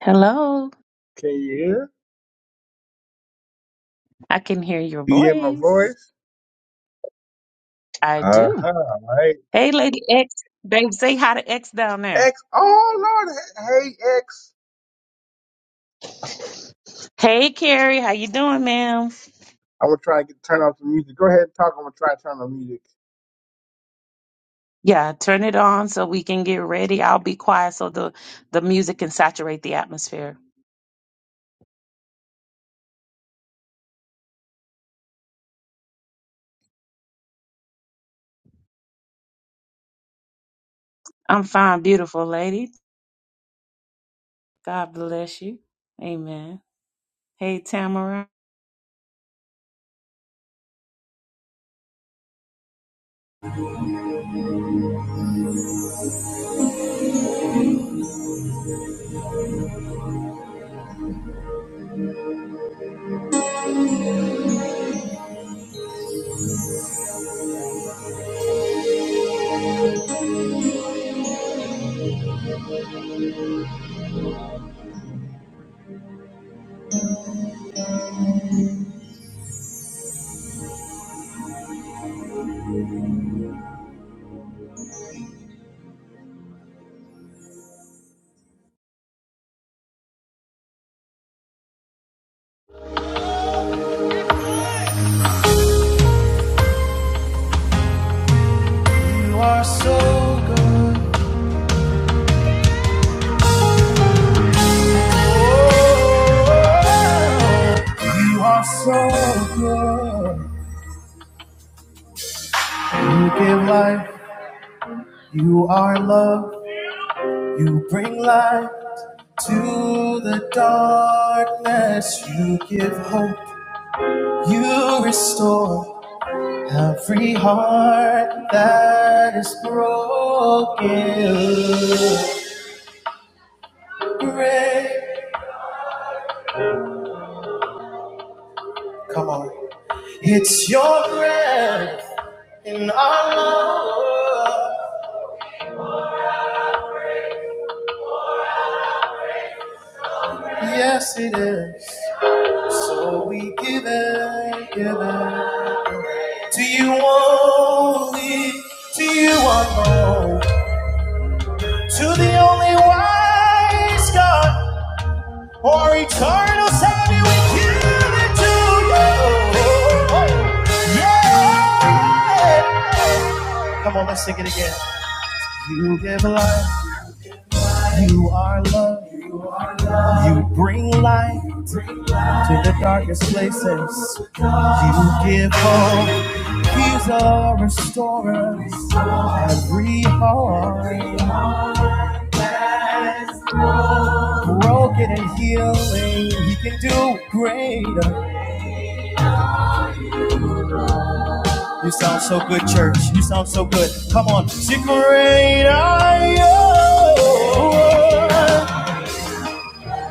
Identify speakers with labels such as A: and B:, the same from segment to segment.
A: Hello,
B: Can you hear?
A: I can hear your
B: You hear my
A: voice.
B: voice?
A: I
B: Uh
A: do.
B: huh. All right.
A: Hey, Lady X, babe, say hi to X down there.
B: X. Oh Lord. Hey hey, X.
A: Hey, Carrie, how you doing, ma'am?
B: I'm gonna try and get, turn off the music. Go ahead and talk. I'm gonna try to turn on the music.
A: Yeah, turn it on so we can get ready. I'll be quiet so the the music can saturate the atmosphere. I'm fine, beautiful lady. God bless you. Amen. Hey, Tamara.
B: You are so good. You are so good. You give life. You are love. You bring light to the darkness. You give hope. You restore. Every heart that is broken, break. Come on. It's your breath in our love. Yes, it is. So we give it, give it. To you only, to you alone, to the only wise God. For eternal sanity we give it to you. Yeah. Come on, let's sing it again. You give life, you are love, you bring light to the darkest places. You give hope, he's a restorer. Every heart broken and healing, he can do greater. You sound so good, church. You sound so good. Come on, sing great I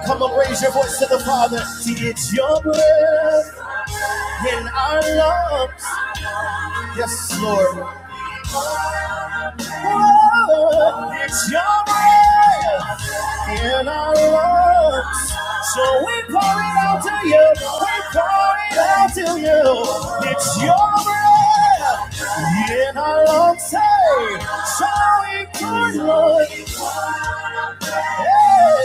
B: Come on, raise your voice to the Father. See, it's your breath in our lungs. Yes, Lord. Oh, it's your breath in our lungs. So we pour it out to you. We pour it out to you. It's your breath in our lungs. Hey, so we could, Lord. Hey,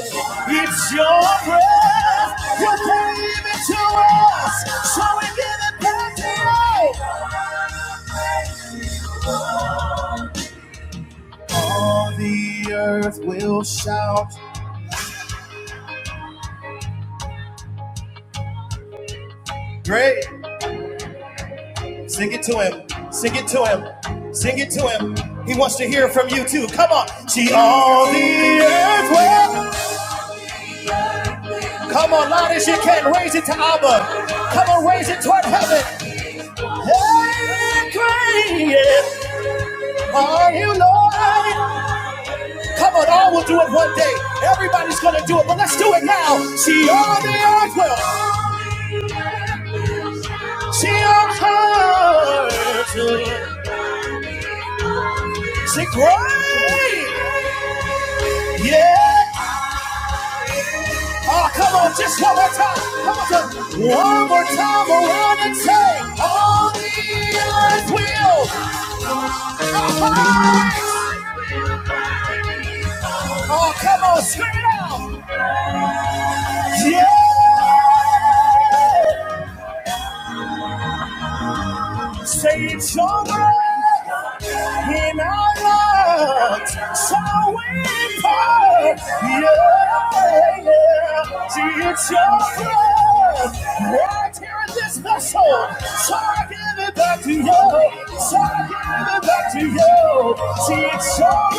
B: it's your breath. You gave it to us. So we give it back to you. All the earth will shout. Great. Sing it to him. Sing it to him. Sing it to him. He wants to hear from you too. Come on. See all the earth will. Come on, loud as you can. Raise it to Abba. Come on, raise it toward heaven. Hey, great are you, Lord? Come on, all will do it one day. Everybody's gonna do it, but let's do it now. See all the earth will. See all the earth will Sing great. Yeah. Oh, come on, just one more time. Come on, just one more time around and say, all is well. Oh, come on, scream it out. Yeah. Say it's your breath in our lungs, so we part. Yeah, yeah. See, it's your breath right here in this vessel. So I give it back to you. So I give it back to you. See, it's your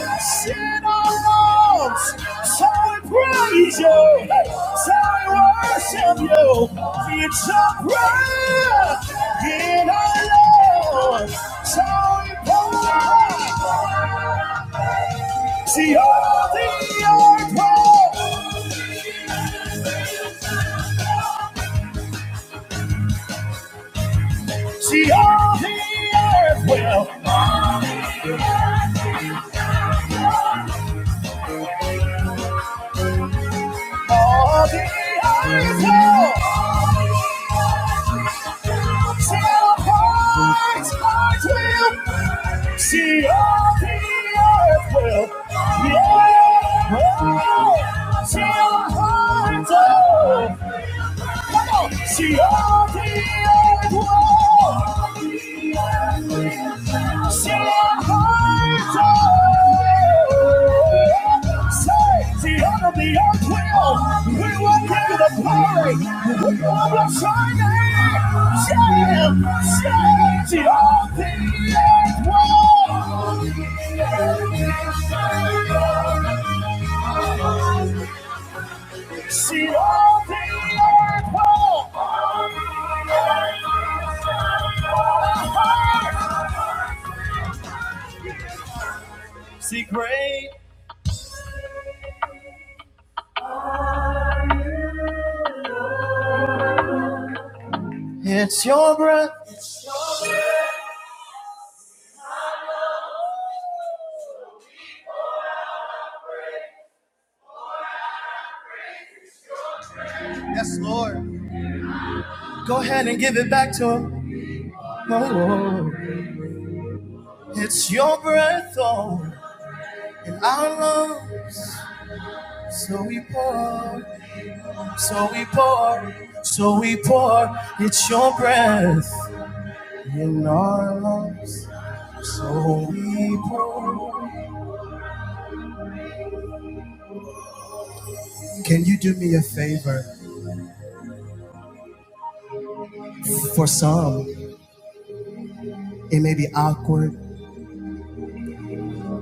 B: breath. Sit on so we praise you. So we worship you. It's a breath in our lungs. So we pour. See all the earth will. See all the earth will. See great. It's your breath. Yes, Lord. Go ahead and give it back to him. Oh, it's your breath, oh, in our lungs. So we pour, so we pour, so we pour. It's your breath in our lungs. So we pour. Can you do me a favor? For some, it may be awkward,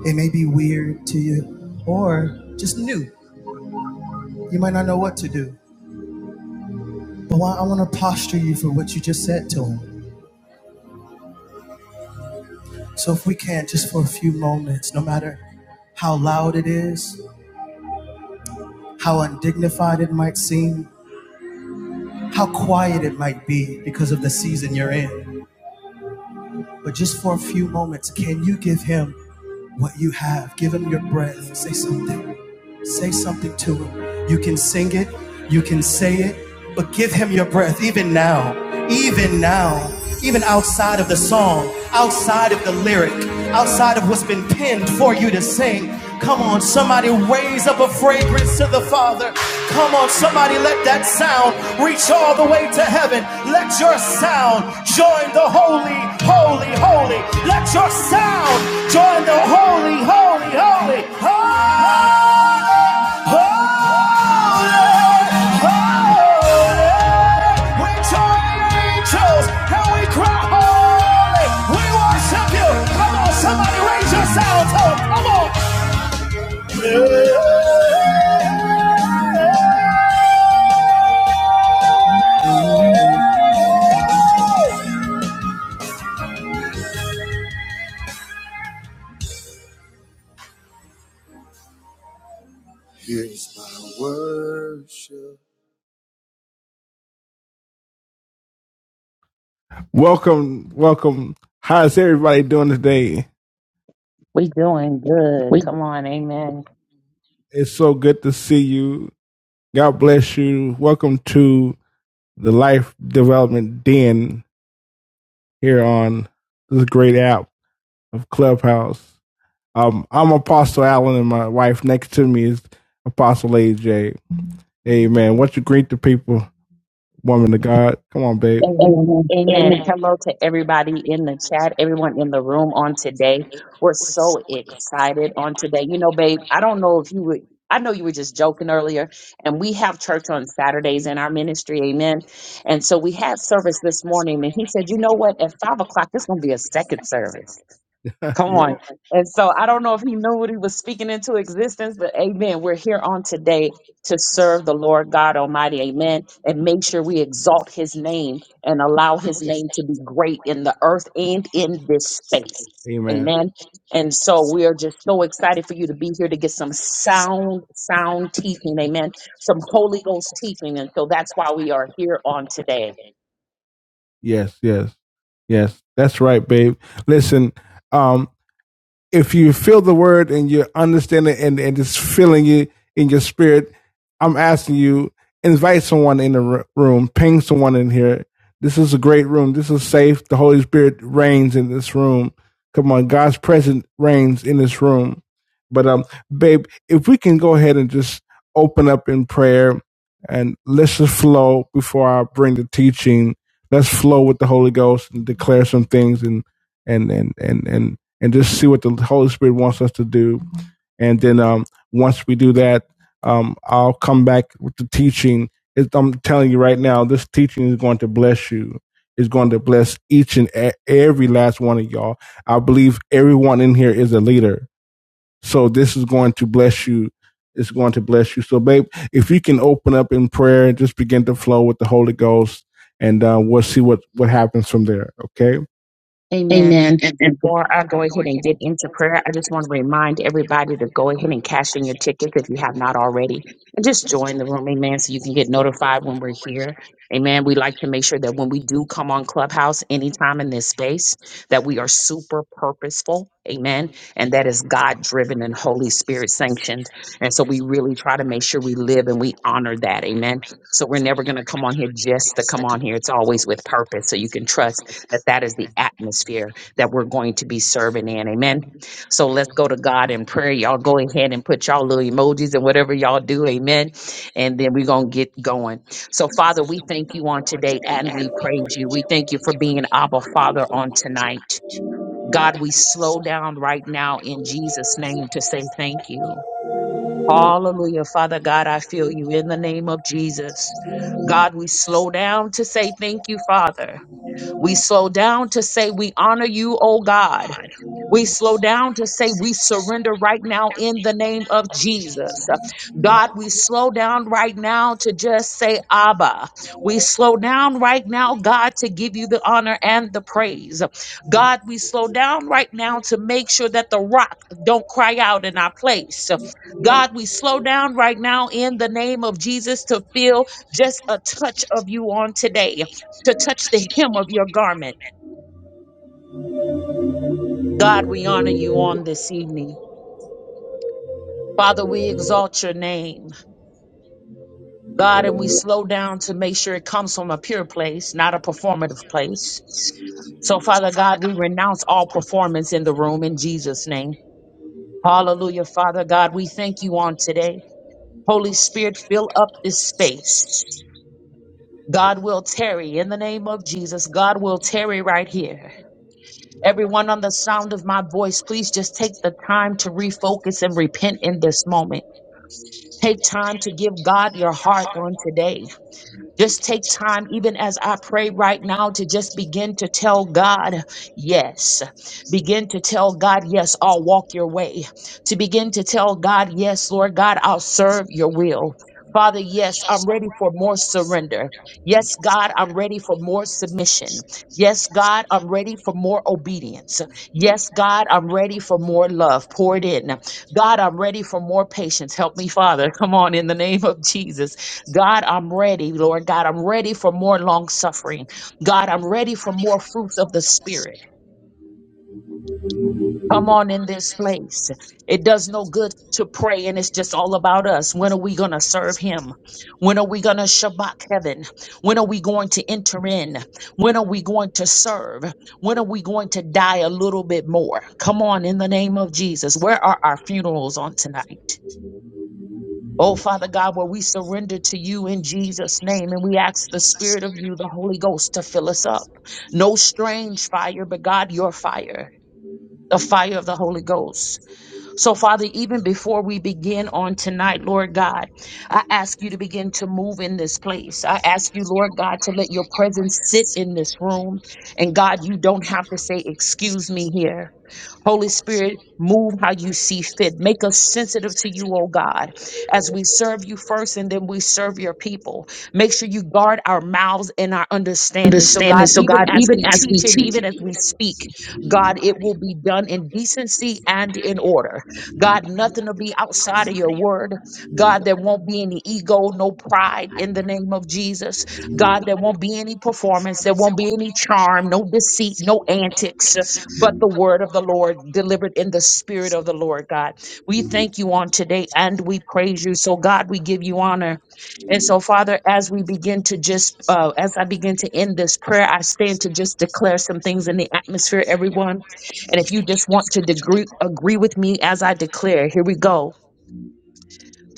B: it may be weird to you, or just new. You might not know what to do. But I want to posture you for what you just said to him. So if we can, just for a few moments, no matter how loud it is, how undignified it might seem, how quiet it might be because of the season you're in. But just for a few moments, can you give him what you have? Give him your breath. Say something. Say something to him. You can sing it, you can say it, but give him your breath even now, even now, even outside of the song, outside of the lyric, outside of what's been pinned for you to sing. Come on, somebody raise up a fragrance to the Father. Come on, somebody let that sound reach all the way to heaven. Let your sound join the holy, holy, holy. Let your sound join the holy, holy, holy, holy. Welcome, welcome. How's everybody doing today?
A: We doing good. Come on, amen.
B: It's so good to see you. God bless you. Welcome to the Life Development Den here on this great app of Clubhouse. Um, I'm Apostle Allen, and my wife next to me is Apostle AJ. Amen. What you greet the people, woman of God? Come on, babe.
A: Amen. Amen. Hello to everybody in the chat, everyone in the room on today. We're so excited on today. You know, babe, I don't know if you would. I know you were just joking earlier, and we have church on Saturdays in our ministry, amen. And so we had service this morning, and he said, You know what? At five o'clock, it's going to be a second service. Come on. And so I don't know if he knew what he was speaking into existence, but amen. We're here on today to serve the Lord God Almighty. Amen. And make sure we exalt his name and allow his name to be great in the earth and in this space.
B: Amen.
A: Amen. And so we are just so excited for you to be here to get some sound, sound teaching. Amen. Some Holy Ghost teaching. And so that's why we are here on today.
B: Yes, yes, yes. That's right, babe. Listen, um, if you feel the word and you understand it and, and it's feeling it in your spirit, I'm asking you, invite someone in the room, ping someone in here. This is a great room. This is safe. The Holy Spirit reigns in this room. Come on, God's presence reigns in this room. But um, babe, if we can go ahead and just open up in prayer and let's just flow before I bring the teaching. Let's flow with the Holy Ghost and declare some things and and and and and and just see what the Holy Spirit wants us to do. And then um, once we do that, um, I'll come back with the teaching. It's, I'm telling you right now, this teaching is going to bless you. It's going to bless each and e- every last one of y'all. I believe everyone in here is a leader. So this is going to bless you. It's going to bless you. So, babe, if you can open up in prayer and just begin to flow with the Holy Ghost, and uh, we'll see what, what happens from there. Okay?
A: Amen. And before I go ahead and get into prayer, I just want to remind everybody to go ahead and cash in your tickets if you have not already. And just join the room, amen, so you can get notified when we're here. Amen. We like to make sure that when we do come on Clubhouse anytime in this space, that we are super purposeful. Amen. And that is God driven and Holy Spirit sanctioned. And so we really try to make sure we live and we honor that. Amen. So we're never going to come on here just to come on here. It's always with purpose. So you can trust that that is the atmosphere that we're going to be serving in. Amen. So let's go to God in prayer. Y'all go ahead and put y'all little emojis and whatever y'all do. Amen. And then we're going to get going. So, Father, we thank you on today and we praise you. We thank you for being Abba Father on tonight. God, we slow down right now in Jesus' name to say thank you. Hallelujah. Father God, I feel you in the name of Jesus. God, we slow down to say thank you, Father. We slow down to say, We honor you, O God. We slow down to say we surrender right now in the name of Jesus. God, we slow down right now to just say Abba. We slow down right now, God, to give you the honor and the praise. God, we slow down right now to make sure that the rock don't cry out in our place. God, we slow down right now in the name of Jesus to feel just a touch of you on today, to touch the hem of your garment. God, we honor you on this evening. Father, we exalt your name, God, and we slow down to make sure it comes from a pure place, not a performative place. So, Father God, we renounce all performance in the room in Jesus' name. Hallelujah, Father God, we thank you on today. Holy Spirit, fill up this space. God will tarry in the name of Jesus. God will tarry right here. Everyone on the sound of my voice, please just take the time to refocus and repent in this moment. Take time to give God your heart on today Just take time, even as I pray right now, to just begin to tell God, yes. Begin to tell God, yes, I'll walk your way. To begin to tell God, yes, Lord God, I'll serve your will. Father, yes, I'm ready for more surrender. Yes, God, I'm ready for more submission. Yes, God, I'm ready for more obedience. Yes, God, I'm ready for more love. Pour it in. God, I'm ready for more patience. Help me, Father. Come on, in the name of Jesus. God, I'm ready. Lord God, I'm ready for more long suffering. God, I'm ready for more fruits of the Spirit. Come on in this place. It does no good to pray and it's just all about us. When are we going to serve Him? When are we going to Shabbat heaven? When are we going to enter in? When are we going to serve? When are we going to die a little bit more? Come on in the name of Jesus. Where are our funerals on tonight? Oh, Father God, where we surrender to you in Jesus' name and we ask the Spirit of you, the Holy Ghost, to fill us up. No strange fire, but God, your fire, the fire of the Holy Ghost. So, Father, even before we begin on tonight, Lord God, I ask you to begin to move in this place. I ask you, Lord God, to let your presence sit in this room. And God, you don't have to say, Excuse me here. Holy Spirit, move how you see fit. Make us sensitive to you, oh God, as we serve you first and then we serve your people. Make sure you guard our mouths and our understanding. So, God, even as we teach and even as we speak, God, it will be done in decency and in order. God, nothing will be outside of your word. God, there won't be any ego, no pride in the name of Jesus. God, there won't be any performance. There won't be any charm, no deceit, no antics but the word of the Lord delivered in the spirit of the Lord, God. We thank you on today and we praise you. So, God, we give you honor. And so, Father, as we begin to just, uh, as I begin to end this prayer, I stand to just declare some things in the atmosphere, everyone. And if you just want to degree, agree with me as I declare, here we go.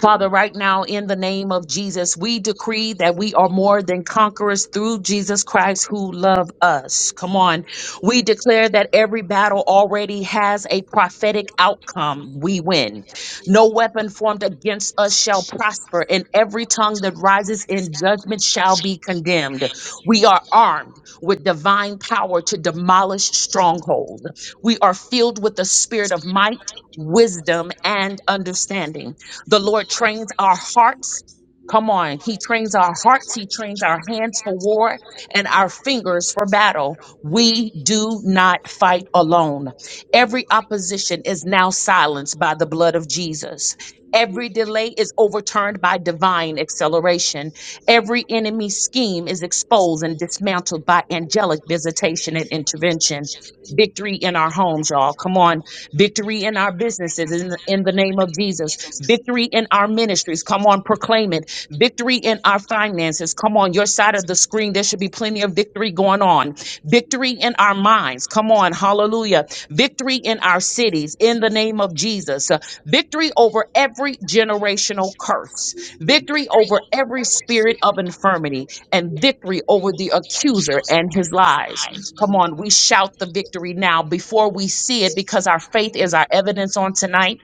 A: Father, right now, in the name of Jesus, we decree that we are more than conquerors through Jesus Christ who love us. Come on. We declare that every battle already has a prophetic outcome. We win. No weapon formed against us shall prosper, and every tongue that rises in judgment shall be condemned. We are armed with divine power to demolish strongholds. We are filled with the spirit of might, wisdom, and understanding. The Lord trains our hearts. Come on. He trains our hearts. He trains our hands for war and our fingers for battle. We do not fight alone. Every opposition is now silenced by the blood of Jesus. Every delay is overturned by divine acceleration. Every enemy scheme is exposed and dismantled by angelic visitation and intervention. Victory in our homes, y'all. Come on. Victory in our businesses in, in the name of Jesus victory in our ministries. Come on, proclaim it. Victory in our finances. Come on, your side of the screen, there should be plenty of victory going on. Victory in our minds. Come on, hallelujah. Victory in our cities in the name of Jesus. Uh, Victory over every generational curse. Victory over every spirit of infirmity and victory over the accuser and his lies. Come on, we shout the victory now before we see it because our faith is our evidence on tonight.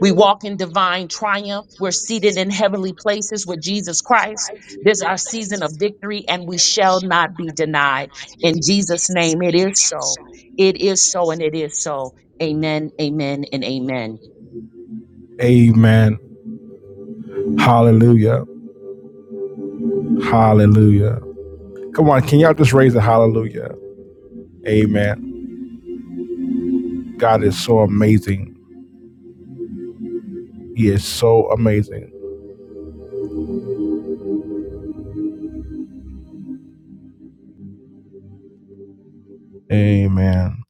A: We walk in divine triumph. We're seated in heavenly places with Jesus Christ. This is our season of victory, and we shall not be denied. In Jesus' name, it is so. It is so, and it is so. Amen, amen, and amen.
B: Amen. Hallelujah. Hallelujah. Come on, can y'all just raise a hallelujah? Amen. God is so amazing. He is so amazing. Amen.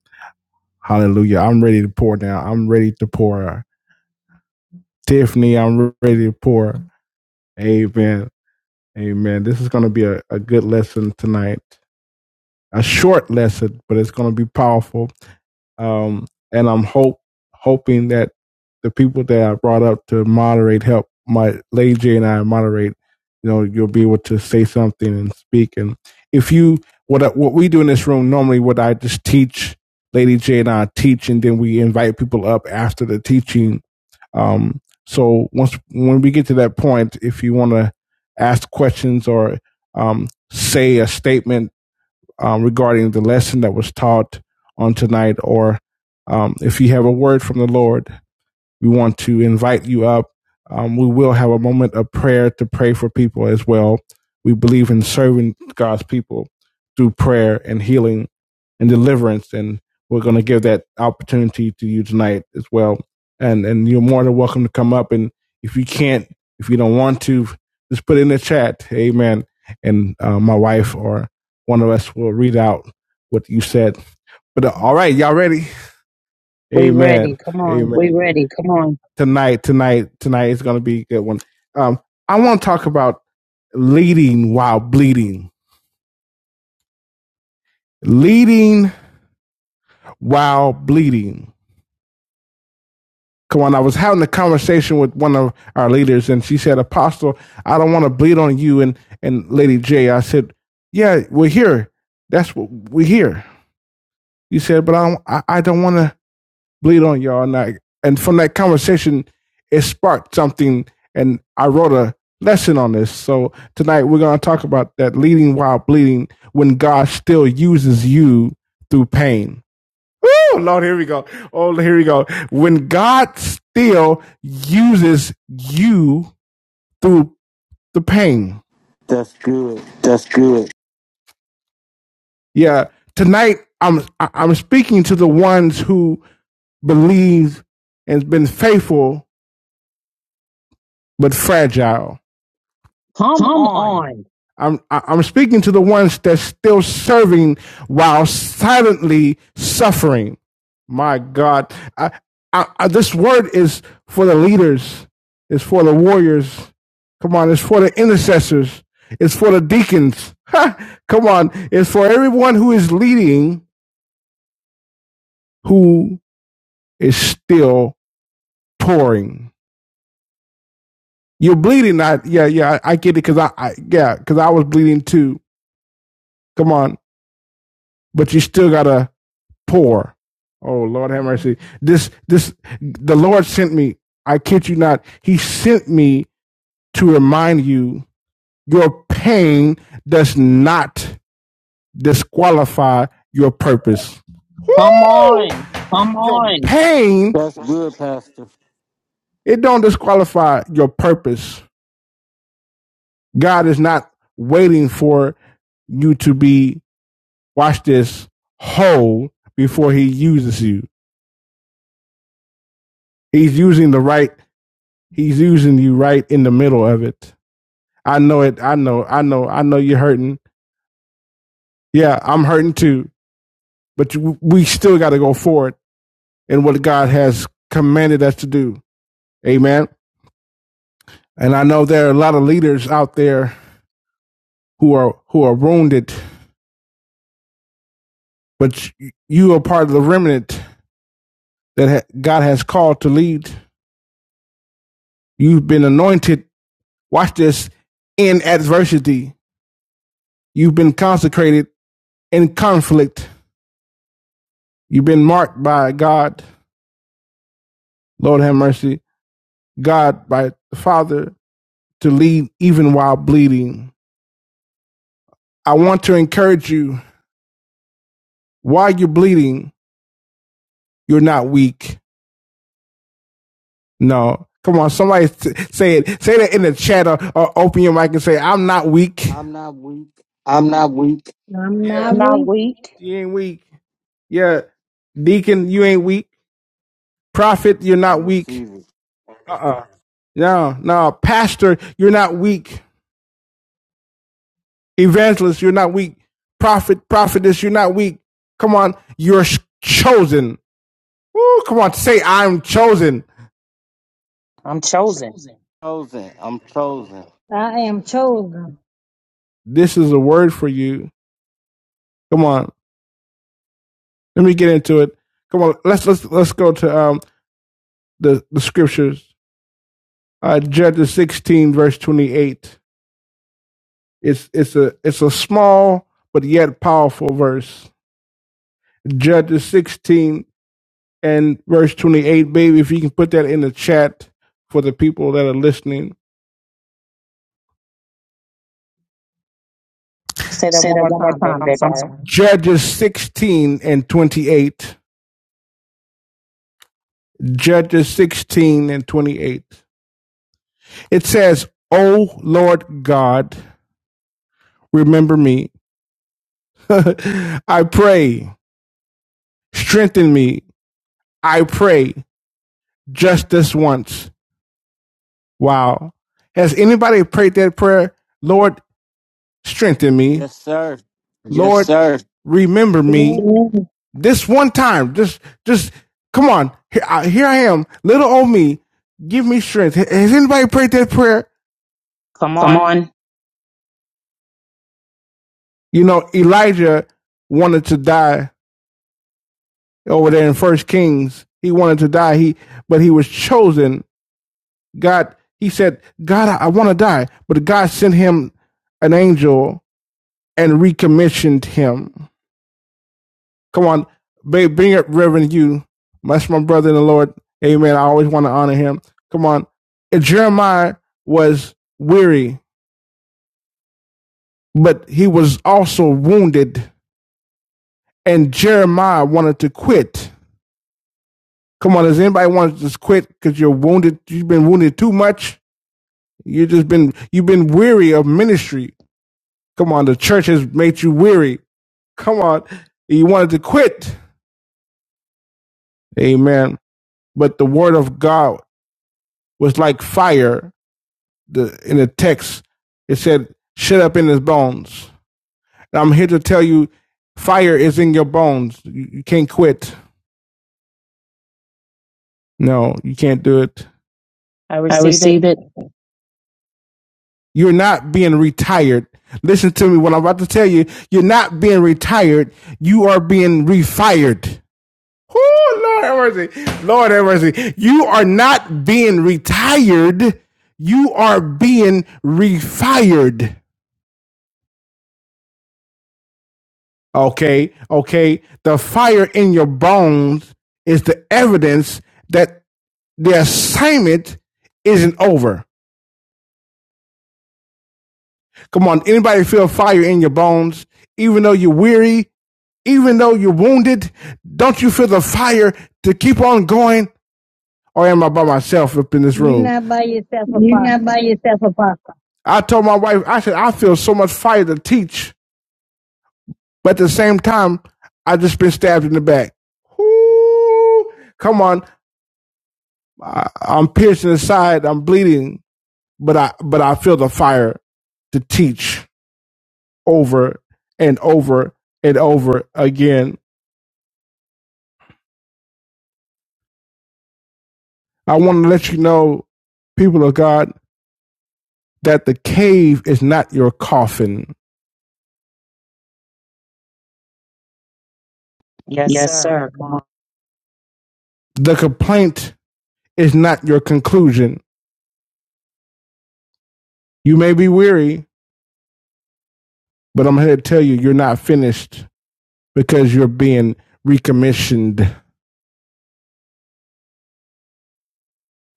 B: Hallelujah. I'm ready to pour now. I'm ready to pour. Tiffany, I'm ready to pour. Amen. Amen. This is going to be a, a good lesson tonight. A short lesson, but it's going to be powerful um, and I'm hope hoping that the people that I brought up to moderate help my Lady J and I moderate. You know, you'll be able to say something and speak. And if you what I- what we do in this room normally, what I just teach, Lady J and I teach, and then we invite people up after the teaching. Um, so once when we get to that point, if you want to ask questions or um, say a statement um, regarding the lesson that was taught on tonight, or um, if you have a word from the Lord we want to invite you up. Um, we will have a moment of prayer to pray for people as well. We believe in serving God's people through prayer and healing and deliverance, and we're going to give that opportunity to you tonight as well. And and you're more than welcome to come up. And if you can't, if you don't want to, just put it in the chat, Amen. And uh, my wife or one of us will read out what you said. But uh, all right, y'all ready?
A: We ready.
B: Amen.
A: Come on.
B: Amen tonight, tonight, tonight is going to be a good one. Um, I want to talk about leading while bleeding. Leading while bleeding. Come on, I was having a conversation with one of our leaders, and she said, Apostle, I don't want to bleed on you and, and Lady J. I said, Yeah, we're here. That's what we're here. You said, But I don't, I, I don't want to bleed on y'all. And, I, and from that conversation, it sparked something. And I wrote a lesson on this. So tonight we're going to talk about that leading while bleeding when God still uses you through pain. Oh, Lord, here we go. Oh, here we go. When God still uses you through the pain.
C: That's good.
B: That's good. Yeah. Tonight I'm I- I'm speaking to the ones who believe and been faithful but fragile.
A: Come on.
B: I'm I- am i am speaking to the ones that's still serving while silently suffering. My God, I, I, I, this word is for the leaders, it's for the warriors. Come on, it's for the intercessors, it's for the deacons. Ha! Come on, it's for everyone who is leading who is still pouring. You're bleeding. I yeah yeah I, I get it because I, I yeah because I was bleeding too. Come on, but you still gotta poor. Oh Lord have mercy. This this the Lord sent me. I kid you not. He sent me to remind you your pain does not disqualify your purpose.
A: Come on.
B: Pain,
C: That's good, Pastor.
B: it don't disqualify your purpose. God is not waiting for you to be watch this whole before he uses you. He's using the right he's using you right in the middle of it. I know it. I know. I know. I know you're hurting. Yeah, I'm hurting too. But you, we still got to go forward in what God has commanded us to do. Amen. And I know there are a lot of leaders out there who are who are wounded, but you- are part of the remnant that ha- God has called to lead. You've been anointed. Watch this in adversity. You've been consecrated in conflict. You've been marked by God. Lord have mercy. God by the Father to lead even while bleeding. I want to encourage you while you're bleeding, you're not weak. No. Come on, somebody s- say it. Say that in the chat or, or open your mic and say, I'm not weak.
C: I'm not weak.
B: I'm not weak.
D: I'm
B: Yeah.
D: not
A: I'm not
D: weak.
A: weak.
B: You ain't weak. Yeah. Deacon, you ain't weak. Prophet, you're
C: I
B: not weak.
C: receive it.
B: Uh-uh. No, no. Pastor, you're not weak. Evangelist, you're not weak. Prophet, prophetess, you're not weak. Come on. You're chosen. Woo, come on. Say, I'm chosen.
A: I'm chosen.
C: Chosen. I'm chosen.
D: I am chosen.
B: This is a word for you. Come on, let me get into it. Come on, let's let's let's go to um the the scriptures. Uh, Judges sixteen verse twenty eight. It's it's a it's a small but yet powerful verse. Judges sixteen and verse twenty eight, baby. If you can put that in the chat for the people that are listening.
A: Say that one more time, Vic. I'm sorry.
B: Judges sixteen and twenty eight. Judges sixteen and twenty eight. It says, "O Lord God, remember me." I pray, strengthen me. I pray just this once. Wow. Has anybody prayed that prayer? Lord, strengthen me.
C: Yes, sir.
B: Yes, Lord, sir. remember
D: Yeah.
B: me. This one time, just, just come on. Here I, here I am, little old me. Give me strength. Has anybody prayed that prayer?
A: Come on.
B: You know, Elijah wanted to die over there in First Kings. He wanted to die. He, but he was chosen God, he said, God, I, I want to die. But God sent him an angel and recommissioned him. Come on, babe, bring up Reverend you. That's my brother in the Lord. Amen. I always want to honor him. Come on. And Jeremiah was weary, but he was also wounded. And Jeremiah wanted to quit. Come on, does anybody want to just quit because you're wounded? You've been wounded too much. You have just been you've been weary of ministry. Come on, the church has made you weary. come out. He wanted to quit. Amen. But the word of God was like fire. The, in the text, it said, shut up in his bones. And I'm here to tell you, fire is in your bones. You, you can't quit. No, you can't do it.
A: I receive it.
B: You're not being retired. Listen to me. What I'm about to tell you, you're not being retired. You are being refired. Oh Lord have mercy. Lord have mercy. You are not being retired. You are being refired. Okay. Okay. The fire in your bones is the evidence that the assignment isn't over. Come on. Anybody feel fire in your bones? Even though you're weary, even though you're wounded, don't you feel the fire to keep on going? Or am I by myself up in this
D: You're
B: room?
D: not by yourself,
B: You're not by
D: Apostle.
B: yourself, Apostle. I told my wife, I said, I feel so much fire to teach, but at the same time, I just been stabbed in the back. Whoo! Come on, I, I'm piercing the side, I'm bleeding, but I but I feel the fire to teach over and over and over again. I want to let you know, people of God, that the cave is not your coffin.
A: Yes, sir. Come on.
B: The complaint is not your conclusion. You may be weary, but I'm here to tell you, you're not finished. because you're being recommissioned.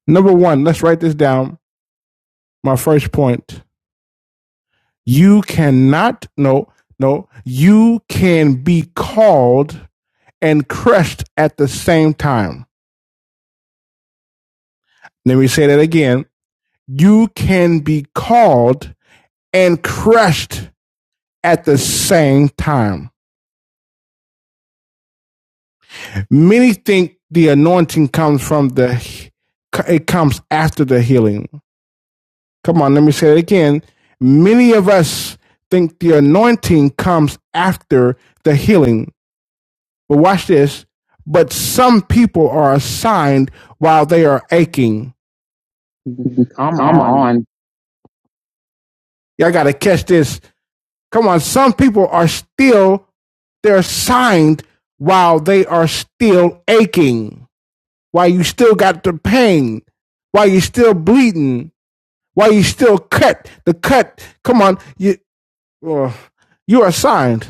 B: Number one, let's write this down. My first point. You cannot, no, no, you can be called and crushed at the same time. Let me say that again. You can be called and crushed at the same time. Many think the anointing comes from the, it comes after the healing. Come on, let me say it again. Many of us think the anointing comes after the healing. But watch this. But some people are assigned while they are aching.
A: Come
B: Come
A: on.
B: on. Y'all got to catch this. Come on. Some people are still, they're assigned while they are still aching, while you still got the pain, while you still bleeding, while you still cut. The cut, come on. You, oh, you're assigned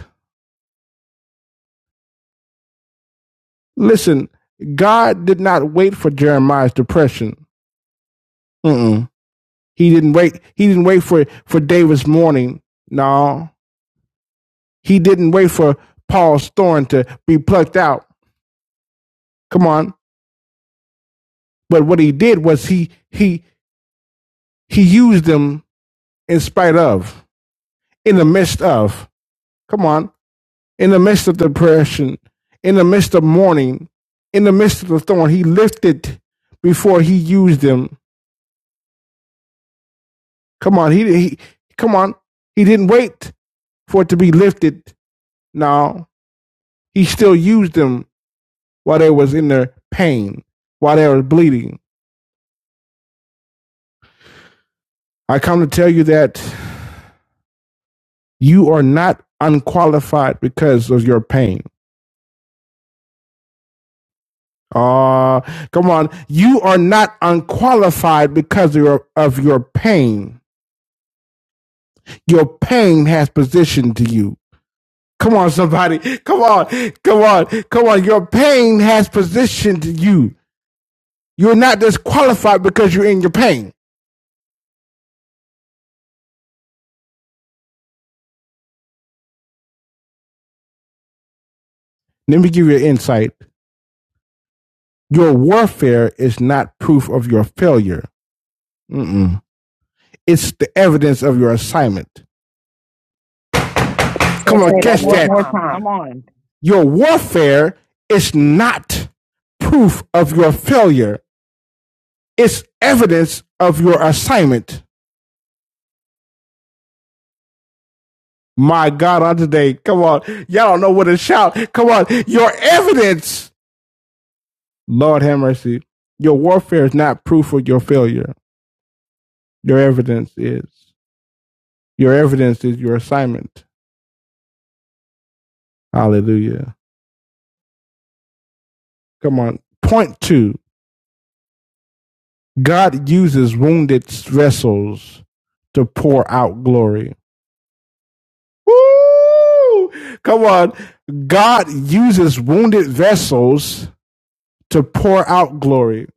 B: Listen, God did not wait for Jeremiah's depression. Mm-mm. He didn't wait. He didn't wait for for David's mourning. No, he didn't wait for Paul's thorn to be plucked out. Come on. But what he did was he he he used them in spite of, in the midst of. Come on, in the midst of depression, in the midst of mourning, in the midst of the thorn, he lifted before he used them. Come on, he he. Come on, he didn't wait for it to be lifted. Now he still used them while they was in their pain, while they were bleeding. I come to tell you that you are not unqualified because of your pain. Ah, come on. You are not unqualified because of your, of your pain. Your pain has positioned to you. Come on, somebody. Come on. Come on. Come on. Your pain has positioned you. You're not disqualified because you're in your pain. Let me give you an insight. Your warfare is not proof of your failure. Mm-mm. It's the evidence of your assignment.
A: Say
B: Come on,
A: that
B: Say that
A: one
B: catch
A: more
B: that. one that. more
A: time. Come
B: time.
A: on.
B: Your warfare is not proof of your failure. It's evidence of your assignment. My God, on today, come on. Y'all don't know what to shout. Come on. Your evidence, Lord have mercy. Your warfare is not proof of your failure. Your evidence is. Your evidence is your assignment. Hallelujah. Come on. Point two God uses wounded vessels to pour out glory. Woo! Come on. God uses wounded vessels to pour out glory.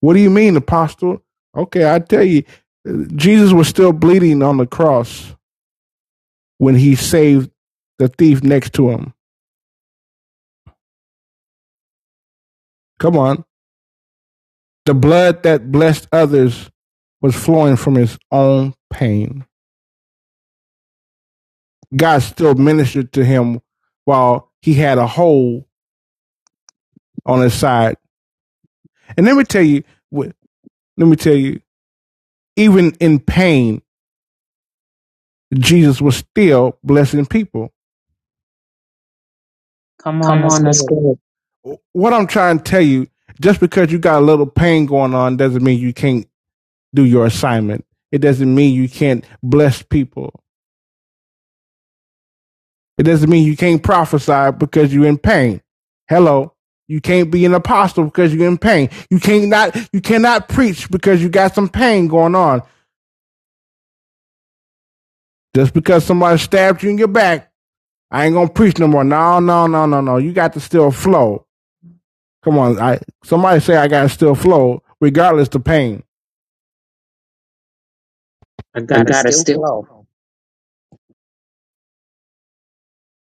B: What do you mean, Apostle? Okay, I tell you, Jesus was still bleeding on the cross when he saved the thief next to him. Come on. The blood that blessed others was flowing from his own pain. God still ministered to him while he had a hole on his side. And let me tell you, let me tell you, even in pain, Jesus was still blessing people.
A: Come on,
B: Come
A: let's
B: on, let's
A: go.
B: go. What I'm trying to tell you, just because you got a little pain going on doesn't mean you can't do your assignment. It doesn't mean you can't bless people. It doesn't mean you can't prophesy because you're in pain. Hello. You can't be an apostle because you're in pain. You can't not, you cannot preach because you got some pain going on. Just because somebody stabbed you in your back, I ain't gonna preach no more. No, no, no, no, no. You got to still flow. Come on. I somebody say I gotta still flow, regardless the pain.
A: I
B: I
A: gotta
B: gotta
A: still
B: still.
A: flow.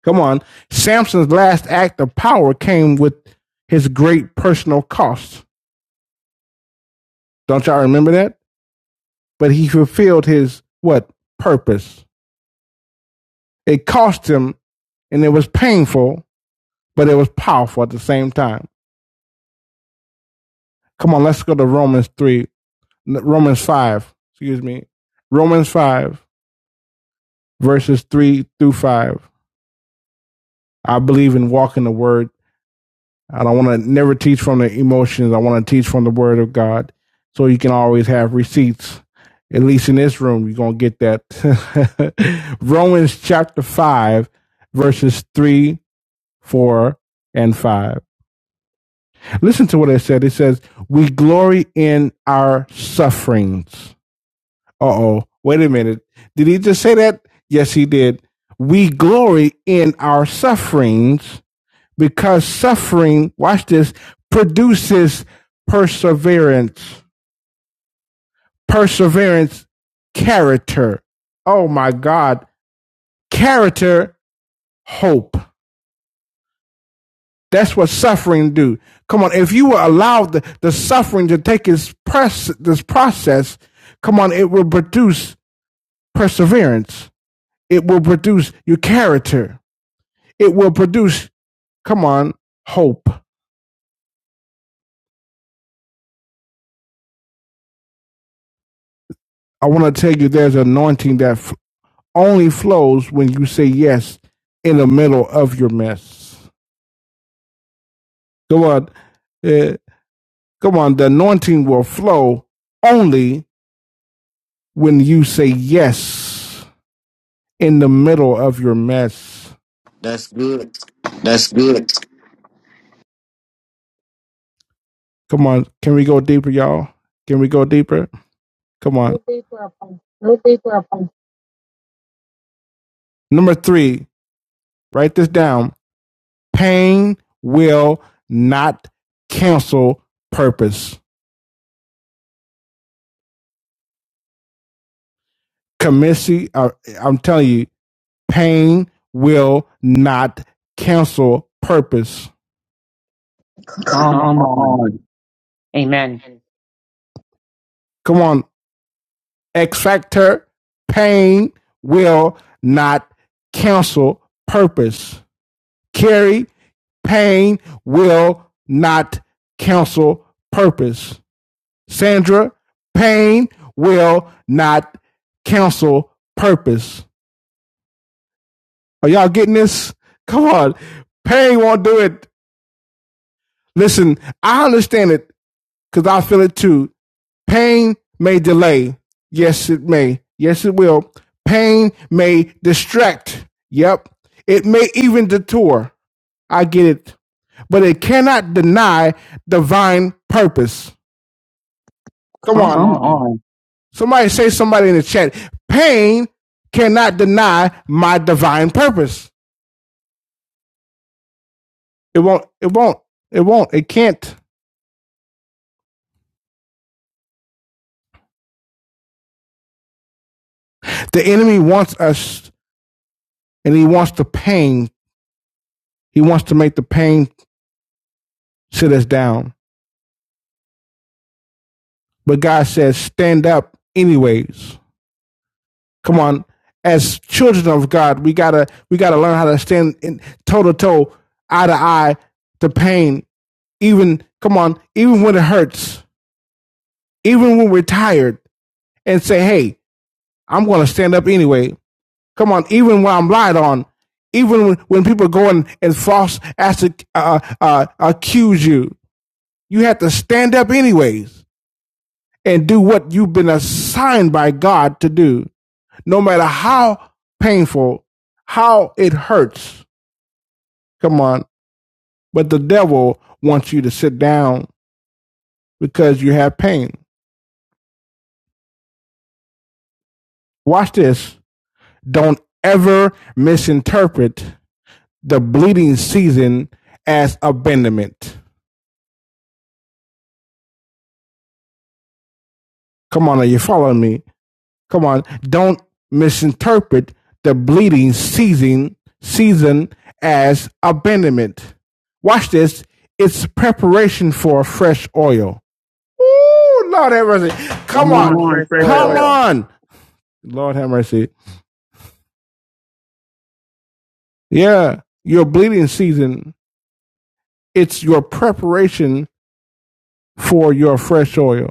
B: Come on. Samson's last act of power came with his great personal costs. Don't y'all remember that? but he fulfilled his what purpose. It cost him, and it was painful, but it was powerful at the same time. Come on, let's go to Romans three, Romans five. Excuse me, Romans five verses three through five. I believe in walking the word. I don't want to never teach from the emotions. I want to teach from the word of God, so you can always have receipts. At least in this room, you're gonna get that. Romans chapter five, verses three 4 and 5. Listen to what it said. It says, We glory in our sufferings. Uh oh. Wait a minute. Did he just say that? Yes, he did. We glory in our sufferings because suffering, watch this, produces perseverance. Perseverance, character. Oh my God. Character, hope. That's what suffering do. Come on, if you will allow the, the suffering to take its press, this process, come on, it will produce perseverance. It will produce your character. It will produce, come on, hope. I want to tell you there's an anointing that f- only flows when you say yes in the middle of your mess. Come on. Uh, come on. The anointing will flow only when you say yes in the middle of your mess.
C: That's good.
B: That's good. Come on. Can we go deeper, y'all? Can we go deeper? Come on.
D: Go deep, Apostle.
B: Go deeper Number three, write this down. Pain will not cancel purpose. Commissi, uh, I'm telling you, pain will not cancel purpose.
A: Come
B: Come
A: on.
B: on.
A: Amen.
B: Come on, X Factor. Pain will not cancel purpose. Carrie Pain will not cancel purpose. Sandra, pain will not cancel purpose. Are y'all getting this? Come on. Pain won't do it. Listen, I understand it because I feel it too. Pain may delay. Yes, it may. Yes, it will. Pain may distract. Yep. It may even detour. I get it. But it cannot deny divine purpose. Come
A: Come
B: on. Come
A: on.
B: on. Somebody say somebody in the chat. Pain cannot deny my divine purpose. It won't. It won't. It won't. It can't. The enemy wants us and he wants the pain. He wants to make the pain sit us down. But God says, stand up anyways. Come on. As children of God, we gotta we gotta learn how to stand in toe to toe, eye to eye, to pain. Even come on, even when it hurts, even when we're tired and say, hey, I'm going to stand up anyway. Come on, even when I'm lied on, even when, when people go and, and false ask, uh, uh, uh, accuse you, you have to stand up anyways and do what you've been assigned by God to do, no matter how painful, how it hurts. Come on. But the devil wants you to sit down because you have pain. Watch this. Don't ever misinterpret the bleeding season as abandonment. Come on, are you following me? Come on, don't misinterpret the bleeding season season as abandonment. Watch this. It's preparation for fresh oil. Ooh, Lord have mercy. Come
A: Come
B: on. Come
A: on,
B: on.
A: fresh
B: Come
A: oil.
B: on. Lord have mercy. Yeah. Your bleeding season, it's your preparation for your fresh oil.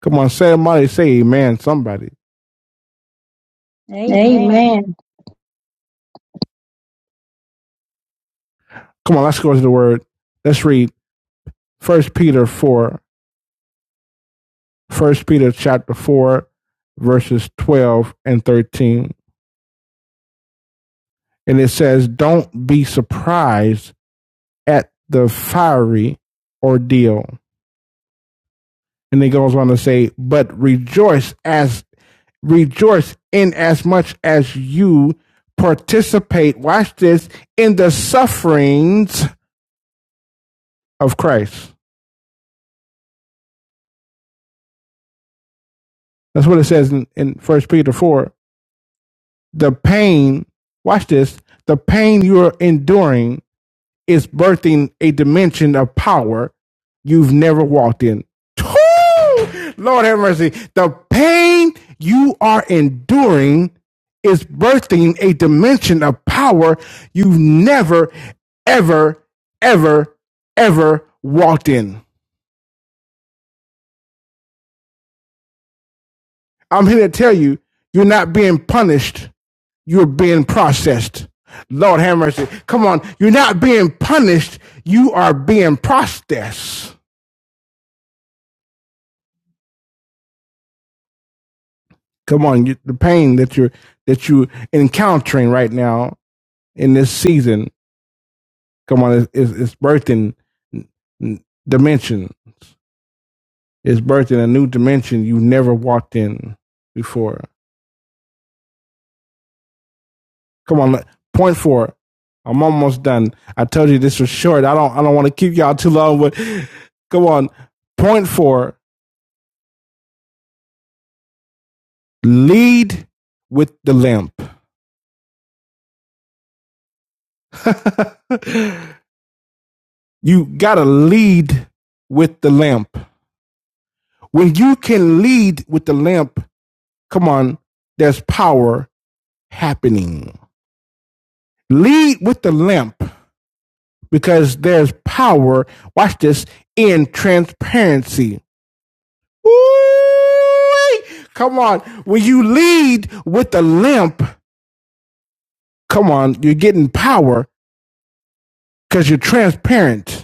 B: Come on, say money, say amen, somebody.
D: Amen.
B: Amen. Come on, let's go to the word. Let's read First Peter 4, 1 Peter chapter 4, verses 12 and 13. And it says, Don't be surprised at the fiery ordeal. And it goes on to say, But rejoice as rejoice in as much as you participate, watch this, in the sufferings of Christ. That's what it says in, in 1 Peter 4, The pain, watch this, the pain you're enduring is birthing a dimension of power you've never walked in. Lord have mercy. The pain you are enduring is birthing a dimension of power you've never, ever, ever, ever walked in. I'm here to tell you, you're not being punished You're being processed. Lord have mercy. Come on. You're not being punished. You are being processed. Come on. You, the pain that you're, that you're encountering right now in this season. Come on. It's, it's, it's birthing dimensions. It's birthing a new dimension you never walked in before. Come on. Point four. I'm almost done. I told you this was short. I don't, I don't want to keep y'all too long, but come on. Point four lead with the lamp. you got to lead with the lamp. When you can lead with the lamp, come on, there's power happening. Lead with the lamp because there's power, watch this, in transparency. ooh Come on. When you lead with the lamp, come on, you're getting power because you're transparent.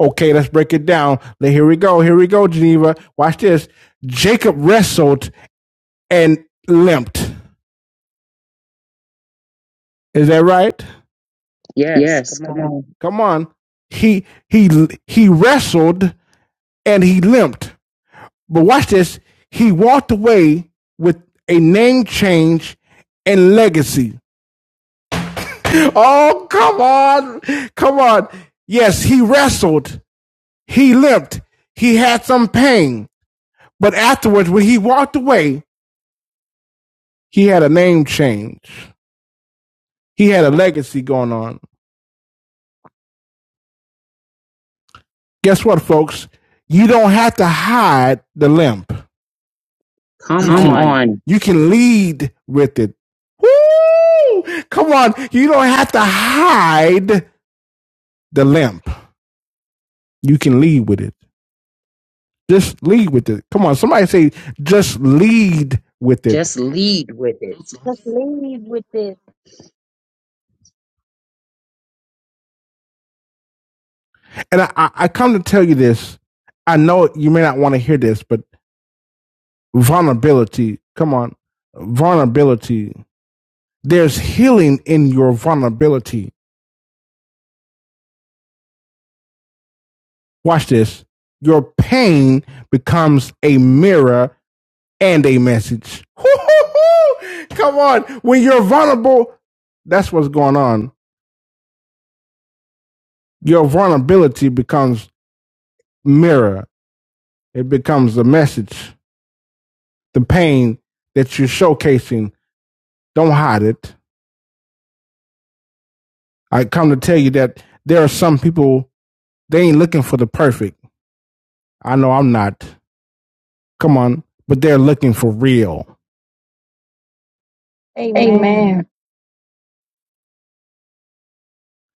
B: Okay, let's break it down. Now, Here we go. Here we go, Geneva. Watch this. Jacob wrestled and limped. Is that right?
A: Yes,
B: Yes,
A: come
B: come
A: on.
B: on. Come on. He he he wrestled and he limped. But watch this. He walked away with a name change and legacy. Oh, come on. Come on. Yes, he wrestled. He limped. He had some pain. But afterwards, when he walked away, He had a name change. He had a legacy going on. Guess what, folks? You don't have to hide the limp. You
A: Come
B: Come you can
A: on.
B: on. you can lead with it. Woo! Come on, you don't have to hide the limp. You can lead with it. Just lead with it. Come on, somebody say, just lead with it.
A: Just lead with it.
D: Just leave with it.
B: And I, I I come to tell you this. I know you may not want to hear this, but vulnerability. Come on, vulnerability There's healing in your vulnerability. Watch this. Your pain becomes a mirror and a message. Come on. When you're vulnerable, that's what's going on. Your vulnerability becomes mirror. It becomes a message. The pain that you're showcasing, don't hide it. I come to tell you that there are some people, they ain't looking for the perfect. I know I'm not. Come on. But they're looking for real.
D: Amen.
B: Amen.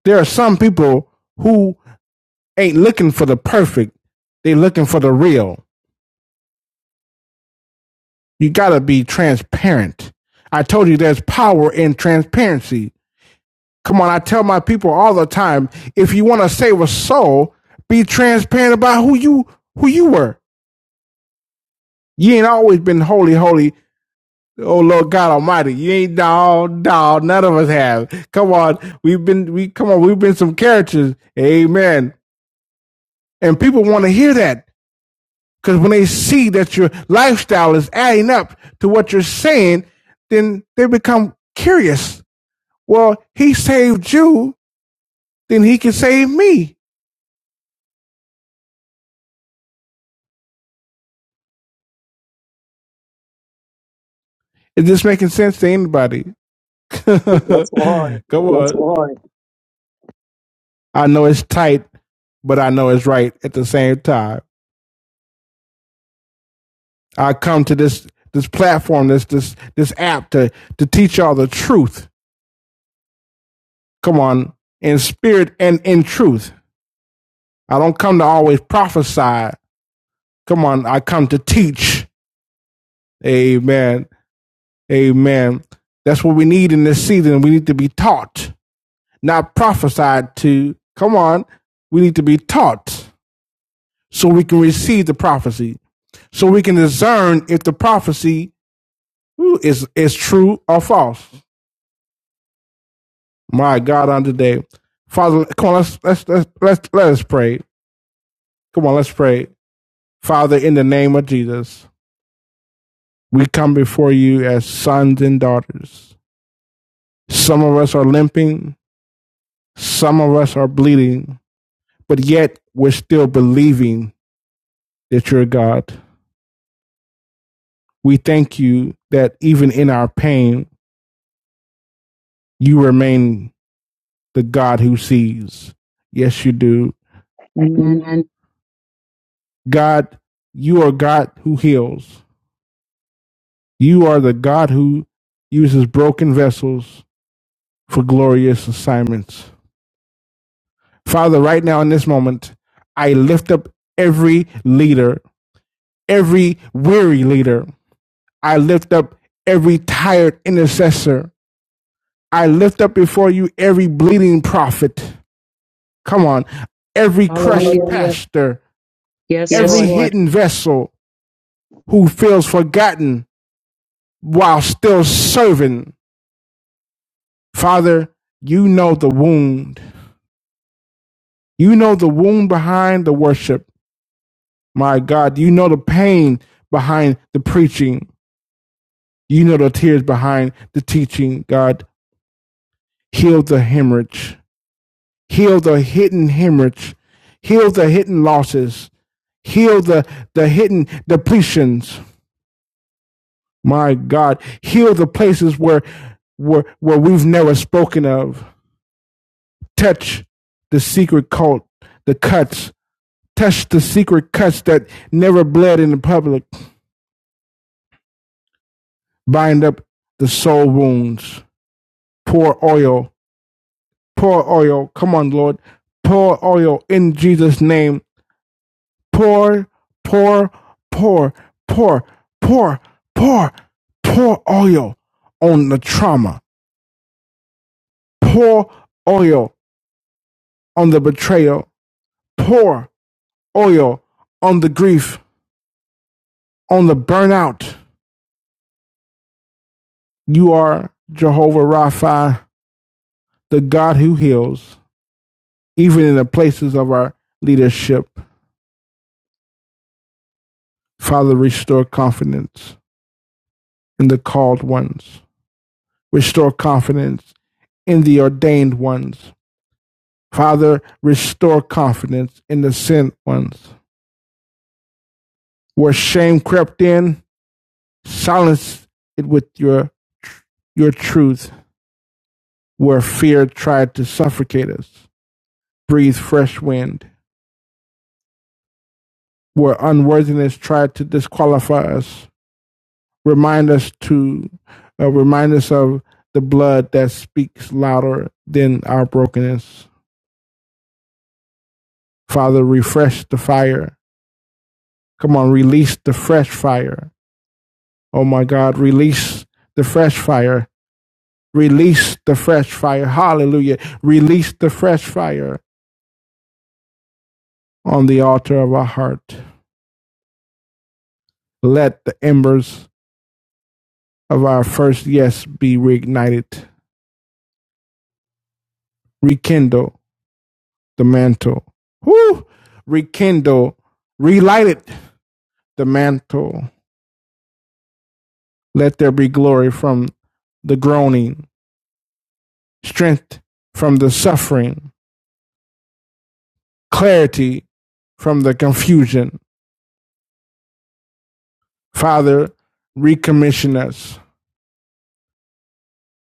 B: there are some people who ain't looking for the perfect. They looking for the real. You gotta be transparent. I told you there's power in transparency. Come on, I tell my people all the time, if you want to save a soul, be transparent about who you who you were. You ain't always been holy, holy. Oh Lord God Almighty, you ain't dog, dog. None of us have. Come on, we've been we come on, we've been some characters. Amen. And people want to hear that. Because when they see that your lifestyle is adding up to what you're saying, then they become curious. Well, he saved you, then he can save me. Is this making sense to anybody?
A: Yes,
B: Come
A: Lord.
B: Yes, on. I know it's tight, but I know it's right at the same time. I come to this this platform, this this this app to to teach y'all the truth. Come on, in spirit and in truth. I don't come to always prophesy Come on, I come to teach. Amen. Amen. That's what we need in this season. We need to be taught, not prophesied to. Come on. We need to be taught so we can receive the prophecy, so we can discern if the prophecy is, is true or false. My God, on today. Father, come on, let's, let's, let's, let's, let us pray. Come on, let's pray. Father, in the name of Jesus, we come before you as sons and daughters. Some of us are limping, Some of us are bleeding, but yet we're still believing that you're God. We thank you that even in our pain, you remain the God who sees. Yes, you do.
A: Amen.
B: Amen. God, you are God who heals. You are the God who uses broken vessels for glorious assignments. Father, right now in this moment, I lift up every leader, every weary leader. I lift up every tired intercessor. I lift up before you every bleeding prophet. Come on. Every crushed Hallelujah.
A: Hallelujah.
B: pastor,
A: Yes,
B: Yes, every
A: Lord.
B: Lord. hidden vessel who feels forgotten while still serving. Father, you know the wound. You know the wound behind the worship. My God, you know the pain behind the preaching. You know the tears behind the teaching. God, heal the hemorrhage heal the hidden hemorrhage, heal the hidden losses, heal the, the hidden depletions. My God, heal the places where, where, where we've never spoken of. Touch the secret cult, the cuts. Touch the secret cuts that never bled in the public. Bind up the soul wounds. Pour oil. Pour oil. Come on, Lord. Pour oil in Jesus' name pour, pour, pour, pour, pour, pour, pour oil on the trauma. Pour oil on the betrayal. Pour oil on the grief, on the burnout. You are Jehovah Rapha, the God who heals, even in the places of our leadership. Father, restore confidence in the called ones. Restore confidence in the ordained ones. Father, restore confidence in the sent ones. Where shame crept in, silence it with your your truth. Where fear tried to suffocate us, breathe fresh wind. Where unworthiness tried to disqualify us, remind us to uh, remind us of the blood that speaks louder than our brokenness. Father, refresh the fire. Come on, release the fresh fire. Oh my God, release the fresh fire Release the fresh fire. Hallelujah. Release the fresh fire on the altar of our heart. Let the embers of our first yes be reignited. Rekindle the mantle. Woo! Rekindle, relight it, the mantle. Let there be glory from the groaning, strength from the suffering, clarity from the confusion. Father, recommission us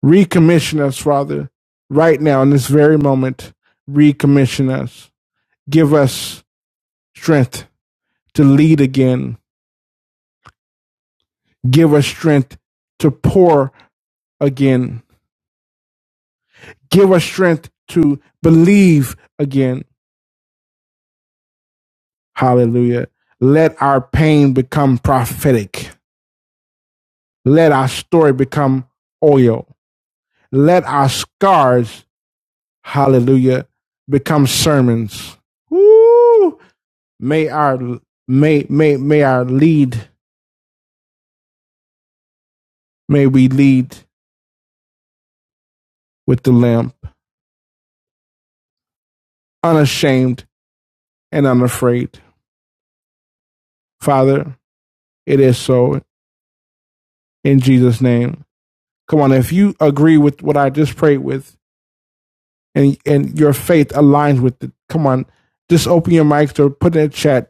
B: Recommission us, Father, right now in this very moment. Recommission us. Give us strength to lead again. Give us strength to pour again. Give us strength to believe again. Hallelujah. Let our pain become prophetic. Let our story become oil. Let our scars, hallelujah, become sermons. Woo! May our may may may our lead may we lead with the lamp, unashamed and unafraid. Father, it is so in Jesus' name. Come on, if you agree with what I just prayed with and and your faith aligns with it, come on, just open your mics or put in the chat.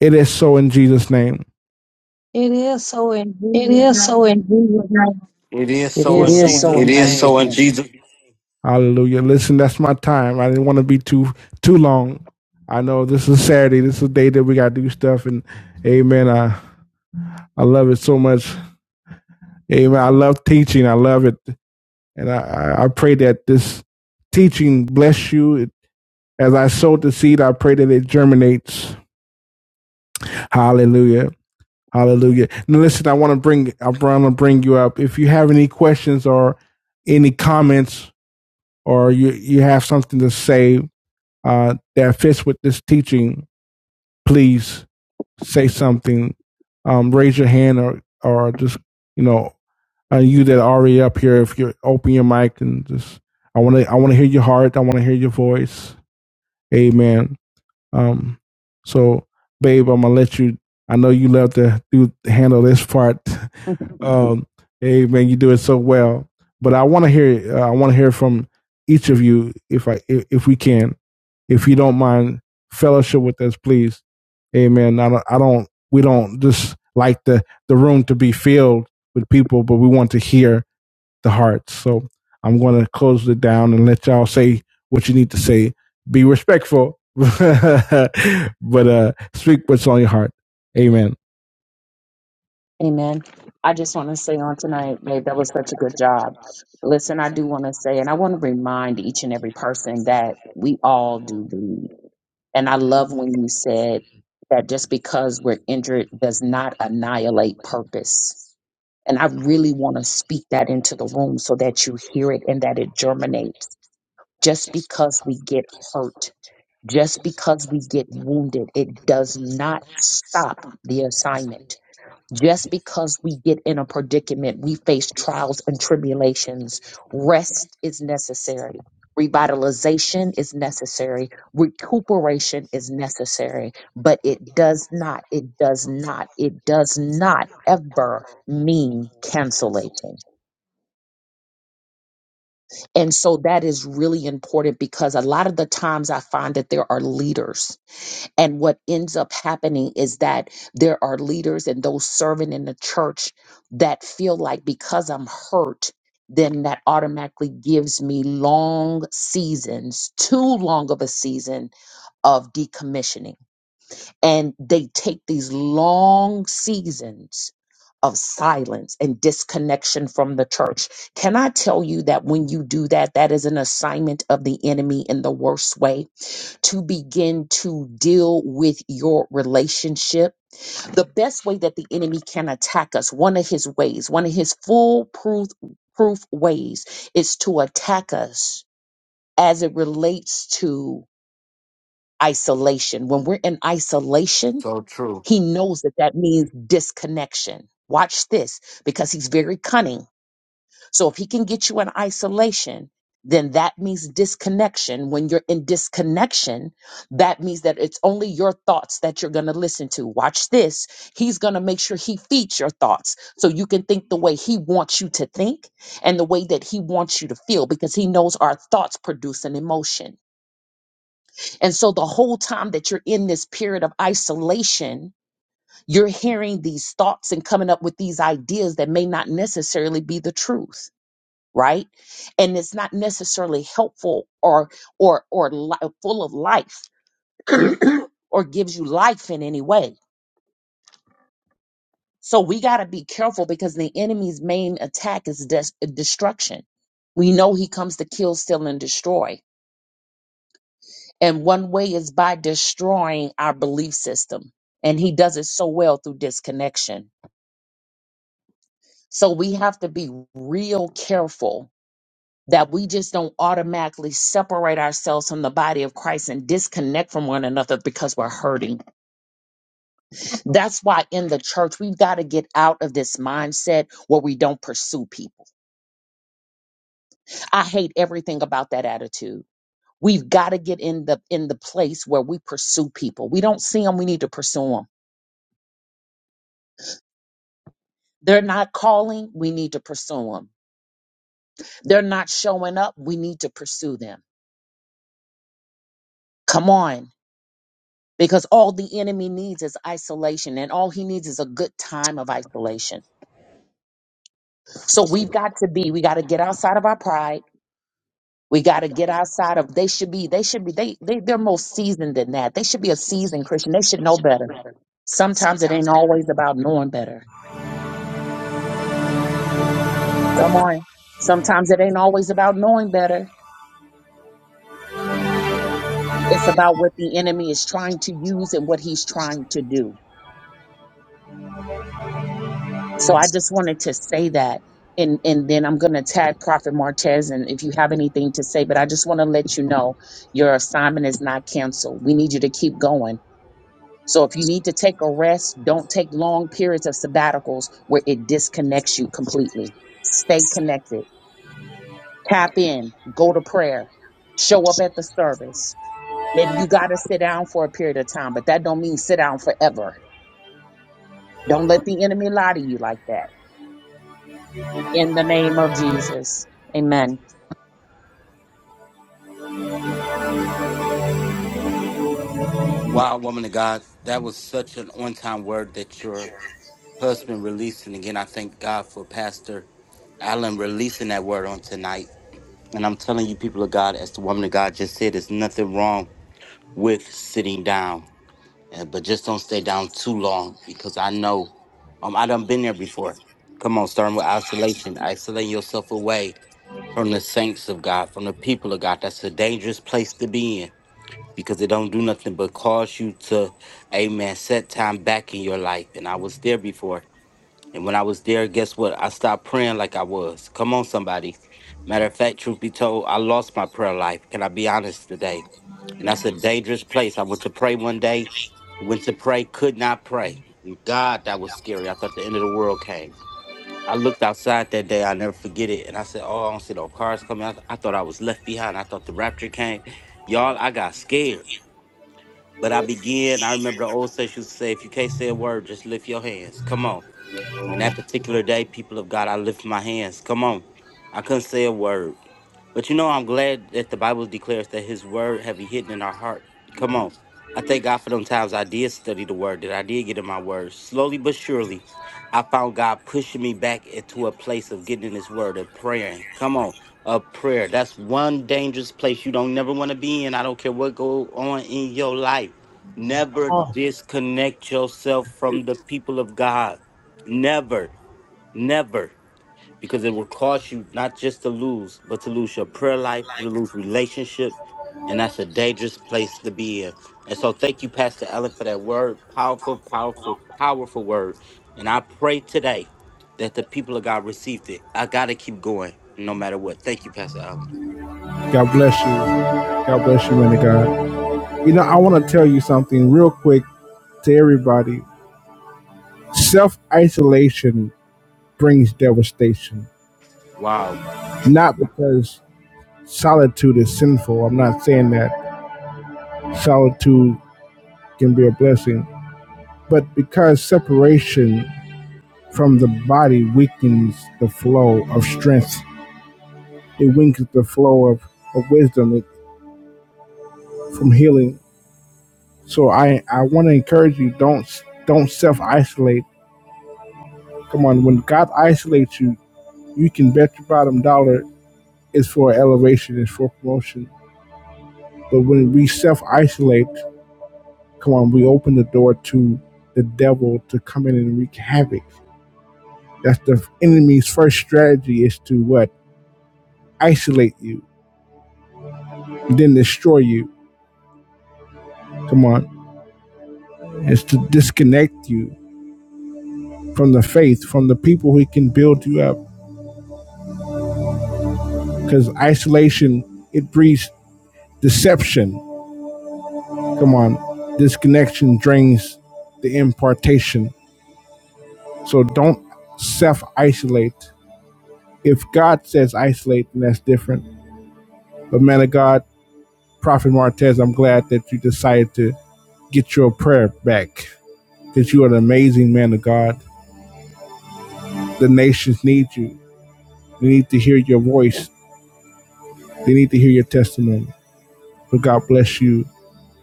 B: It is so in Jesus' name.
D: It is so in
B: It
D: Jesus'
B: is so
D: name.
B: in Jesus' name.
C: It is
A: It
C: so
B: It
A: is
C: in
B: is
A: so in
B: so.
C: Jesus'
B: It is
A: Jesus'
C: name.
B: so
A: name.
B: in Jesus' Hallelujah. Listen, that's my time. I didn't want to be too too long. I know this is Saturday. This is the day that we gotta do stuff and Amen. I I love it so much. Amen. I love teaching. I love it. And I, I pray that this teaching bless you. As I sowed the seed, I pray that it germinates. Hallelujah. Hallelujah. Now listen, I want to bring I want to bring you up. If you have any questions or any comments or you you have something to say, uh, that fits with this teaching, please say something. Um, raise your hand or, or just, you know, uh, you that are already up here, if you open your mic and just, I want to, I want to hear your heart. I want to hear your voice. Amen. Um, so babe, I'm gonna let you, I know you love to do, handle this part. Um, amen. You do it so well, but I want to hear, uh, I want to hear from each of you if I, if, if we can if you don't mind fellowship with us, please. Amen. I don't, I don't, we don't just like the, the room to be filled with people, but we want to hear the hearts. So I'm going to close it down and let y'all say what you need to say. Be respectful, but uh, speak what's on your heart. Amen.
A: Amen. I just want to say on tonight, babe, that was such a good job. Listen, I do want to say, and I want to remind each and every person that we all do bleed. And I love when you said that just because we're injured does not annihilate purpose. And I really want to speak that into the room so that you hear it and that it germinates. Just because we get hurt, just because we get wounded, it does not stop the assignment just because we get in a predicament, we face trials and tribulations. Rest is necessary. Revitalization is necessary. Recuperation is necessary. But it does not, it does not, it does not ever mean cancellation. And so that is really important because a lot of the times I find that there are leaders And what ends up happening is that there are leaders and those serving in the church that feel like because I'm hurt, then that automatically gives me long seasons, too long of a season of decommissioning. And they take these long seasons of silence and disconnection from the church. Can I tell you that when you do that, that is an assignment of the enemy in the worst way? to begin to deal with your relationship. The best way that the enemy can attack us, one of his ways, one of his foolproof proof ways, is to attack us as it relates to isolation. When we're in isolation,
C: So true.
A: he knows that that means disconnection. Watch this because he's very cunning so if he can get you in isolation, then that means disconnection. When you're in disconnection, that means that it's only your thoughts that you're going to listen to. Watch this. He's going to make sure he feeds your thoughts so you can think the way he wants you to think and the way that he wants you to feel because he knows our thoughts produce an emotion. And so the whole time that you're in this period of isolation, you're hearing these thoughts and coming up with these ideas that may not necessarily be the truth right and it's not necessarily helpful or or or li- full of life or gives you life in any way so we got to be careful because the enemy's main attack is des- destruction we know he comes to kill steal and destroy and one way is by destroying our belief system and he does it so well through disconnection so we have to be real careful that we just don't automatically separate ourselves from the body of Christ and disconnect from one another because we're hurting. That's why in the church, we've got to get out of this mindset where we don't pursue people. I hate everything about that attitude. We've got to get in the in the place where we pursue people. We don't see them, we need to pursue them. They're not calling, we need to pursue them. They're not showing up, we need to pursue them. Come on. because all the enemy needs is isolation and all he needs is a good time of isolation. So we've got to be, we got to get outside of our pride. We got to get outside of, they should be, they should be, they, they, they're more seasoned than that. They should be a seasoned Christian. They should know better. Sometimes it ain't always about knowing better. Come on. Sometimes it ain't always about knowing better. It's about what the enemy is trying to use and what he's trying to do. So I just wanted to say that. And, and then I'm going to tag Prophet Martez. And if you have anything to say, but I just want to let you know your assignment is not canceled. We need you to keep going. So if you need to take a rest, don't take long periods of sabbaticals where it disconnects you completely. Stay connected, tap in, go to prayer, show up at the service. Maybe you got to sit down for a period of time, but that don't mean sit down forever. Don't let the enemy lie to you like that. In the name of Jesus. Amen.
C: Wow, woman of God, that was such an on time word that your husband released. And again, I thank God for Pastor Allen releasing that word on tonight. And I'm telling you, people of God, as the woman of God just said, there's nothing wrong with sitting down. Uh, but just don't stay down too long because I know um I done been there before. Come on, starting with isolation, isolating yourself away from the saints of God, from the people of God. That's a dangerous place to be in because it don't do nothing but cause you to, amen, set time back in your life. And I was there before. And when I was there, guess what? I stopped praying like I was. Come on, somebody. Matter of fact, truth be told, I lost my prayer life. Can I be honest today? And that's a dangerous place. I went to pray one day, went to pray, could not pray. And God, that was scary. I thought the end of the world came. I looked outside that day, I'll never forget it. And I said, Oh, I don't see no cars coming. I, th- I thought I was left behind. I thought the rapture came. Y'all, I got scared. But I began, I remember the old saints used to say, If you can't say a word, just lift your hands. Come on. And that particular day, people of God, I lift my hands. Come on. I couldn't say a word. But you know, I'm glad that the Bible declares that His word have He hidden in our heart. Come on. I thank God for them times I did study the word, that I did get in my word. Slowly but surely, I found God pushing me back into a place of getting in His word and praying. Come on, a prayer. That's one dangerous place you don't never want to be in. I don't care what go on in your life. Never
B: Oh,
C: disconnect yourself from the people of God. Never, never because it will cost you not just to lose, but to lose your prayer life, to lose relationship, and that's a dangerous place to be in. And so, thank you, Pastor Ellen, for that word, powerful, powerful, powerful word. And I pray today that the people of God received it. I gotta keep going, no matter what. Thank you, Pastor Allen.
B: God bless you. God bless you, man of God. You know, I want to tell you something real quick to everybody. Self isolation brings devastation
C: Wow.
B: Not because solitude is sinful. I'm not saying that solitude can be a blessing, but because separation from the body weakens the flow of strength. It weakens the flow of, of wisdom it, from healing. So I, I want to encourage you don't don't self isolate. Come on, when God isolates you, you can bet your bottom dollar it's for elevation, it's for promotion. But when we self isolate, Come on, we open the door to the devil to come in and wreak havoc. That's the enemy's first strategy is to what? Isolate you, then destroy you. Come on. is to disconnect you from the faith, from the people who can build you up. Because isolation, it breeds deception. Come on. Disconnection drains the impartation. So don't self isolate. If God says isolate, then that's different. But man of God, Prophet Martez, I'm glad that you decided to get your prayer back because you are an amazing man of God. The nations need you. They need to hear your voice. They need to hear your testimony. But God bless you.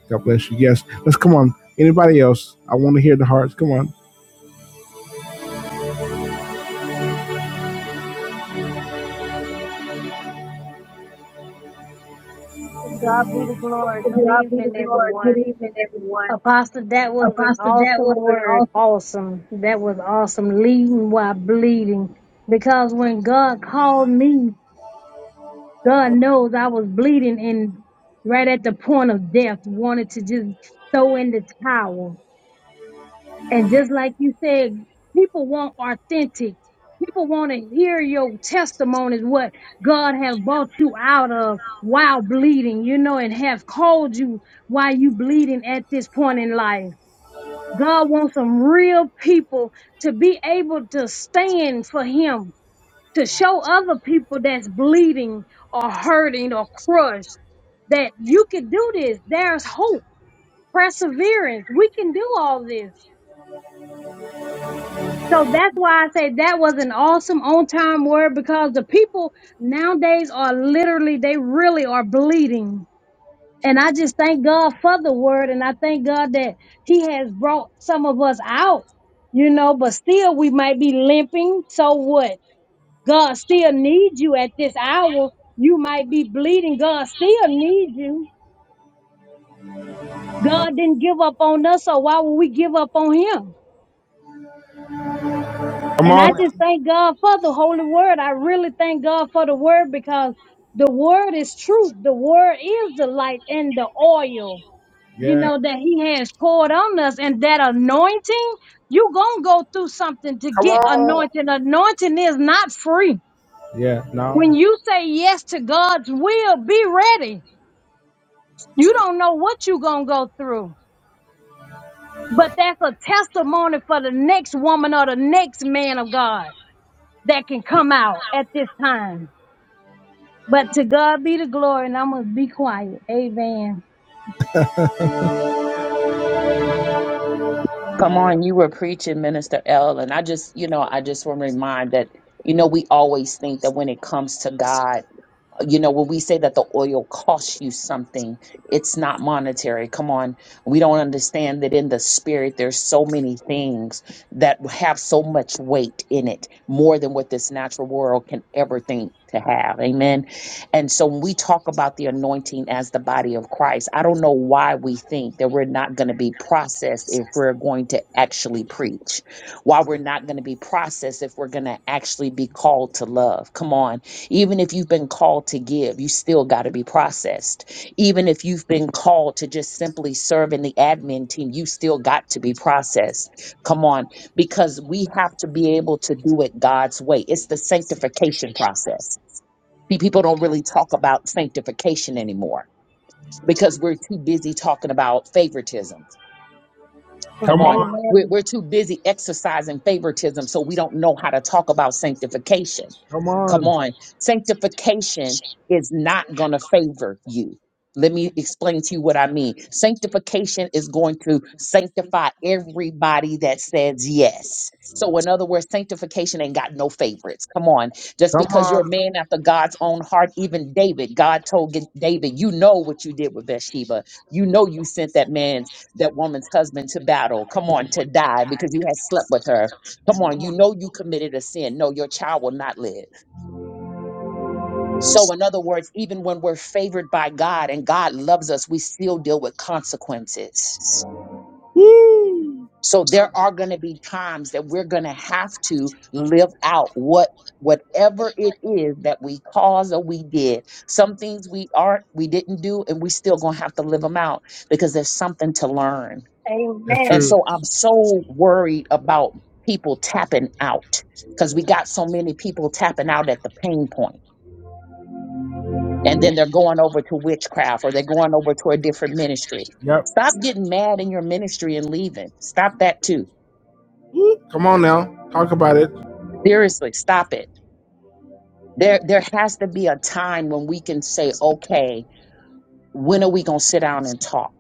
B: God bless you. Yes. Let's come on. Anybody else? I want to hear the hearts. Come on.
D: To God be the glory. Good evening, everyone. Apostle, that was an awesome word. Awesome. That was awesome. Leading while bleeding. Because when God called me God knows I was bleeding and right at the point of death, wanted to just throw in the towel. And just like you said, people want authentic. People want to hear your testimonies, what God have brought you out of while bleeding, you know, and have called you while you bleeding at this point in life. God wants some real people to be able to stand for him to show other people that's bleeding or hurting or crushed that you can do this. There's hope, perseverance. We can do all this. So that's why I say that was an awesome on time word because the people nowadays are literally, they really are bleeding. And I just thank God for the word. And I thank God that he has brought some of us out, you know, but still we might be limping. So what? God still needs you at this hour. You might be bleeding. God still needs you. God didn't give up on us, so why would we give up on him?
B: Come
D: And
B: on.
D: I just thank God for the holy word. I really thank God for the word because the word is truth. The word is the light and the oil, you
B: Yeah.
D: know, that he has poured on us and that anointing. You gonna go through something to
B: Come
D: get
B: on.
D: anointing. Anointing is not free.
B: Yeah.
D: When
B: No.
D: you say yes to God's will, be ready You don't know what you gonna go through, but that's a testimony for the next woman or the next man of God that can come out at this time. But to God be the glory, and I'm gonna be quiet. Amen.
A: Come on, you were preaching, Minister L. And I just, you know, I just want to remind that, you know, we always think that when it comes to God, you know, when we say that the oil costs you something, it's not monetary. Come on. We don't understand that in the spirit, there's so many things that have so much weight in it, more than what this natural world can ever think to have. Amen. And so when we talk about the anointing as the body of Christ, I don't know why we think that we're not going to be processed if we're going to actually preach, why we're not going to be processed if we're going to actually be called to love. Come on even if you've been called to give, you still got to be processed. Even if you've been called to just simply serve in the admin team, you still got to be processed. Come on, because we have to be able to do it God's way. It's the sanctification process. See, People don't really talk about sanctification anymore because we're too busy talking about favoritism. Come
B: Come
A: on.
B: on.
A: We're,
D: Amen.
A: we're too busy exercising favoritism, so we don't know how to talk about sanctification.
B: Come
A: Come
B: on.
A: on. Sanctification is not going to favor you. Let me explain to you what I mean. Sanctification is going to sanctify everybody that says yes. So, in other words, sanctification ain't got no favorites. Come on. Just
B: Come
A: because you're
B: on.
A: a man after God's own heart, even David, God told G- David, You know what you did with Bathsheba. You know you sent that man that woman's husband to battle. Come on, to die because you had slept with her. Come on, you know you committed a sin. No, your child will not live. So, in other words, even when we're favored by God and God loves us, we still deal with consequences. So, there are going to be times that we're going to have to live out what whatever it is that we caused or we did some things we aren't we didn't do and we still gonna have to live them out because there's something to learn
B: That's
A: And
D: Amen.
B: true.
A: so I'm so worried about people tapping out because we got so many people tapping out at the pain point, And then they're going over to witchcraft or they're going over to a different ministry.
B: Yep.
A: Stop getting mad in your ministry and leaving. Stop that too.
B: Come on now. Talk about it.
A: Seriously, stop it. There there has to be a time when we can say, okay, when are we gonna sit down and talk?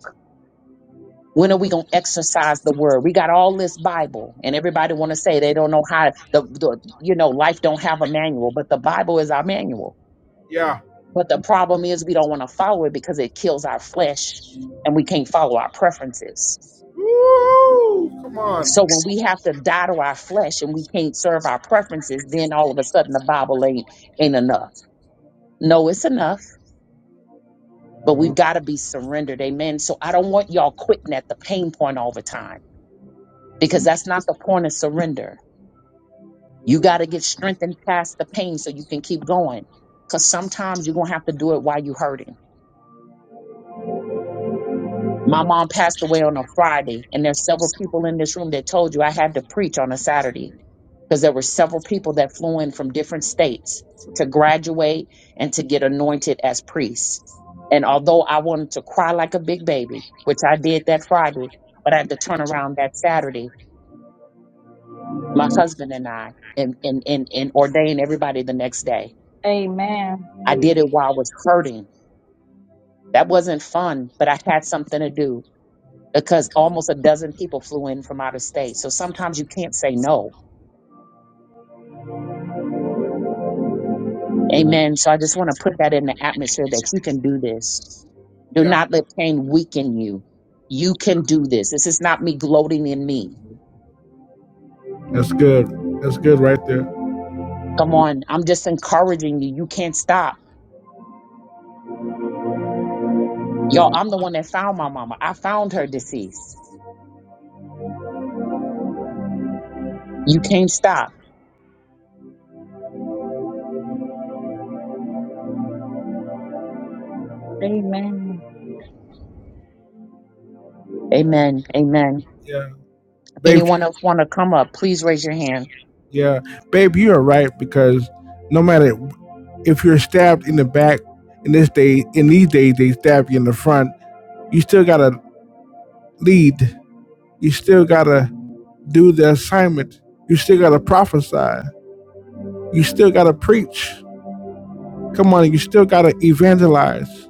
A: When are we going to exercise the word? We got all this Bible and everybody want to say they don't know how the, the you know, life don't have a manual, but the Bible is our manual.
B: Yeah.
A: But the problem is we don't want to follow it because it kills our flesh and we can't follow our preferences.
B: Woo! Come
A: So
B: on.
A: when we have to die to our flesh and we can't serve our preferences, then all of a sudden the Bible ain't ain't enough. No, it's enough, but we've got to be surrendered. Amen. So I don't want y'all quitting at the pain point all the time because that's not the point of surrender You got to get strengthened past the pain so you can keep going. Because sometimes you're going to have to do it while you're hurting. My mom passed away on a Friday, and there's several people in this room that told you I had to preach on a Saturday because there were several people that flew in from different states to graduate and to get anointed as priests. And although I wanted to cry like a big baby, which I did that Friday, but I had to turn around that Saturday, my husband and I, and, and, and, and ordain everybody the next day
D: Amen.
A: I did it while I was hurting. That wasn't fun, but I had something to do because almost a dozen people flew in from out of state. So sometimes you can't say no. Amen. So I just want to put that in the atmosphere that you can do this. Do
B: Yeah.
A: not let pain weaken you. You can do this. This is not me gloating in me.
B: That's good. That's good right there.
A: Come on. I'm just encouraging you. You can't stop. Y'all, I'm the one that found my mama. I found her deceased. You can't stop.
D: Amen.
A: Amen. Amen.
B: Yeah, babe.
A: Anyone else want to come up? Please raise your hand.
B: Yeah, babe, you are right because no matter if you're stabbed in the back, in this day, in these days, they stab you in the front. You still gotta lead. You still gotta do the assignment. You still gotta prophesy. You still gotta preach. Come on, you still gotta evangelize.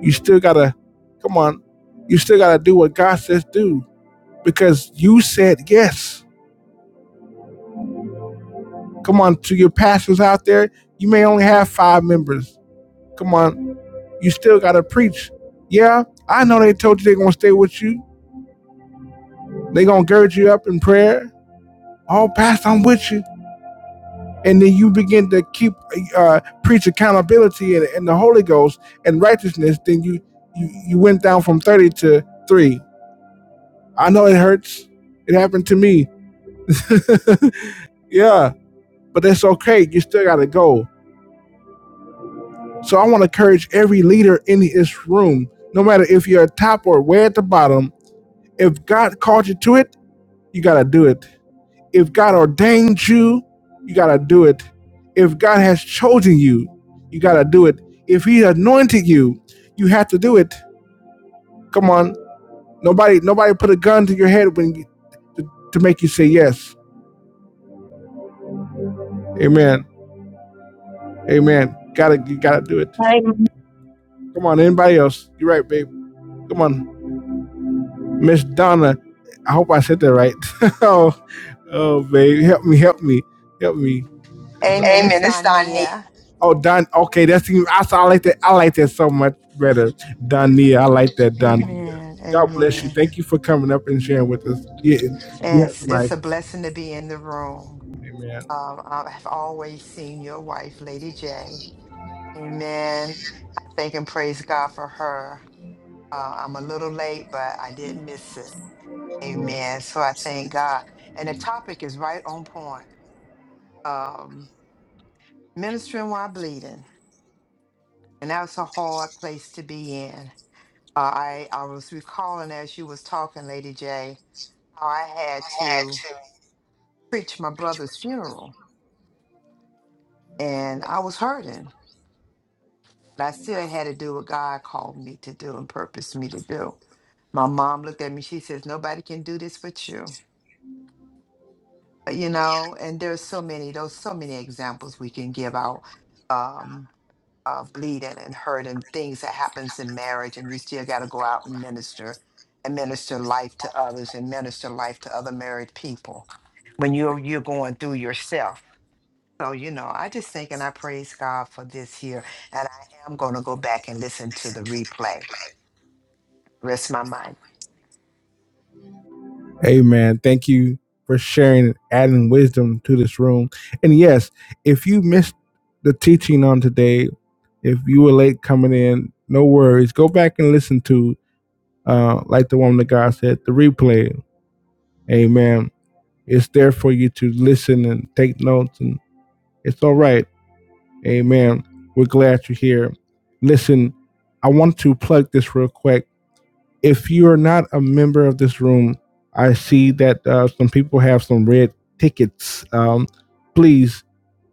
B: You still gotta, come on, you still gotta do what God says do because you said yes. Come on, to your pastors out there, you may only have five members. Come on, you still gotta preach. Yeah, I know they told you they're gonna stay with you. They gonna gird you up in prayer. Oh, Pastor, I'm with you. And then you begin to keep uh, preach accountability and, and the Holy Ghost and righteousness. Then you, you you went down from thirty to three. I know it hurts. It happened to me. yeah, but that's okay. You still gotta go. So I want to encourage every leader in this room, no matter if you're at top or way at the bottom. If God called you to it You got to do it. If God ordained you, you got to do it. If God has chosen you, you got to do it. If he anointed you, you have to do it. Come on. Nobody nobody put a gun to your head when you, to, to make you say yes. Amen. Amen. Got to you got to do it. Amen. Come on, anybody else? You're right, babe. Come on, Miss Donna. I hope I said that right. oh, oh, babe, help me, help me, help me.
E: Amen. It's Donia.
B: Oh, Don. Okay, that's even. I, I like that. I like that so much better, Donia. I like that, Donia.
E: Amen.
B: God bless you.
E: Amen.
B: Thank you for coming up and sharing with us. Yeah,
E: And
B: yes,
E: it's, it's
B: Mike.
E: a blessing to be in the room.
B: amen.
E: Um, I have always seen your wife, Lady J. Amen. Thank and praise God for her. Uh, I'm a little late, but I didn't miss it. Amen. So I thank God. And the topic is right on point. Um, ministering while bleeding. And that's a hard place to be in. Uh, I, I was recalling as you was talking, Lady J, how I had to Preach my brother's funeral and I was hurting, but I still had to do what God called me to do and purposed me to do. My mom looked at me, she says, Nobody can do this but you. You know, and there's so many, those so many examples we can give out um of bleeding and hurting things that happens in marriage and you still gotta go out and minister and minister life to others and minister life to other married people when you're you're going through yourself. So, you know, I just think and I praise God for this here. And I am going to go back and listen to the replay. Rest my mind
B: Amen. Thank you for sharing, and adding wisdom to this room. And yes, if you missed the teaching on today, if you were late coming in, no worries. Go back and listen to, uh, like the woman of God said, the replay. Amen. It's there for you to listen and take notes, and it's all right Amen. We're glad you're here. Listen, I want to plug this real quick. If you are not a member of this room, I see that uh, some people have some red tickets. Um, please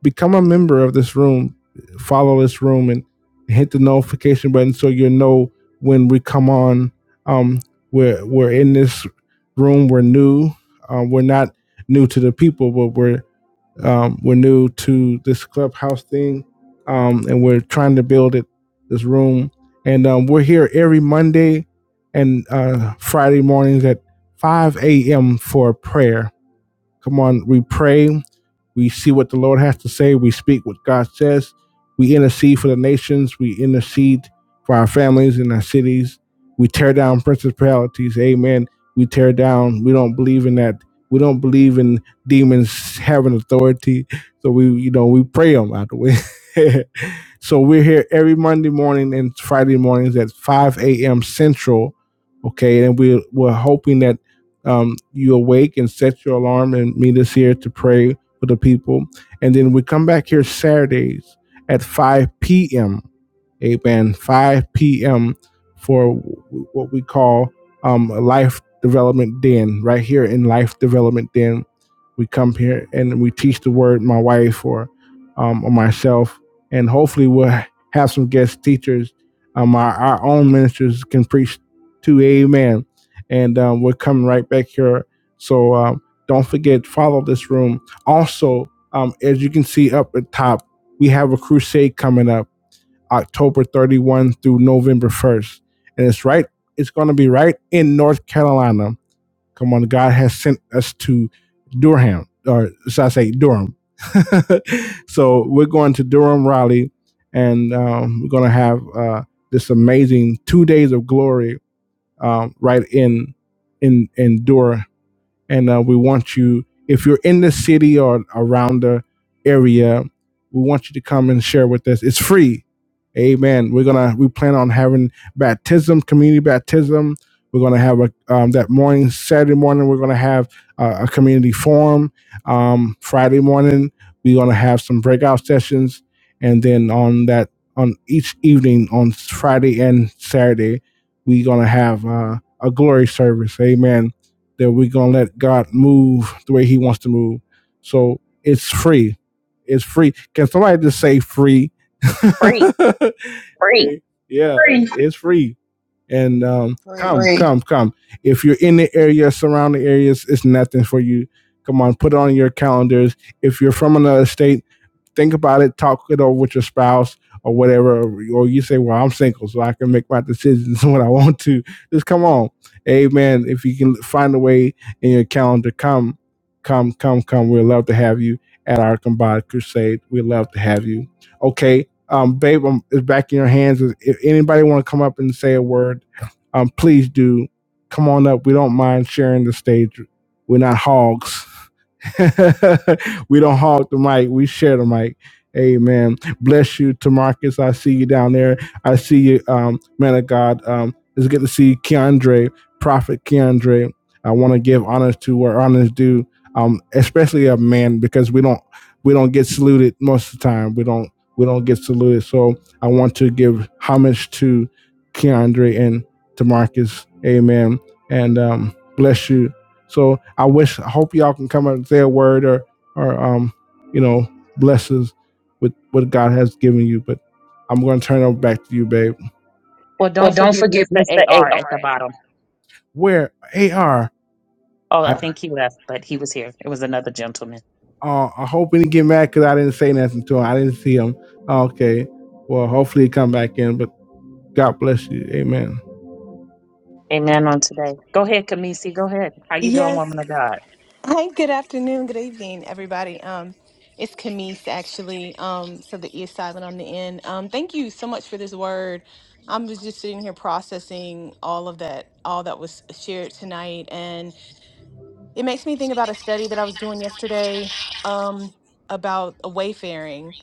B: become a member of this room. Follow this room and hit the notification button so you know when we come on. Um, we're we're in this room. We're new. Uh, we're not new to the people, but we're um, we're new to this clubhouse thing, um, and we're trying to build it this room. And um, we're here every Monday and uh, Friday mornings at 5 a.m. for prayer. Come on, we pray. We see what the Lord has to say. We speak what God says. We intercede for the nations. We intercede for our families and our cities. We tear down principalities. Amen. We tear down. We don't believe in that. We don't believe in demons having authority. So we, you know, we pray them out the way. so we're here every Monday morning and Friday mornings at 5 a.m. Central. Okay. And we, we're hoping that um, you awake and set your alarm and meet us here to pray with the people. And then we come back here Saturdays at 5 p.m amen, 5 p.m. for what we call um, Life Development Den, right here in Life Development Den. We come here and we teach the word, my wife or, um, or myself, and hopefully we'll have some guest teachers. Um, our, our own ministers can preach to amen. And um, we're coming right back here. So um, don't forget, follow this room. Also, um, as you can see up at top, we have a crusade coming up October 31 through November 1st. And it's right, it's going to be right in North Carolina. Come on, God has sent us to Durham, or should I say Durham. so we're going to Durham, Raleigh, and um, we're going to have uh, this amazing two days of glory um, right in in in Durham. And uh, we want you, if you're in the city or around the area, we want you to come and share with us. It's free Amen. We're gonna we plan on having baptism, community baptism. We're gonna have a um, that morning, Saturday morning. We're gonna have uh, a community forum. Um, Friday morning, we're gonna have some breakout sessions, and then on that on each evening on Friday and Saturday, we're gonna have uh, a glory service. Amen. That we're gonna let God move the way He wants to move. So it's free. It's free. Can somebody just say free?
A: Free.
B: Yeah, it's free. And um,
E: free.
B: come, Free. come, come. If you're in the area, surrounding areas, it's nothing for you. Come on, put it on your calendars. If you're from another state, think about it, talk it over with your spouse or whatever. Or you say, well, I'm single, so I can make my decisions when I want to. Just come on. Amen. If you can find a way in your calendar, come, come, come, come. We'd love to have you at our combined crusade. We'd love to have you. Okay. Um, babe, I'm, it's back in your hands. If anybody want to come up and say a word, um, please do. Come on up. We don't mind sharing the stage. We're not hogs. we don't hog the mic. We share the mic. Amen. Bless you, Tamarcus. I see you down there. I see you, um, man of God. Um, it's good to see Keandre, Prophet Keandre. I want to give honors to where honors due, um, especially a man because we don't we don't get saluted most of the time. We don't we don't get saluted. So I want to give homage to Keandre and Tamarcus. Amen. And um, bless you so I wish, I hope y'all can come out and say a word or, or um, you know, bless with what God has given you. But I'm going to turn it back to you, babe.
A: Well, don't forget Mr. AR at the bottom.
B: Where AR?
A: Oh,
B: I
A: I think he left, but he was here. It was another gentleman.
B: uh, I hope he didn't get mad because I didn't say nothing to him. I didn't see him. Okay. Well, hopefully he come back in. But God bless you. Amen.
A: Amen on today. Go ahead, Kamisi. Go ahead. How you doing,
F: Yes.
A: woman of God?
F: Hi, good afternoon, good evening, everybody. Um, it's Camise actually. Um, so the E is silent on the end. Um, thank you so much for this word. I was just sitting here processing all of that, all that was shared tonight. and. It makes me think about a study that I was doing yesterday um, about a wayfaring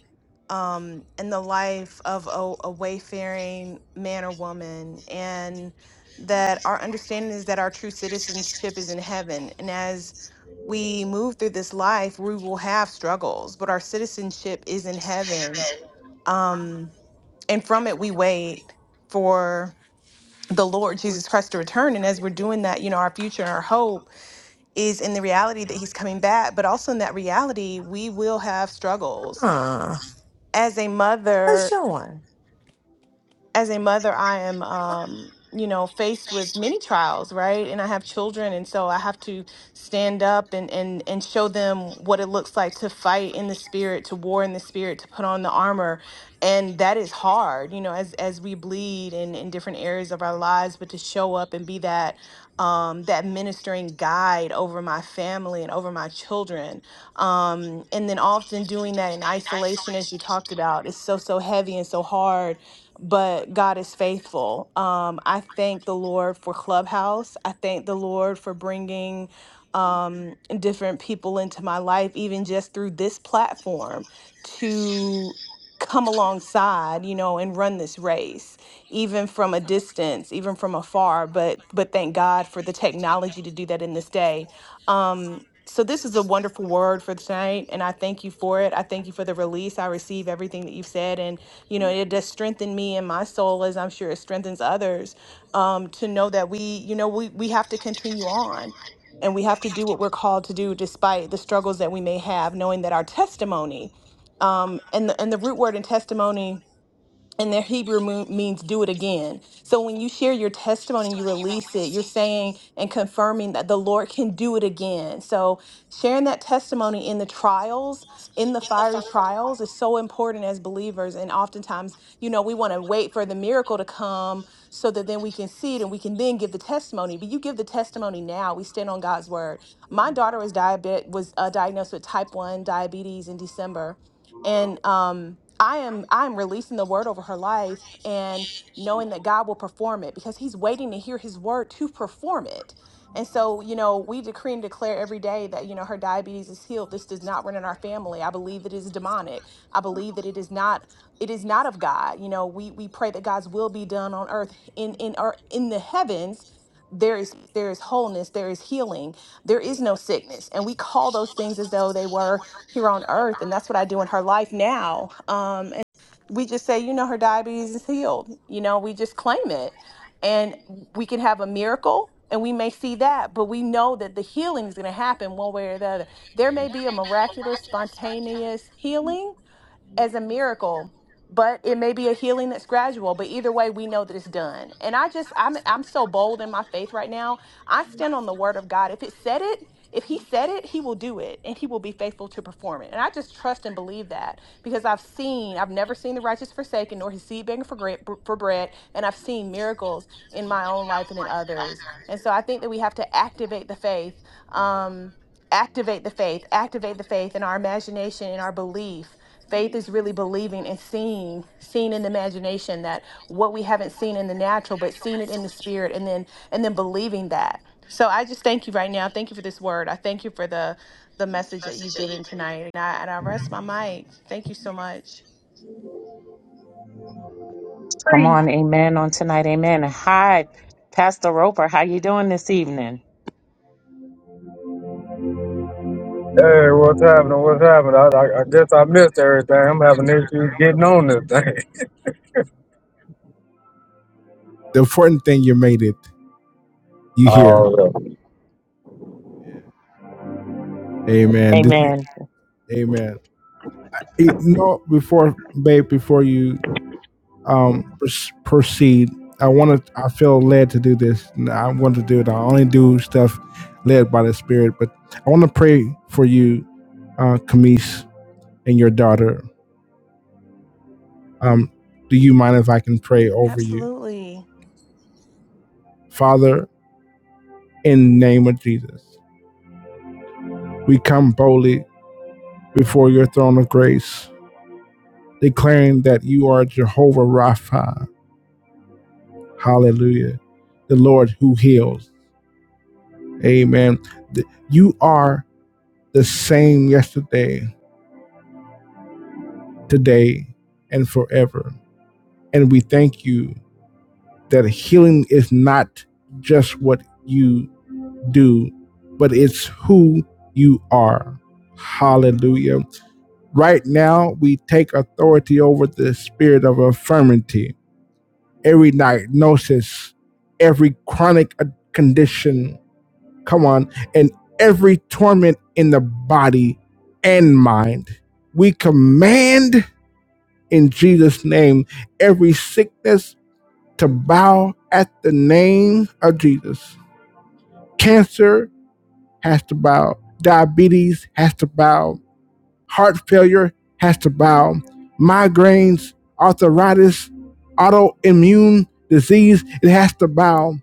F: um, and the life of a, a wayfaring man or woman, and that our understanding is that our true citizenship is in heaven. And as we move through this life, we will have struggles, but our citizenship is in heaven. Um, and from it, we wait for the Lord Jesus Christ to return. And as we're doing that, you know, our future and our hope is in the reality that he's coming back, but also in that reality, we will have struggles.
E: Huh.
F: As a
E: What's
F: mother,
E: doing?
F: as a mother, I am, um, you know, faced with many trials, right? And I have children, and so I have to stand up and and and show them what it looks like to fight in the spirit, to war in the spirit, to put on the armor, and that is hard, you know, as as we bleed in in different areas of our lives, but to show up and be that. Um, that ministering guide over my family and over my children. Um, and then often doing that in isolation, as you talked about, is so, so heavy and so hard but God is faithful. Um, I thank the Lord for Clubhouse. I thank the Lord for bringing um, different people into my life, even just through this platform, to come alongside, you know, and run this race, even from a distance, even from afar. But but thank God for the technology to do that in this day. Um, so this is a wonderful word for tonight, and I thank you for it. I thank you for the release. I receive everything that you've said, and you know, it does strengthen me and my soul, as I'm sure it strengthens others, um, to know that we, you know, we, we have to continue on and we have to do what we're called to do despite the struggles that we may have, knowing that our testimony um, and, the, and the root word in testimony and their Hebrew mo- means do it again. So when you share your testimony, you release it, you're saying and confirming that the Lord can do it again. So sharing that testimony in the trials, in the fiery trials, is so important as believers. And oftentimes, you know, we want to wait for the miracle to come so that then we can see it and we can then give the testimony. But you give the testimony now. We stand on God's word. My daughter was diabetic, was uh, diagnosed with type one diabetes in December and um I am I am releasing the word over her life and knowing that God will perform it because he's waiting to hear his word to perform it. And so, you know, we decree and declare every day that, you know, her diabetes is healed. This does not run in our family. I believe that it is demonic. I believe that it is not it is not of God. You know, we we pray that God's will be done on earth in in our in the heavens there is there is wholeness there is healing there is no sickness and we call those things as though they were here on earth and that's what i do in her life now um and we just say you know her diabetes is healed you know we just claim it and we can have a miracle and we may see that but we know that the healing is going to happen one way or the other there may be a miraculous spontaneous healing as a miracle but it may be a healing that's gradual but either way we know that it's done and i just i'm i'm so bold in my faith right now i stand on the word of god if it said it if he said it he will do it and he will be faithful to perform it and i just trust and believe that because i've seen i've never seen the righteous forsaken nor his seed begging for, gra- for bread and i've seen miracles in my own life and in others and so i think that we have to activate the faith um, activate the faith, activate the faith in our imagination, in our belief. Faith is really believing and seeing, seeing in the imagination that what we haven't seen in the natural, but seeing it in the spirit, and then and then believing that. So I just thank you right now. Thank you for this word. I thank you for the the message that you've given tonight, and I and I rest my mic. Thank you so much.
A: Come
D: Praise
A: on. Amen on tonight. Amen. Hi, Pastor Roper. How you doing this evening?
G: Hey, what's happening? What's happening? I, I, I guess I missed everything. I'm having issues getting on this thing.
B: The important thing you made it. You here?
G: Oh,
B: Amen. This-
A: Amen.
B: amen. Eh, No, before babe, before you um, proceed. I want to. I feel led to do this. I want to do it. I only do stuff led by the Spirit. But I want to pray for you, uh, Camise, and your daughter. Um, do you mind if I can pray over you,
F: Absolutely.
B: Father? In the name of Jesus, we come boldly before your throne of grace, declaring that you are Jehovah Rapha. Hallelujah, the Lord who heals. Amen. You are the same yesterday today and forever. And we thank you that healing is not just what you do, but it's who you are. Hallelujah. Right now, we take authority over the spirit of infirmity, every diagnosis, every chronic uh, condition, come on, and every torment in the body and mind. We command in Jesus' name. Every sickness to bow at the name of Jesus. Cancer has to bow. Diabetes has to bow. Heart failure has to bow. Migraines, arthritis, autoimmune disease, it has to bow.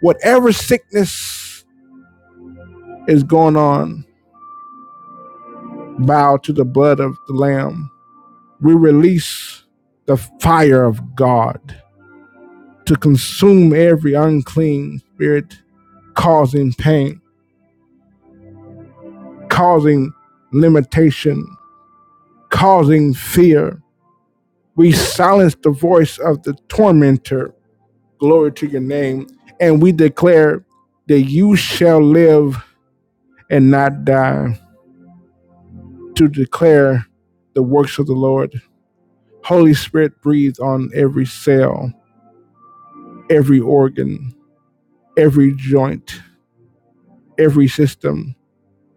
B: Whatever sickness is going on, bow to the blood of the Lamb. We release the fire of God to consume every unclean spirit, causing pain, causing limitation, causing fear. We silence the voice of the tormentor. Glory to your name. And we declare that you shall live and not die to declare the works of the Lord. Holy Spirit, breathe on every cell, every organ, every joint, every system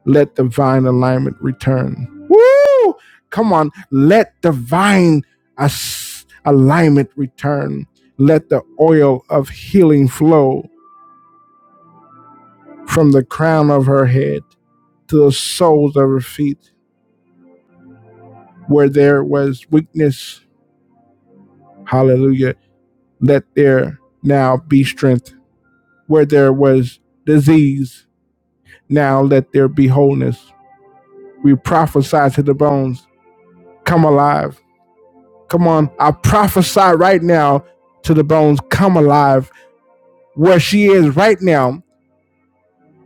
B: Let divine alignment return. Woo! Come on, let divine as- alignment return. Let the oil of healing flow from the crown of her head to the soles of her feet. Where there was weakness, hallelujah, let there now be strength. Where there was disease, now let there be wholeness. We prophesy to the bones, come alive Come on, I prophesy right now to the bones, come alive. Where she is right now,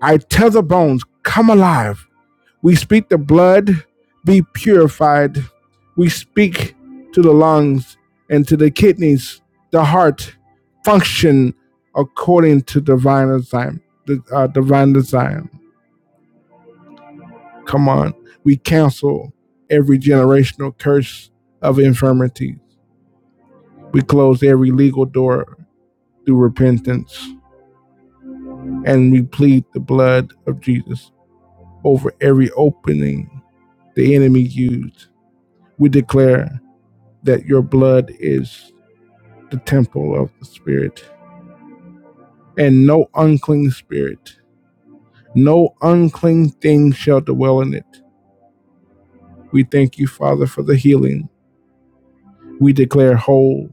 B: I tell the bones, come alive. We speak the blood, be purified. We speak to the lungs and to the kidneys, the heart, function according to divine design. uh, divine design. Come on, we cancel every generational curse of infirmity. We close every legal door through repentance. and we plead the blood of Jesus over every opening the enemy used. We declare that your blood is the temple of the Spirit, and no unclean spirit, no unclean thing shall dwell in it. We thank you, Father, for the healing. We declare whole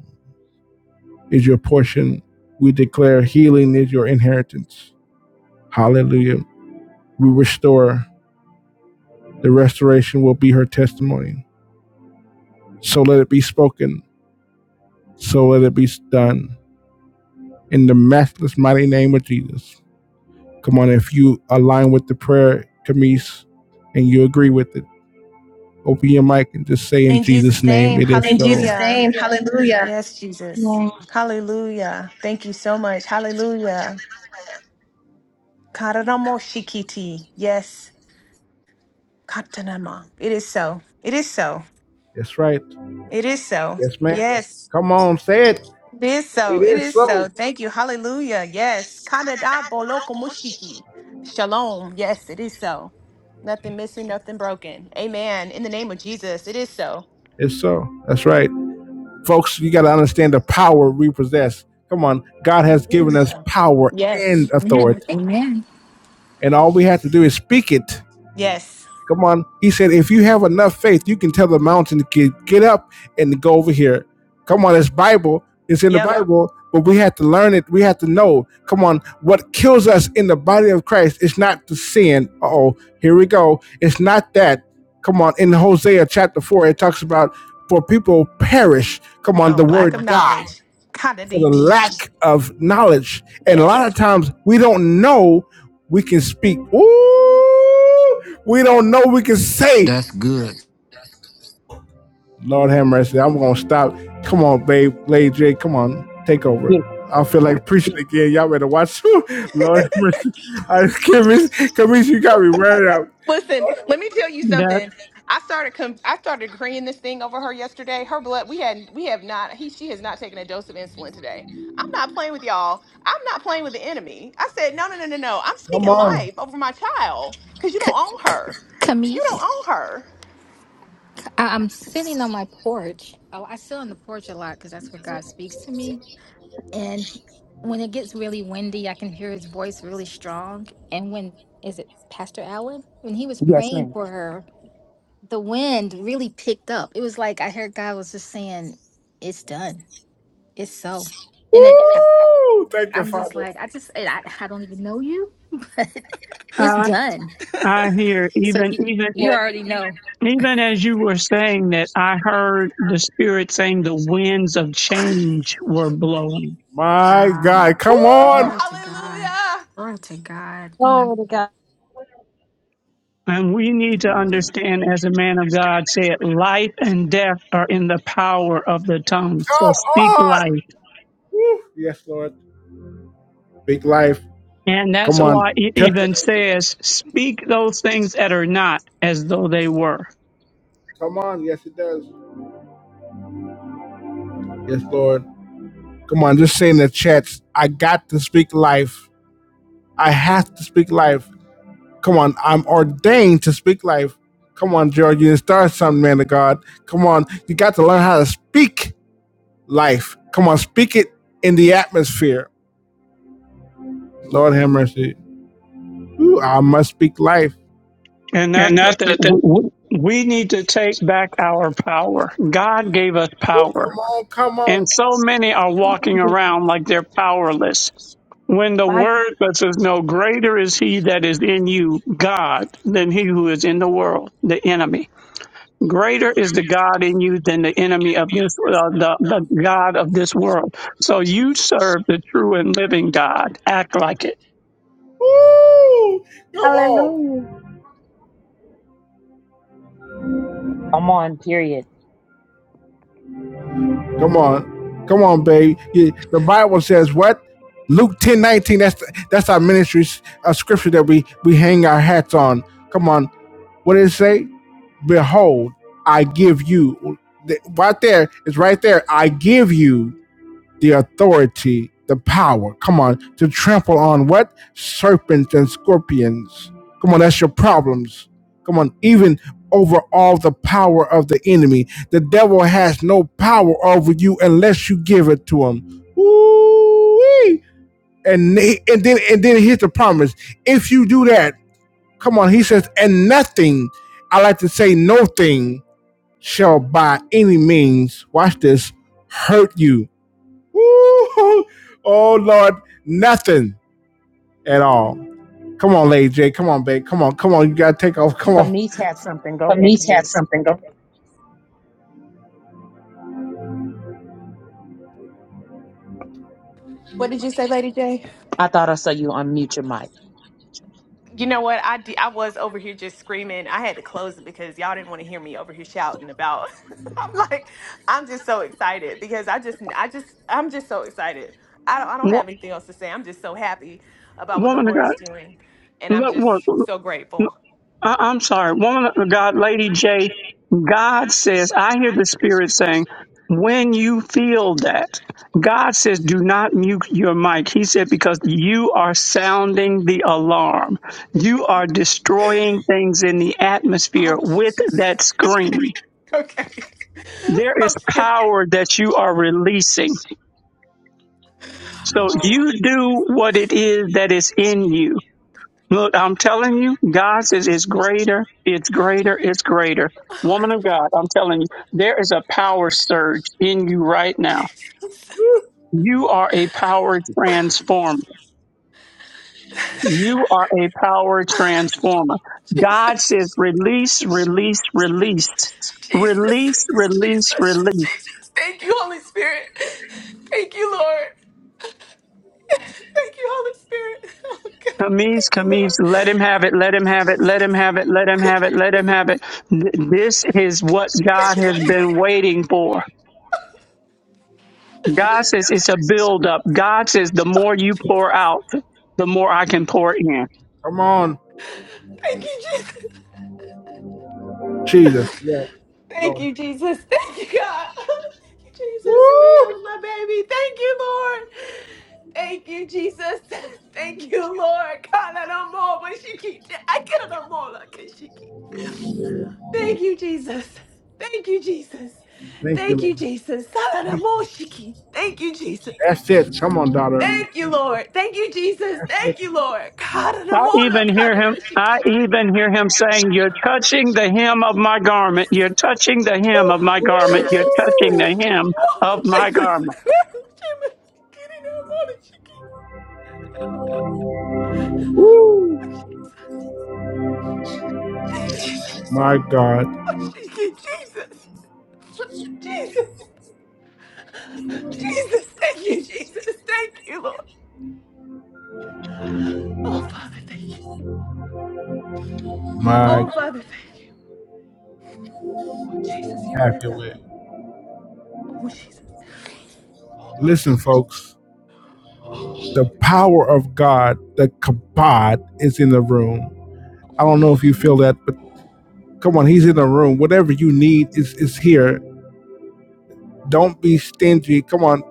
B: is your portion. We declare healing is your inheritance. Hallelujah. We restore. The restoration will be her testimony. So let it be spoken So let it be done in the matchless mighty name of Jesus. Come on, if you align with the prayer, Camise, and you agree with it, open your mic and just say in
F: In
B: Jesus'
F: Jesus'
B: name,
F: name,
B: it is.
F: hallelujah. Yes,
D: the
F: Jesus.
D: Lord.
F: Hallelujah. Thank you so much. Hallelujah. Karamo shikiti. Yes. Katanama. It is so. It is so.
B: That's right.
F: It is so.
B: Yes, man.
F: Yes.
B: Come on, say it.
F: It is
B: It
F: so. It
B: is
F: is so.
B: so.
F: Thank you. Hallelujah. Yes. Kanada boloko mushiki. Shalom. Yes, it is so. Nothing missing, nothing broken. Amen. In the name of Jesus, it is so.
B: It's so. That's right. Folks, you got to understand the power we possess. Come on. God has
F: It
B: given
F: is
B: us
F: so.
B: power
F: Yes.
B: and
H: Amen.
B: authority.
H: Amen.
B: And all we have to do is speak it.
F: Yes.
B: Come on. He said, if you have enough faith, you can tell the mountain to get, get up and go over here. Come on, it's Bible. It's in the Yep.
F: Yep.
B: Bible, but we have to learn it. We have to know. Come on. What kills us in the body of Christ is not the sin. Uh oh, here we go. It's not that. Come on. In Hosea chapter 4, it talks about for people perish. Come on,
F: A
B: the
F: lack of
B: word die
F: knowledge.
B: for the
F: Kanadipishi.
B: lack of knowledge. And a
F: Yes.
B: lot of times we don't know we can speak. Ooh, we don't know we can say.
C: That's good.
B: Lord have mercy. I'm gonna stop. Come on, babe, Lady J. Come on, take over.
A: Yes,
B: I feel like preaching again. Y'all better watch. Lord have mercy. I just can't miss. Come miss, you got me ready out.
F: Listen, let me tell you
I: that
F: something. I started com- I started agreeing this thing over her yesterday. Her blood, we had we have not he she has not taken a dose of insulin today. I'm not playing with y'all. I'm not playing with the enemy. I said, "No, no, no, no, no. I'm
B: Come
F: speaking
B: on.
F: life over my child cuz you
H: C-
F: don't own
H: c-
F: her. You don't
H: Camise,
F: own her."
H: I- I'm sitting on my porch. Oh, I sit on the porch a lot because that's where God speaks to me. And when it gets really windy, I can hear His voice really strong. And when is it Pastor Allen? When he was
A: yes
H: praying
A: ma'am.
H: for her, the wind really picked up. It was like I heard God was just saying, "It's done. It's so." And it, I,
B: Woo! Thank you,
H: I'm just
B: Father.
H: like, I just, I, I don't even know you, but it's
I: I
H: done.
I: I hear
H: So
I: even
H: you,
I: even
H: you
I: a-
H: already know.
I: even as you were saying that I heard the spirit saying the winds of change were blowing.
B: My
H: Um.
B: God.
F: Woo!
B: Come on.
H: Glory to God.
F: Hallelujah.
H: Glory to God. Mm.
D: Glory to God.
I: And we need to understand as a man of God said, life and death are in the power of the tongue.
B: Come
I: So speak
B: on.
I: life.
B: Yes, Lord. Big life.
I: And that's
B: Come
I: why
B: on.
I: it
B: Tell
I: even says, speak those things that are not as though they were.
B: Come on. Yes, it does. Yes, Lord. Come on, just say in the chats, I got to speak life. I have to speak life. Come on, I'm ordained to speak life. Come on, George, you didn't start something, man of God. Come on, you got to learn how to speak life. Come on, speak it in the atmosphere. Lord have mercy. Ooh, I must speak life.
I: And that's the thing. We we need to take back our power. God gave us power
B: Come on, come
I: And
B: on.
I: so many are walking around like they're powerless. When the word says, No greater is he that is in you, God, than he who is in the world, the enemy. Greater is the God in you than the enemy of this, uh, the, the God of this world. So you serve the true and living God. Act like it.
D: Hallelujah.
A: Come on, period.
B: Come on. Come on, baby. You- The Bible says what? Luke 10 19. that's, that's our ministry, a scripture that we, we hang our hats on. Come on. What did it say? Behold, I give you. Right there, it's right there. I give you the authority, the power. Come on, to trample on what? Serpents and scorpions. Come on, that's your problems. Come on, even over all the power of the enemy. The devil has no power over you unless you give it to him. Ooh-wee. And, he- and then and then here's the promise. If you do that, come on, he says, and nothing. I like to say no thing shall by any means, watch this, hurt you. Woo! Oh Lord, nothing at all. Come on, Lady J. Come on, babe. Come on, come on. You gotta take off. Come on.
A: Kamis had something. Go
B: But
A: ahead,
B: Bernice had
A: Kamis.
B: something. Go ahead.
F: What did you say, Lady J?
A: I thought I saw you unmute your mic.
F: You know what? I di- I was over here just screaming. I had to close it because y'all didn't want to hear me over here shouting about. I'm like, I'm just so excited because I just, I just, I'm just so excited. I don't, I don't
I: Wo-
F: have anything else to say. I'm just so happy about what the
I: Woman of
F: Lord is
I: God,
F: doing, and I'm
I: let work.
F: just so grateful.
I: I, I'm sorry, woman of God, Lady J, God says, I hear the Spirit saying, when you feel that, God says, do not mute your mic. He said, because you are sounding the alarm. You are destroying things in the atmosphere
F: Oh
I: with
F: Jesus.
I: that
F: Okay.
I: scream.
F: Okay.
I: There is
F: Okay.
I: power that you are releasing. So
F: Oh my
I: you do what it is that is in you. Look, I'm telling you, God says it's greater, it's greater, it's greater. Woman of God, I'm telling you, there is a power surge in you right now. You are a power transformer. You are a power
F: God.
I: transformer. God
F: Jesus.
I: says release, release, release,
F: Jesus.
I: release, release,
F: Jesus.
I: release.
F: Jesus. Thank you, Holy Spirit. Thank you, Lord. Thank you, Holy Spirit. Oh God.
I: Camise,
F: Thank you,
I: Camise, let him have it, let
F: Lord.
I: him
F: Thank
I: have
F: you,
I: it, let him
F: Jesus.
I: have it, let him
F: Thank
I: have
F: you,
I: it, let him have it. Th- This is what
F: thank
I: God
F: you,
I: has
F: Jesus.
I: been waiting for. God says it's a buildup. God says the more you pour out, the more I can pour in.
B: Come on,
F: Thank you, Jesus.
B: Jesus. Yeah,
F: Thank
B: Lord.
F: you, Jesus. Thank you, God. Thank you, Jesus. Me and my baby. Thank you, Lord. Thank you, Jesus. Thank you, Lord. God, I don't know, but she keep. I get it on more like she keep. Thank you, Jesus. Thank you, Jesus.
B: Thank you,
F: Thank
B: Lord.
F: you, Jesus. Sarada moshiki. Thank you, Jesus.
B: That's it. Come on, daughter.
F: Thank you, Lord. Thank you, Jesus.
B: That's it.
F: Thank you, Lord. God of the
I: I
F: mono,
I: even
F: God
I: hear
F: of the
I: him, I
F: Shikita.
I: even hear him saying, you're touching the hem of my garment. You're touching the hem of
F: Oh,
I: my garment. You're
F: Jesus.
I: touching the hem
F: Oh,
I: of
F: Jesus.
I: my garment.
F: Jesus. Jesus.
B: My God.
F: Oh, Shiki, Jesus. Jesus. Jesus. Thank you, Jesus. Thank you, Lord. Oh, Father, thank you.
B: My
F: Oh, Father, thank you. Oh, Jesus, you
B: have
F: good,
B: your
F: God.
B: way.
F: Oh, Jesus. Oh, Lord.
B: Listen, folks.
F: Oh,
B: The power of God, the kabod, is in the room. I don't know if you feel that, but.
F: oh.
B: Come on, he's in the room. Whatever you need is, is here. Don't be stingy. Come on.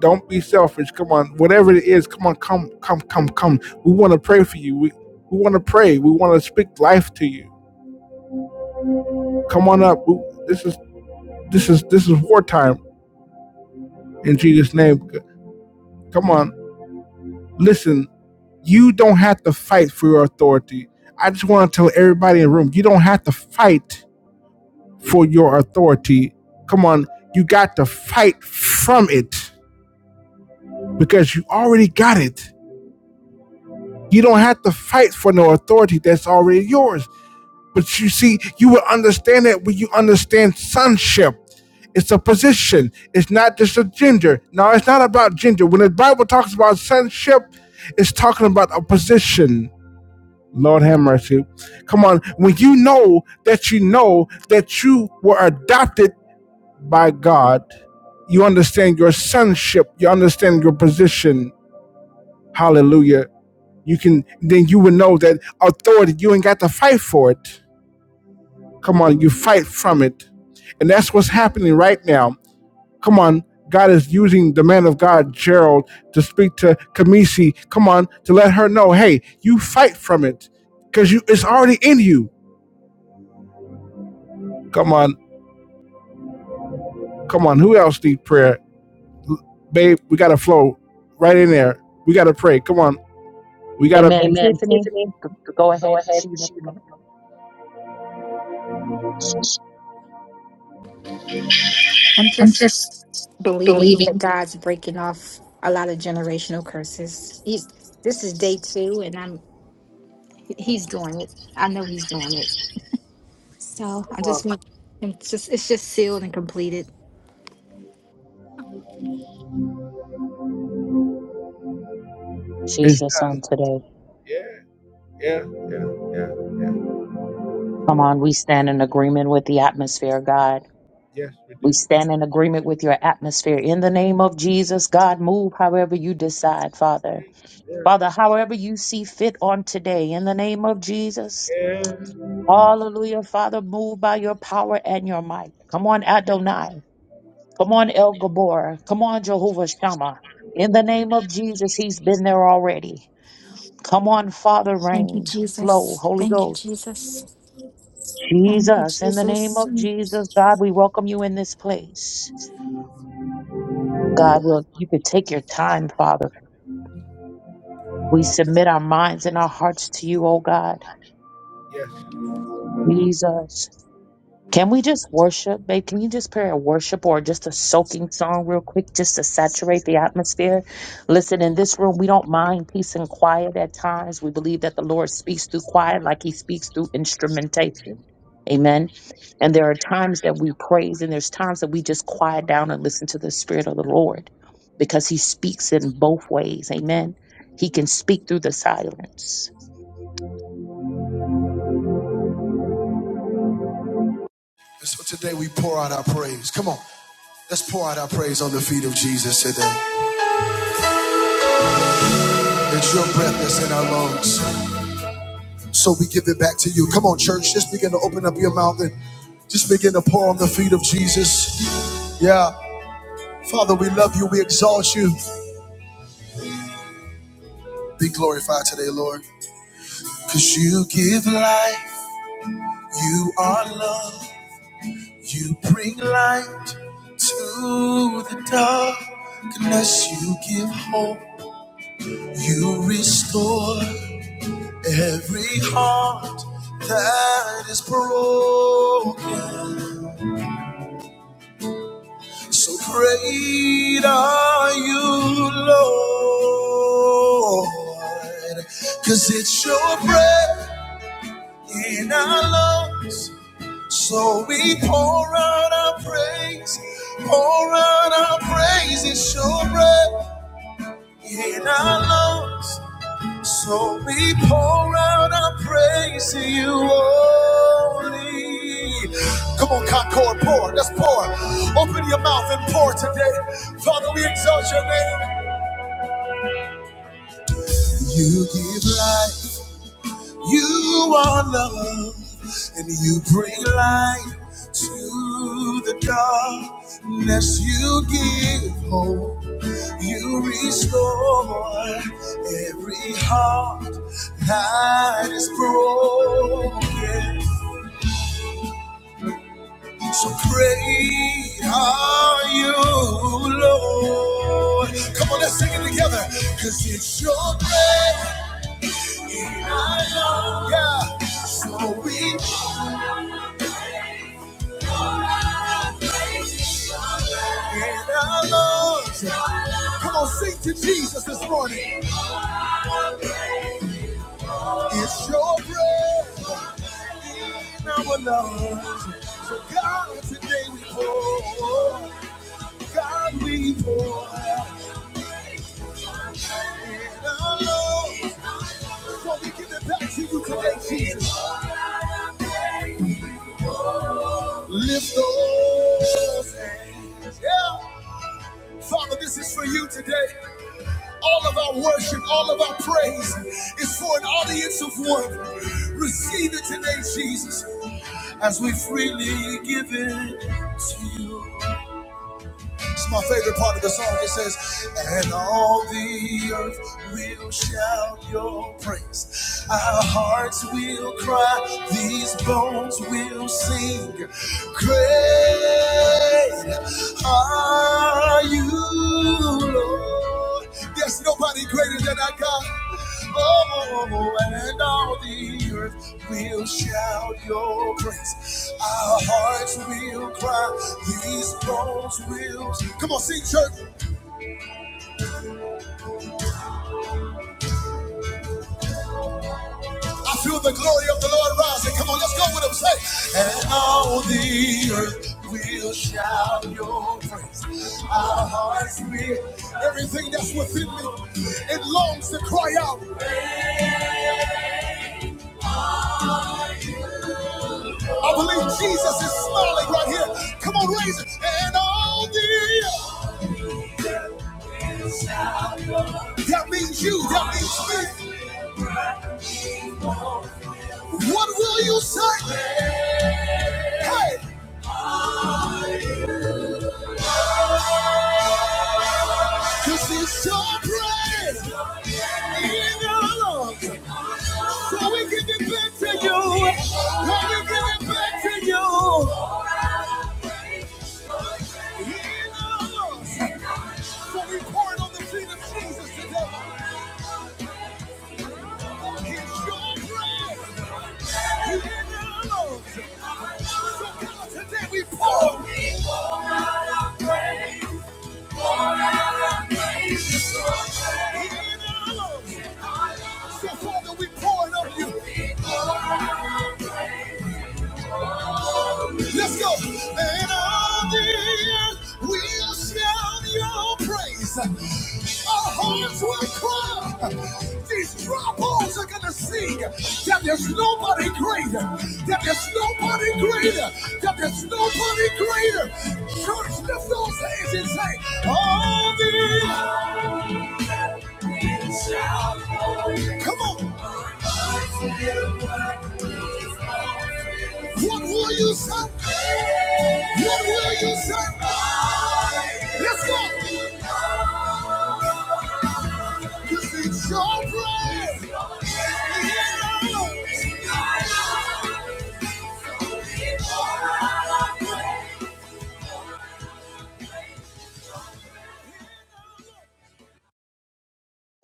B: Don't be selfish. Come on. Whatever it is, come on, come, come, come, come. We want to pray for you. We we want to pray. We want to speak life to you. Come on up. We- This is this is this is wartime in Jesus' name. Come on. Listen, you don't have to fight for your authority. I just want to tell everybody in the room, you don't have to fight for your authority. Come on, you got to fight from it because you already got it. You don't have to fight for no authority that's already yours. But you see, you will understand that when you understand sonship. It's a position. It's not just a gender. No, it's not about gender. When the Bible talks about sonship, it's talking about a position. Lord have mercy. Come on. When you know that you know that you were adopted by God, you understand your sonship. You understand your position. Hallelujah You can then you will know that authority, you ain't got to fight for it. Come on, you fight from it. And that's what's happening right now. Come on, God is using the man of God, Gerald, to speak to Kamisi. Come on, to let her know, hey, you fight from it. Cause you it's already in you. Come on, come on. Who else need prayer? Babe, we gotta flow right in there. We gotta pray. Come on. We gotta
A: Amen.
B: Amen.
A: Tiffany,
B: Tiffany,
A: go
B: go
A: ahead.
B: ahead.
A: She would
B: Yes.
A: have the mic.
H: I'm just believing that God's breaking off a lot of generational curses. He's this is day two, and I'm he's doing it. I know he's doing it. So I just want him It's just it's just sealed and completed.
A: Jesus on today. Come on, we stand in agreement with the atmosphere, God. We stand in agreement with your atmosphere. In the name of Jesus, God, move however you decide, Father. Father, however you see fit on today, in the name of Jesus. Hallelujah, Father, move by your power and your might. Come on, Adonai. Come on, El Gabor. Come on, Jehovah Shammah. In the name of Jesus, he's been there already. Come on, Father,
H: Thank you,
A: rain, flow,
H: Jesus.
A: Holy
H: Thank you,
A: Ghost.
H: Jesus. Thank you,
A: Jesus, in the name
H: Jesus.
A: of Jesus, God, we welcome you in this place. God, will you could take your time, Father. We submit our minds and our hearts to you, oh God. Jesus. Can we just worship, babe? Can you just pray a worship or just a soaking song real quick just to saturate the atmosphere? Listen, in this room, we don't mind peace and quiet at times. We believe that the Lord speaks through quiet like he speaks through instrumentation. Amen. And there are times that we praise and there's times that we just quiet down and listen to the spirit of the Lord because he speaks in both ways. Amen. He can speak through the silence.
B: And so today we pour out our praise. Come on. Let's pour out our praise on the feet of Jesus today. It's your breath that's in our lungs. So we give it back to you. Come on, church. Just begin to open up your mouth and just begin to pour on the feet of Jesus. Yeah. Father, we love you. We exalt you. Be glorified today, Lord. Because you give life. You are love. You bring light to the darkness. You give hope. You restore. Every heart that is broken, so great are you, Lord, 'cause it's your breath in our lungs, so we pour out our praise, pour out our praise. It's your breath in our lungs. So we pour out our praise to you, Holy. Come on, Concord, pour. Let's pour. Open your mouth and pour today. Father, we exalt your name. You give life. You are love, and you bring light to the darkness. You give hope, you restore every heart that is broken. So great are you, Lord. Come on, let's sing it together. Cause it's your breath in our lungs. Yeah. So we and our Lord. Come on, sing to Jesus this morning. It's your breath in our lungs. So God, today we pour. God, we pour. In our lungs. So we give it back to you today, Jesus. Lift those hands. Yeah. Father, this is for you today. All of our worship, all of our praise is for an audience of one. Receive it today, Jesus, as we freely give it to you. It's my favorite part of the song. It says, And all the earth will shout your praise. Our hearts will cry, these bones will sing. Great are you, Lord. There's nobody greater than our God. Oh, and all the earth will shout your praise. Our hearts will cry, these bones will. sing. Come on, sing church. I feel the glory of the Lord rising. Come on, let's go with him. Say, and all the earth will shout your praise. Our hearts will. Everything that's within me, it longs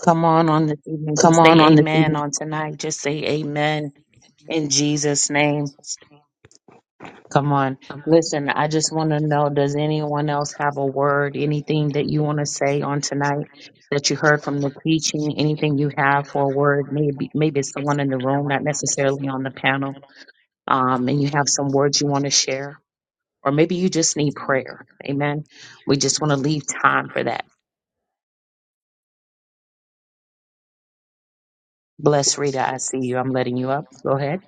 A: Come on on this evening.
B: Come
A: Just say
B: on on this
A: amen
B: evening.
A: on tonight. Just say amen. In Jesus' name. Come on. Listen, I just want to know does anyone else have a word, anything that you want to say on tonight that you heard from the teaching, anything you have for a word? Maybe maybe it's someone in the room, not necessarily on the panel, um, and you have some words you want to share. Or maybe you just need prayer. Amen. We just want to leave time for that. Bless Rita, I see you. I'm letting you up. Go ahead.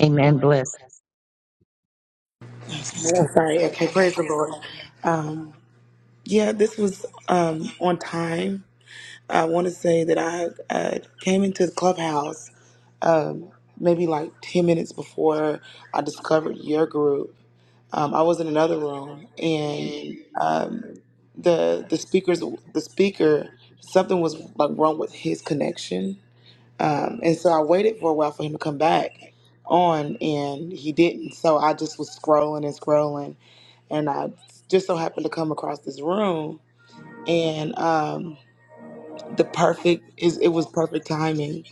A: Amen. Bless.
J: Oh, sorry. Okay, praise the Lord. Um, yeah, this was um, on time. I want to say that I uh, came into the clubhouse um, maybe like 10 minutes before I discovered your group. Um, I was in another room and um, the the speakers the speaker something was like wrong with his connection. Um, and so I waited for a while for him to come back on and he didn't. So I just was scrolling and scrolling and I just so happened to come across this room, and um, the perfect is it was perfect timing.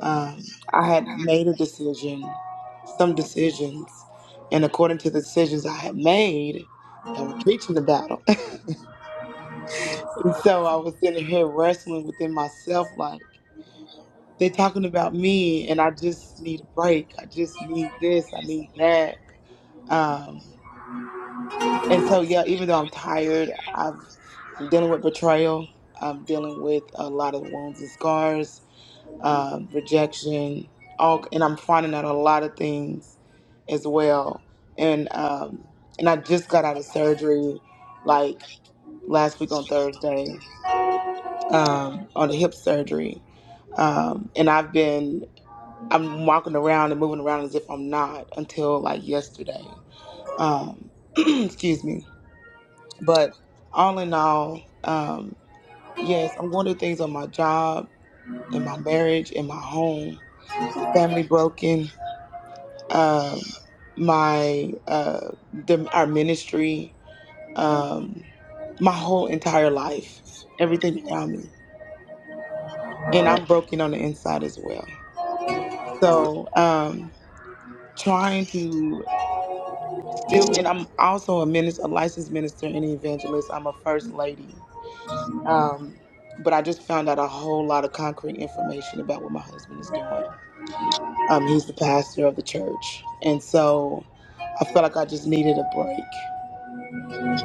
J: Um, I had made a decision, some decisions, and according to the decisions I had made, I was preaching the battle. and so I was sitting here wrestling within myself, like they're talking about me, and I just need a break. I just need this. I need that. Um, And so, yeah, even though I'm tired, I've, I'm dealing with betrayal. I'm dealing with a lot of wounds and scars, um, rejection, all, and I'm finding out a lot of things as well. And um, and I just got out of surgery, like last week on Thursday, um, on the hip surgery. Um, and I've been I'm walking around and moving around as if I'm not until like yesterday. Um, excuse me but all in all, um, yes, I'm going through things on my job, in my marriage, in my home, family broken, um, my uh, the, our ministry, um, my whole entire life, everything around me, and I'm broken on the inside as well. So um, trying to still, and I'm also a minister, a licensed minister and evangelist. I'm a first lady. Um, but I just found out a whole lot of concrete information about what my husband is doing. Um, he's the pastor of the church. And so I felt like I just needed a break.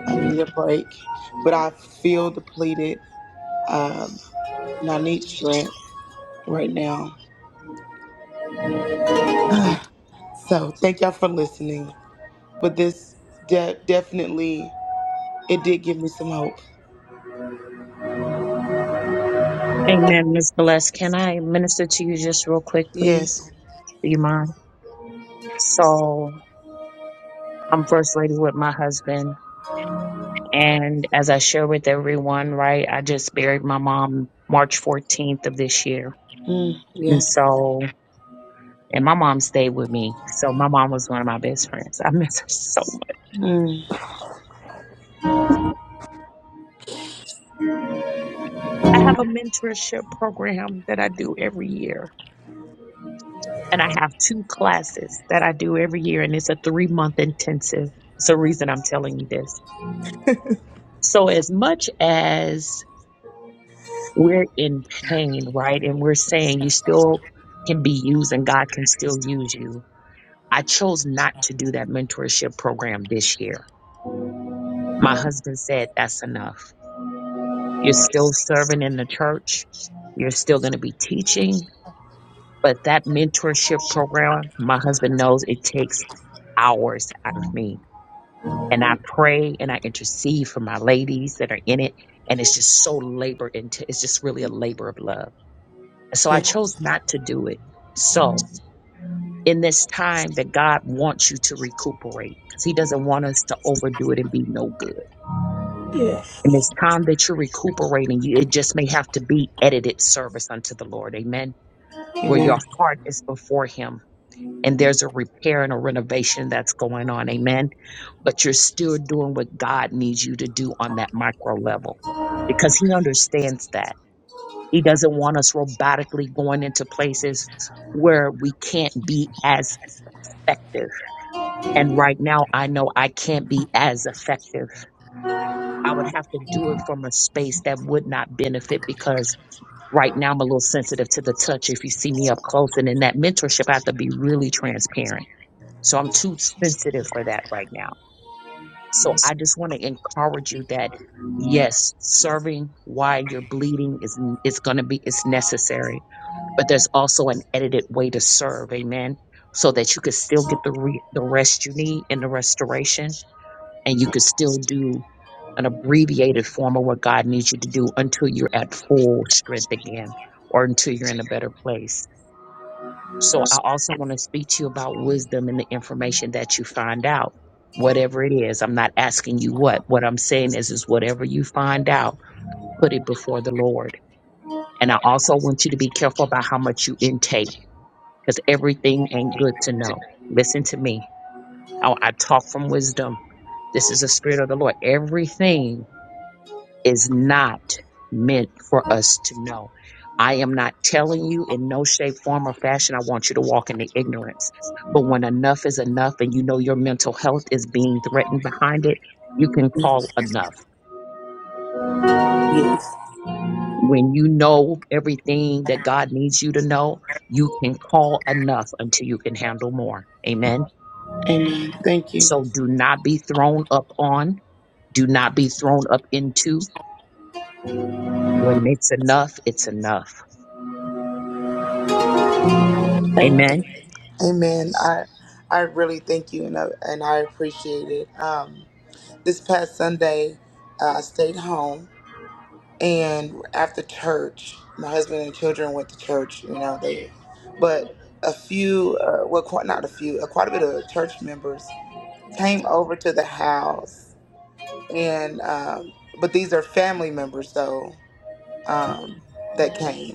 J: I needed a break. But I feel depleted. Um, and I need strength right now. so thank y'all for listening. But this de- definitely, it did give me some hope.
A: Amen. Miss Bless, can I minister to you just real quick, please?
J: Yes.
A: Do you mind? So I'm first lady with my husband. And as I share with everyone, right, I just buried my mom March 14th of this year.
J: Mm,
A: And
J: yes.
A: so, and my mom stayed with me. So my mom was one of my best friends. I miss her so much.
J: Mm,
A: I have a mentorship program that I do every year. And I have two classes that I do every year. And it's a three month intensive. It's the reason I'm telling you this. So as much as we're in pain, right? And we're saying you still can be used and God can still use you. I chose not to do that mentorship program this year. My husband said, that's enough. You're still serving in the church. You're still going to be teaching, but that mentorship program, my husband knows it takes hours out of me. And I pray and I intercede for my ladies that are in it. And it's just so labor into, it's just really a labor of love. So I
J: yeah.
A: chose not to do it. So in this time that God wants you to recuperate, because He doesn't want us to overdo it and be no good.
J: Yes.
A: In this time that you're recuperating, you, it just may have to be edited service unto the Lord. Amen. Where your
J: Amen.
A: heart is before Him and there's a repair and a renovation that's going on. Amen. But you're still doing what God needs you to do on that micro level because He understands that. He doesn't want us robotically going into places where we can't be as effective. And right now, I know I can't be as effective. I would have to do it from a space that would not benefit because right now I'm a little sensitive to the touch if you see me up close. And in that mentorship, I have to be really transparent. So I'm too sensitive for that right now. So I just want to encourage you that yes, serving while you're bleeding is, is going to be, it's necessary but there's also an edited way to serve amen so that you could still get the re- the rest you need in the restoration and you could still do an abbreviated form of what god needs you to do until you're at full strength again or until you're in a better place so i also want to speak to you about wisdom and the information that you find out whatever it is i'm not asking you what what i'm saying is is whatever you find out put it before the lord and i also want you to be careful about how much you intake because everything ain't good to know. Listen to me. I, I talk from wisdom. This is the spirit of the Lord. Everything is not meant for us to know. I am not telling you in no shape, form, or fashion. I want you to walk in the ignorance. But when enough is enough and you know your mental health is being threatened behind it, you can
J: Yes.
A: call enough.
J: Yes.
A: When you know everything that God needs you to know, you can call enough until you can handle more. Amen.
J: Amen. Thank you.
A: So do not be thrown up on, do not be thrown up into. When it's enough, it's enough.
J: Thank you.
A: Amen.
J: Amen. I I really thank you and I, and I appreciate it. Um, this past Sunday, uh, I stayed home and after church, my husband and children went to church. You know they, but a few, uh, well, quite not a few, uh, quite a bit of church members came over to the house, and um, but these are family members though um, that came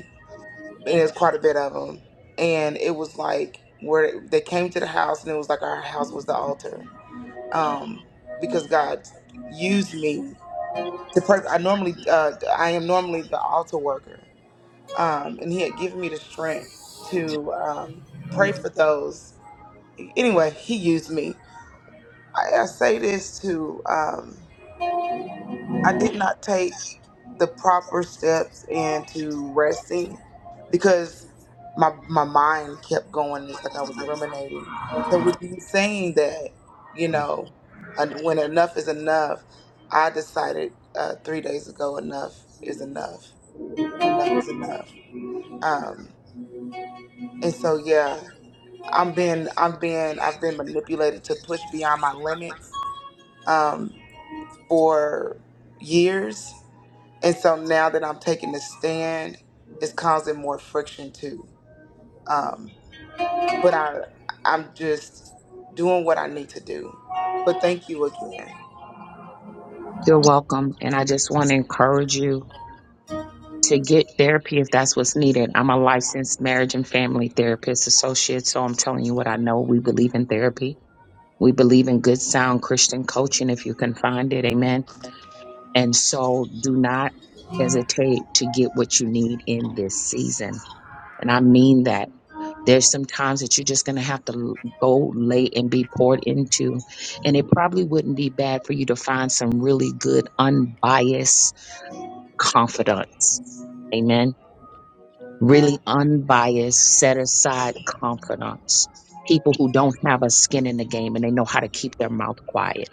J: there's quite a bit of them, and it was like where they came to the house, and it was like our house was the altar, um, because God used me to. Per- I normally, uh, I am normally the altar worker, um, and He had given me the strength to um, pray for those. Anyway, He used me. I, I say this to. Um, I did not take the proper steps into resting because my my mind kept going. It's like I was ruminating. So with you saying that, you know, and when enough is enough, I decided uh, three days ago enough is enough. Enough is enough. Um, and so yeah, I'm being I'm being I've been manipulated to push beyond my limits um, for years And so now that I'm taking the stand, it's causing more friction too. Um, but I, I'm just doing what I need to do. But thank you again.
A: You're welcome. And I just want to encourage you to get therapy if that's what's needed. I'm a licensed marriage and family therapist associate, so I'm telling you what I know. We believe in therapy. We believe in good, sound Christian coaching if you can find it. Amen. And so do not hesitate to get what you need in this season. And I mean that There's some times that you're just going to have to l- go lay and be poured into. And it probably wouldn't be bad for you to find some really good, unbiased confidants. Amen. Really unbiased, set aside confidants. People who don't have a skin in the game and they know how to keep their mouth quiet.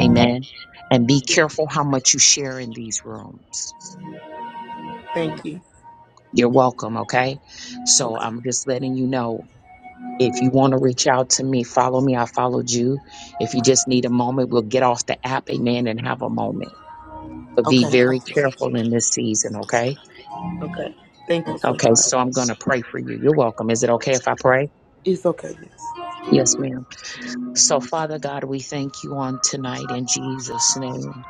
A: Amen. And be careful how much you share in these rooms.
J: Thank you.
A: You're welcome. Okay. So
J: Okay.
A: I'm just letting you know If you want to reach out to me, follow me. I followed you. If you just need a moment, we'll get off the app, amen, and have a moment. But be
J: Okay. I
A: very
J: just,
A: careful in this season, okay?
J: okay. Thank you so
A: Okay,
J: much.
A: so I'm going to pray for you. You're welcome. Is it okay if I pray?
J: It's okay. Yes.
A: Yes, ma'am. So, Father God, we thank you on tonight in Jesus' name.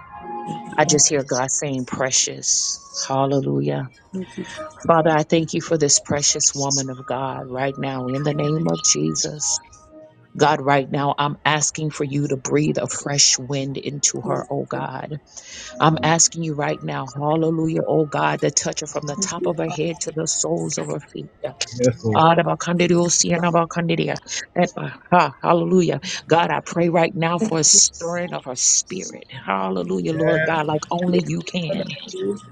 A: I just hear God saying, precious. Hallelujah.
J: Thank you.
A: Father, I thank you for this precious woman of God right now in the name of Jesus. God, right now, I'm asking for you to breathe a fresh wind into her, oh God. I'm asking you right now, hallelujah, oh God, to touch her from the top of her head to the soles of her feet.
B: Yes, Lord.
A: Arabakandiriosi, anabakandiria, epa, Hallelujah. God, I pray right now for a stirring of her spirit. Hallelujah, Lord God, like only you can.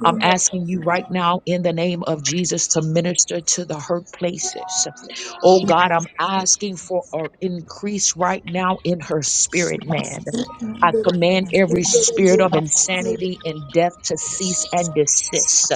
A: I'm asking you right now in the name of Jesus to minister to the hurt places. Oh God, I'm asking for an increase right now in her spirit, man. I command every spirit of insanity and death to cease and desist.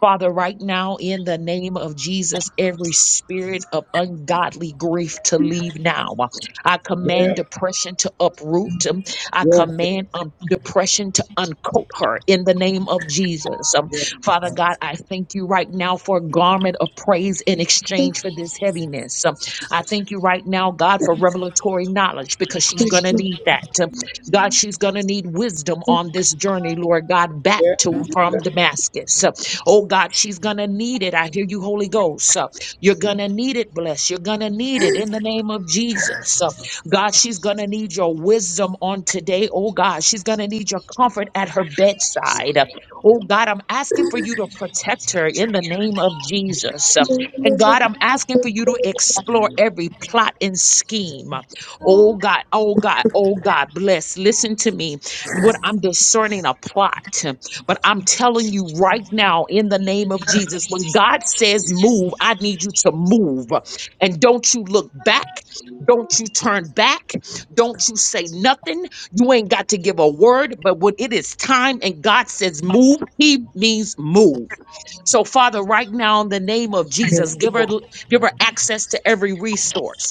A: Father, right now, in the name of Jesus, every spirit of ungodly grief to leave now. I command depression to uproot. I command um, depression to uncoat her in the name of Jesus. Um,
B: Yeah,
A: Father God, I thank you right now for a garment of praise in exchange for this heaviness. Um, I thank you right now, God, for revelatory knowledge because she's going to need that. Um, God, she's going to need wisdom on this journey, Lord God, back
B: yeah.
A: to from Damascus. Uh, Oh God, she's going to need it. I hear you, Holy Ghost. Uh, You're going to need it, bless. You're going to need it in the name of Jesus. Um, God, she's going to need your wisdom on today. Oh, God, she's going to need your comfort at her bedside. Oh, God, I'm asking for you to protect her in the name of Jesus. And God, I'm asking for you to explore every plot and scheme. Oh, God, oh, God, oh, God, bless. Listen to me. What I'm discerning a plot, but I'm telling you right now in the name of Jesus, when God says move, I need you to move and don't you look back don't you turn back. Don't you say nothing. You ain't got to give a word, but when it is time and God says move, he means move. So Father, right now in the name of Jesus,
J: Yes.
A: give her
J: Lord.
A: give her access to every resource.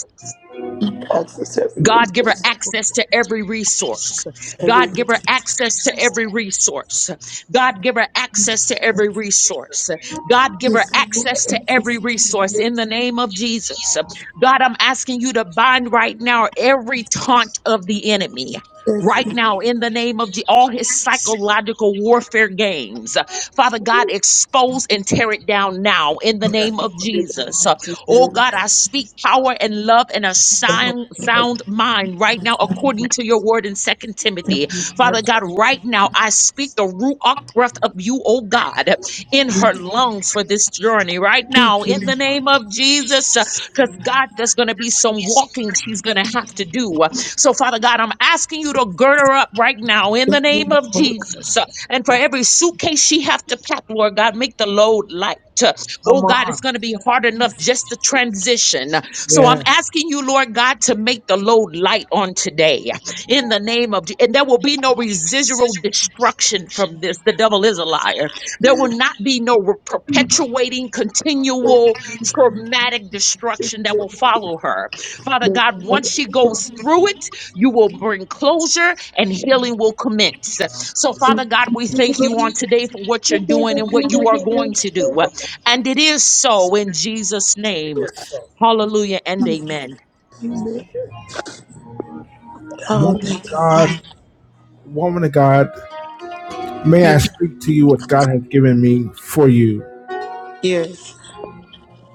J: Access every
A: God give her
J: resource.
A: access to every resource.
J: Every
A: God give
J: resource.
A: her access to every resource. God give her access to every resource. God give her access to every resource in the name of Jesus. God, I'm asking you to bind right now every taunt of the enemy.
J: Yes.
A: Right now, in the name of Je- all his psychological warfare games, Father God, expose and tear it down now in the name of Jesus.
J: Thank
A: Oh
J: you.
A: God, I speak power and love and a sound, sound mind right now, according to your word in Second Timothy. Father God, right now, I speak the Ruach breath of you, oh God, in her lungs for this journey right now,
J: Thank you.
A: in the name of Jesus. Because God, there's going to be some walking she's going to have to do. So, Father God, I'm asking you to gird her up right now in the name of
J: Lord.
A: Jesus. And for every suitcase she have to pack, Lord God, make the load light.
B: Come
A: Oh God, it's
B: on.
A: going to be hard enough just to transition. So I'm
B: Yeah.
A: asking you, Lord God, to make the load light on today in the name of, Je- and there will be no residual destruction from this. The devil is a liar. There will not be no re- perpetuating, continual, traumatic destruction that will follow her. Father God, once she goes through it, you will bring closure and healing will commence. So, Father God, we thank you on today for what you're doing and what you are going to do. And it is so in Jesus' name. Hallelujah and amen.
J: Amen. Oh,
B: Woman of
J: thank you,
B: God.
J: Father.
B: Woman of God. May I
J: Yes.
B: speak to you what God has given me for you?
J: Yes.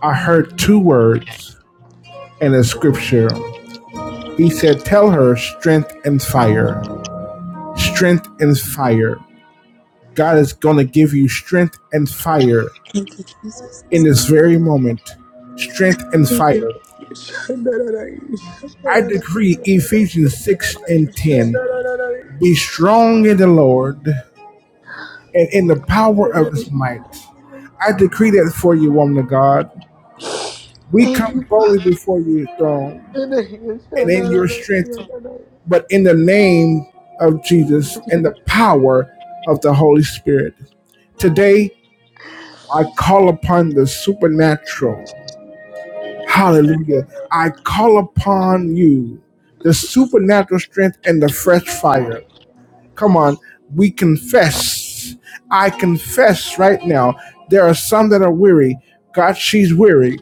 B: I heard two words in a scripture. He said, Tell her strength and fire. Strength and fire. God is going to give you strength and fire
J: Thank you, Jesus.
B: in this very moment. Strength and fire.
J: Thank
B: I decree Ephesians 6 and 10 be strong in the Lord and in the power of his might. I decree that for you, woman of God. We
J: you.
B: come boldly before your throne and in your strength, but in the name of Jesus and the power of the Holy Spirit. Today, I call upon the supernatural. Hallelujah. I call upon you the supernatural strength and the fresh fire. Come on, we confess. I confess right now. There are some that are weary. God, she's weary.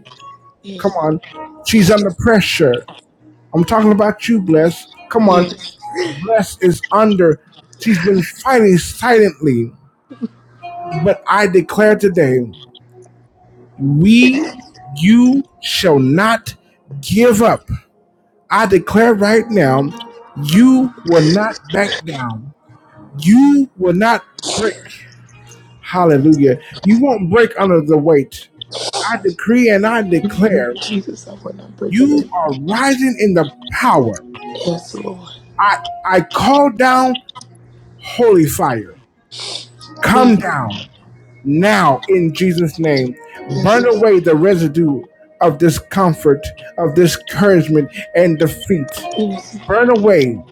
B: Come on, she's under pressure. I'm talking about you, bless. Come on, blessed is under. She's been fighting silently. But I declare today, we, you shall not give up. I declare right now, you will not back down. You will not break. Hallelujah. You won't break under the weight. I decree and I declare,
J: Jesus, I will not break of it.
B: you are rising in the power.
J: Yes, Lord.
B: I, I call down holy fire. Come down now in Jesus' name.
J: Yes,
B: Burn away the residue of discomfort, of discouragement, and defeat. Burn away.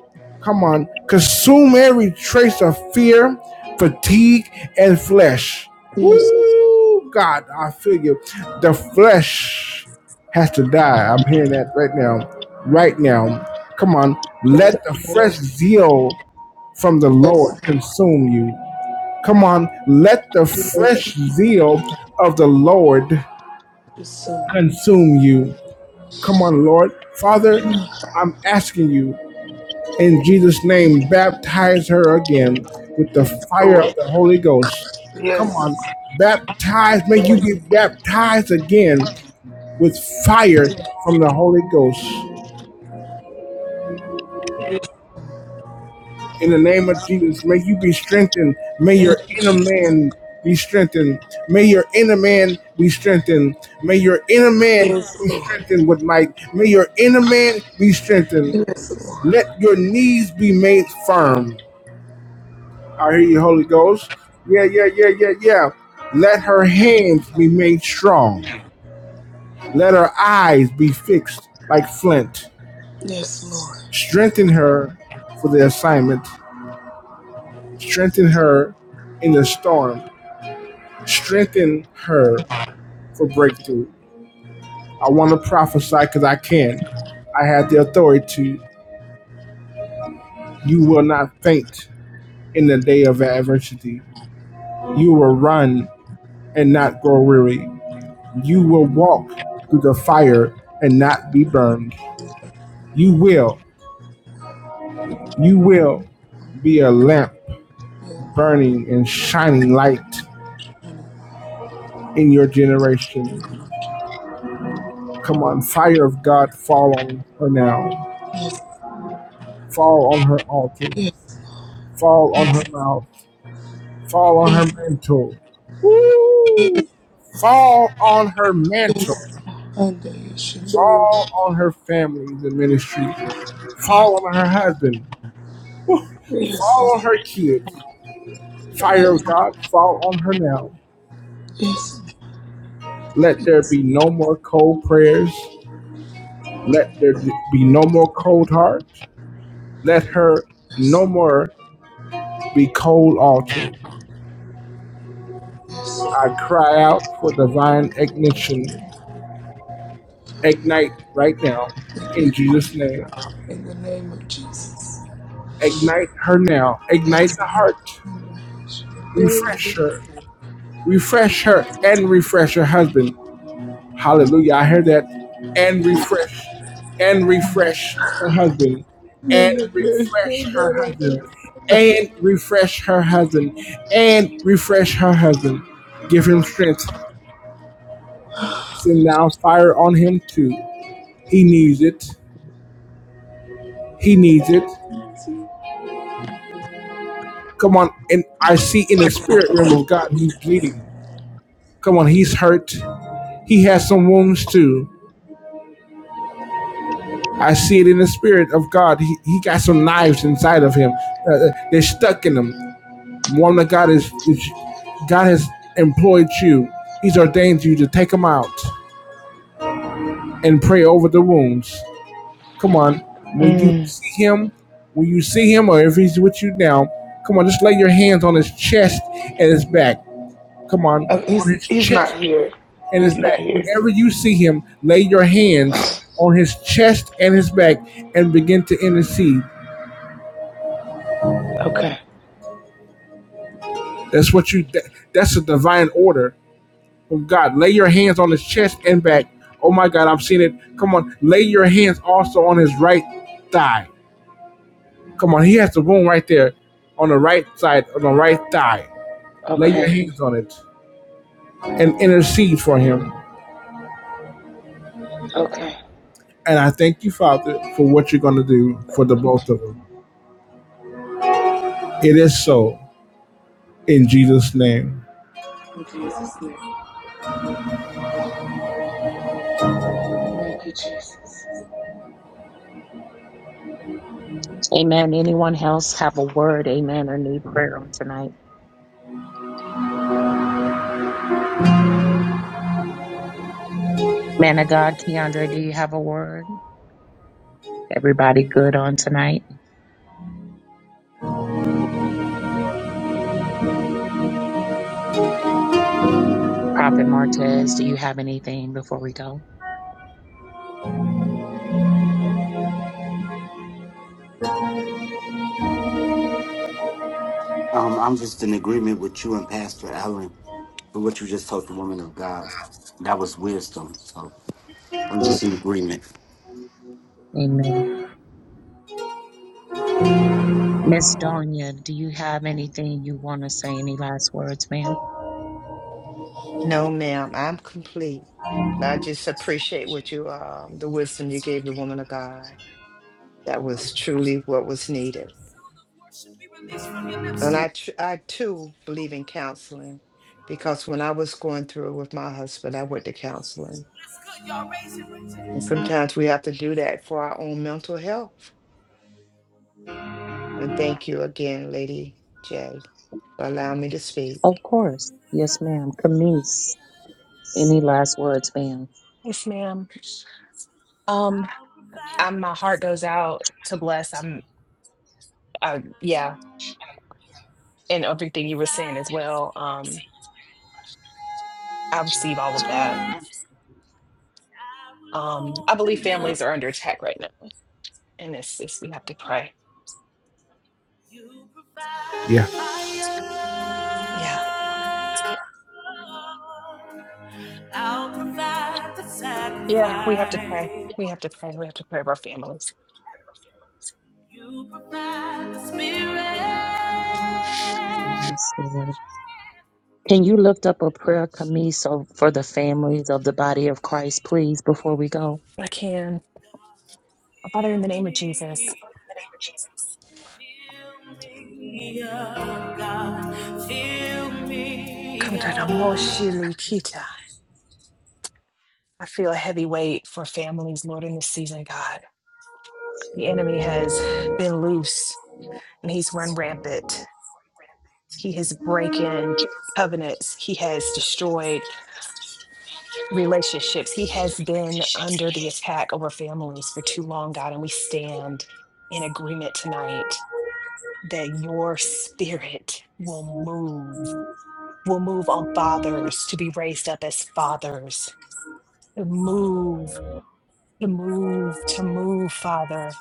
B: Come on. Consume every trace of fear, fatigue, and flesh. Woo! God, I feel you. The flesh has to die. I'm hearing that right now. Right now. Come on.
J: God.
B: Let the fresh zeal from the Lord consume you. Come on. Let
J: Yes,
B: fresh zeal of the Lord
J: consume.
B: consume you. Come on, Lord. Father, I'm asking you in Jesus' name, baptize her again with the fire
J: Lord.
B: of the Holy Ghost.
J: Yes.
B: Baptize, may you be baptized again with fire from the Holy Ghost. In the name of Jesus, may you be strengthened. May your
J: Thank you,
B: inner
J: Jesus.
B: man be strengthened. May your inner man be strengthened. May your inner man
J: Yes,
B: be
J: Lord.
B: strengthened with might. May your inner man be strengthened.
J: Yes, Lord.
B: Let your knees be made firm. I hear you, Holy Ghost. Yeah, yeah, yeah, yeah, yeah. Let her hands be made strong. Let her eyes be fixed like flint.
J: Yes, Lord.
B: Strengthen her for the assignment. Strengthen her in the storm. Strengthen her for breakthrough. I want to prophesy because I can. I have the authority. You will not faint in the day of adversity. You will run and not grow weary. You will walk through the fire and not be burned. You will, you will be a lamp burning and shining light in your generation. Come on, fire of God, fall on her now. Fall on her altar. Fall on her mouth. Fall on her mantle. Woo! Fall on her mantle.
J: Yes, Lord. Under your shade.
B: Fall on her family, the ministry. Fall on her husband.
J: Yes,
B: Fall
J: Lord.
B: on her kids. Fire
J: Yes,
B: of God, fall on her now.
J: yes,
B: Let there be no more cold prayers. Let there be no more cold hearts. Let her no
J: yes.
B: more be cold altars. I cry out for divine ignition. Ignite right now in Jesus' name.
J: In the name of Jesus.
B: Ignite her now. Ignite the heart. Refresh her. Refresh her and refresh her husband Hallelujah. I heard that. And refresh, and refresh her husband, and
J: In the name-
B: refresh her husband, and refresh her husband, and refresh her husband. Give him strength. Send down fire on him too. He needs it. He needs it. Come on. And I see in the spirit realm of God, he's bleeding. Come on. He's hurt. He has some wounds too. I see it in the spirit of God. He, he got some knives inside of him. Uh, uh, they're stuck in him. Woman of God is, is God has employed you. He's ordained you to take them out and pray over the wounds. Come on, when you
J: Mm.
B: see him, when you see him, or if he's with you now, come on, just lay your hands on his chest and his back. Come on,
J: Oh,
B: on
J: he's
B: his
J: he's not
B: chest
J: here.
B: and his
J: He's not
B: back.
J: here.
B: Whenever you see him, lay your hands on his chest and his back and begin to intercede.
J: Okay.
B: That's what you. that- that's a divine order Oh God, lay your hands on his chest and back. Oh my God, I'm seeing it. Come on, lay your hands also on his right thigh. Come on, he has the wound right there on the right side, on the right thigh. Lay your
J: Okay.
B: hands on it and intercede for him.
J: Okay.
B: And I thank you, Father, for what you're going to do for the
J: Thank you,
B: both of them. It is so in Jesus' name.
J: in Jesus' name. Thank you, Jesus.
A: Amen. Anyone else have a word? Amen. Or need prayer on tonight? Man of God, Keandre, do you have a word? Everybody good on tonight? Prophet Martez, do you have anything before we go?
C: Um, I'm just in agreement with you and Pastor Allen for what you just told the woman of God. That was wisdom. So I'm just in agreement.
A: Amen. Miss Donya, do you have anything you want to say? Any last words, ma'am?
E: No, ma'am. I'm complete. But I just appreciate what you, um, the wisdom you gave the woman of God. That was truly what was needed. And I, tr- I too believe in counseling because when I was going through it with my husband, I went to counseling. And sometimes we have to do that for our own mental health And thank you again, Lady J, for allowing me to speak.
A: Oh, s-
F: Yes, ma'am. I'm, my heart goes out to bless. I'm, I, yeah, and everything you were saying as well. Um, I receive all of that. Um, I believe families are under attack right now, and it's, it's we have to pray.
B: Yeah.
F: Yeah, yeah, we have to pray. We have to pray. We have to pray about our families.
A: yes, Lord. Oh,
F: I can, Father, in the name of Jesus. come to the most shili kita. I feel a heavy weight for families, Lord, in this season, God. The enemy has been loose and he's run rampant He has broken covenants. He has destroyed relationships. He has been under the attack over families for too long, God. And we stand in agreement tonight that your spirit will move, will move on fathers to be raised up as fathers, to move, to move, to move, Father,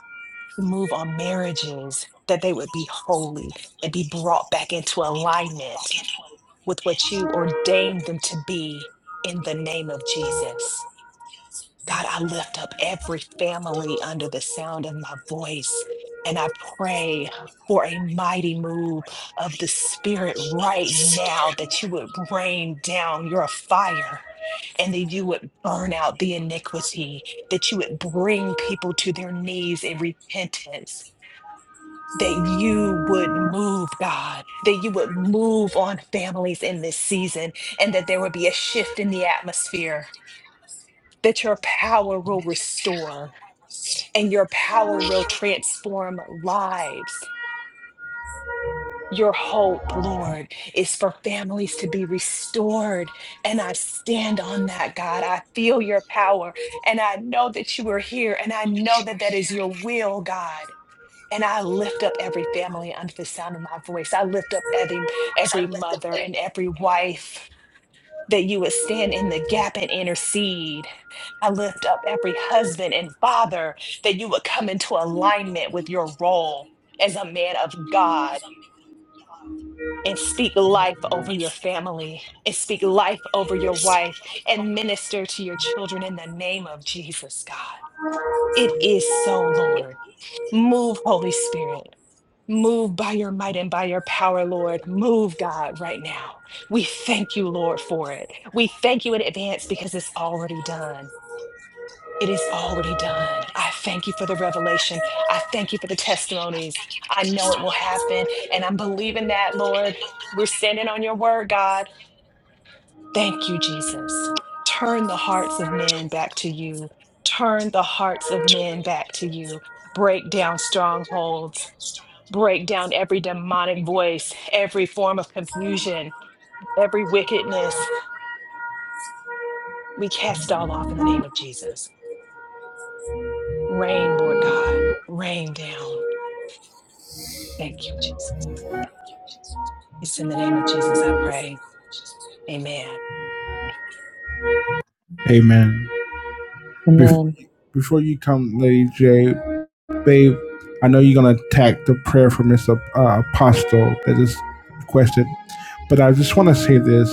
F: to move on marriages, that they would be holy and be brought back into alignment with what you ordained them to be in the name of Jesus. God, I lift up every family under the sound of my voice and I pray for a mighty move of the Spirit right now that you would rain down your fire and that you would burn out the iniquity, that you would bring people to their knees in repentance that you would move, God, that you would move on families in this season, and that there would be a shift in the atmosphere, that your power will restore and your power will transform lives. Your hope, Lord, is for families to be restored. And I stand on that, God. I feel your power and I know that you are here and I know that that is your will, God. And I lift up every family under the sound of my voice. I lift up every, every mother and every wife that you would stand in the gap and intercede. I lift up every husband and father that you would come into alignment with your role as a man of God and speak life over your family and speak life over your wife and minister to your children in the name of Jesus, God. It is so, Lord. Move, Holy Spirit. Move by your might and by your power, Lord. Move, God, right now. We thank you, Lord, for it. We thank you in advance because it's already done. It is already done. I thank you for the revelation. I thank you for the testimonies. I know it will happen. And I'm believing that, Lord. We're standing on your word, God. Thank you, Jesus. Turn the hearts of men back to you. Turn the hearts of men back to you. Break down strongholds break down every demonic voice, every form of confusion, every wickedness. We cast it all off in the name of Jesus. Rain, Lord God, rain down. Thank you, Jesus. It's in the name of Jesus I pray. Amen.
B: Amen. Before
A: amen.
B: you, before you come, Lady J, babe, I know you're going to attack the prayer for Miss uh, Apostle that is requested. But I just want to say this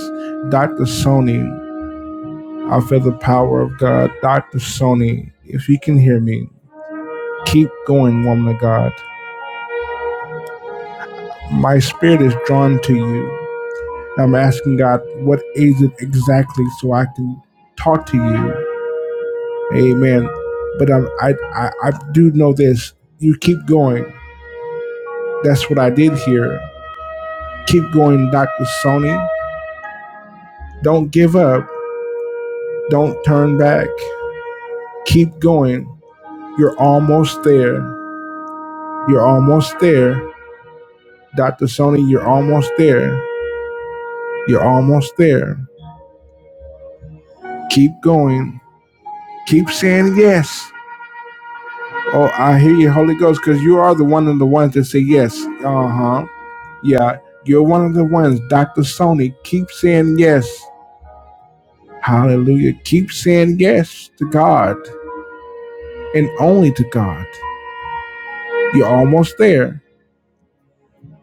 B: Dr. Sony, I feel the power of God. Dr. Sony, if you can hear me, keep going, woman of God. My spirit is drawn to you. I'm asking God, what is it exactly so I can talk to you? Amen. But I'm, I, I, I do know this. You keep going. That's what I did here. Keep going, Dr. Sony. Don't give up. Don't turn back. Keep going. You're almost there. You're almost there. Dr. Sony, you're almost there. You're almost there. Keep going. Keep saying yes. Oh, I hear you, Holy Ghost, because you are the one of the ones that say yes. Uh huh. Yeah, you're one of the ones. Dr. Sony, keep saying yes. Hallelujah. Keep saying yes to God and only to God. You're almost there.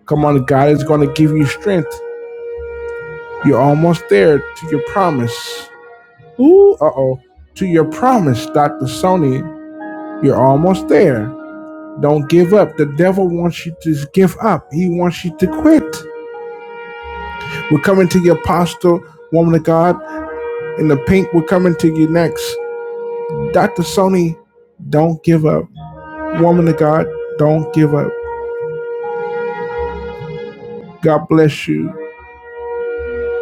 B: Come on, God is going to give you strength. You're almost there to your promise. Ooh, uh oh. To your promise, Dr. Sony, you're almost there. Don't give up. The devil wants you to give up, he wants you to quit. We're coming to your apostle, woman of God, in the pink. We're coming to you next. Dr. Sony, don't give up. Woman of God, don't give up. God bless you.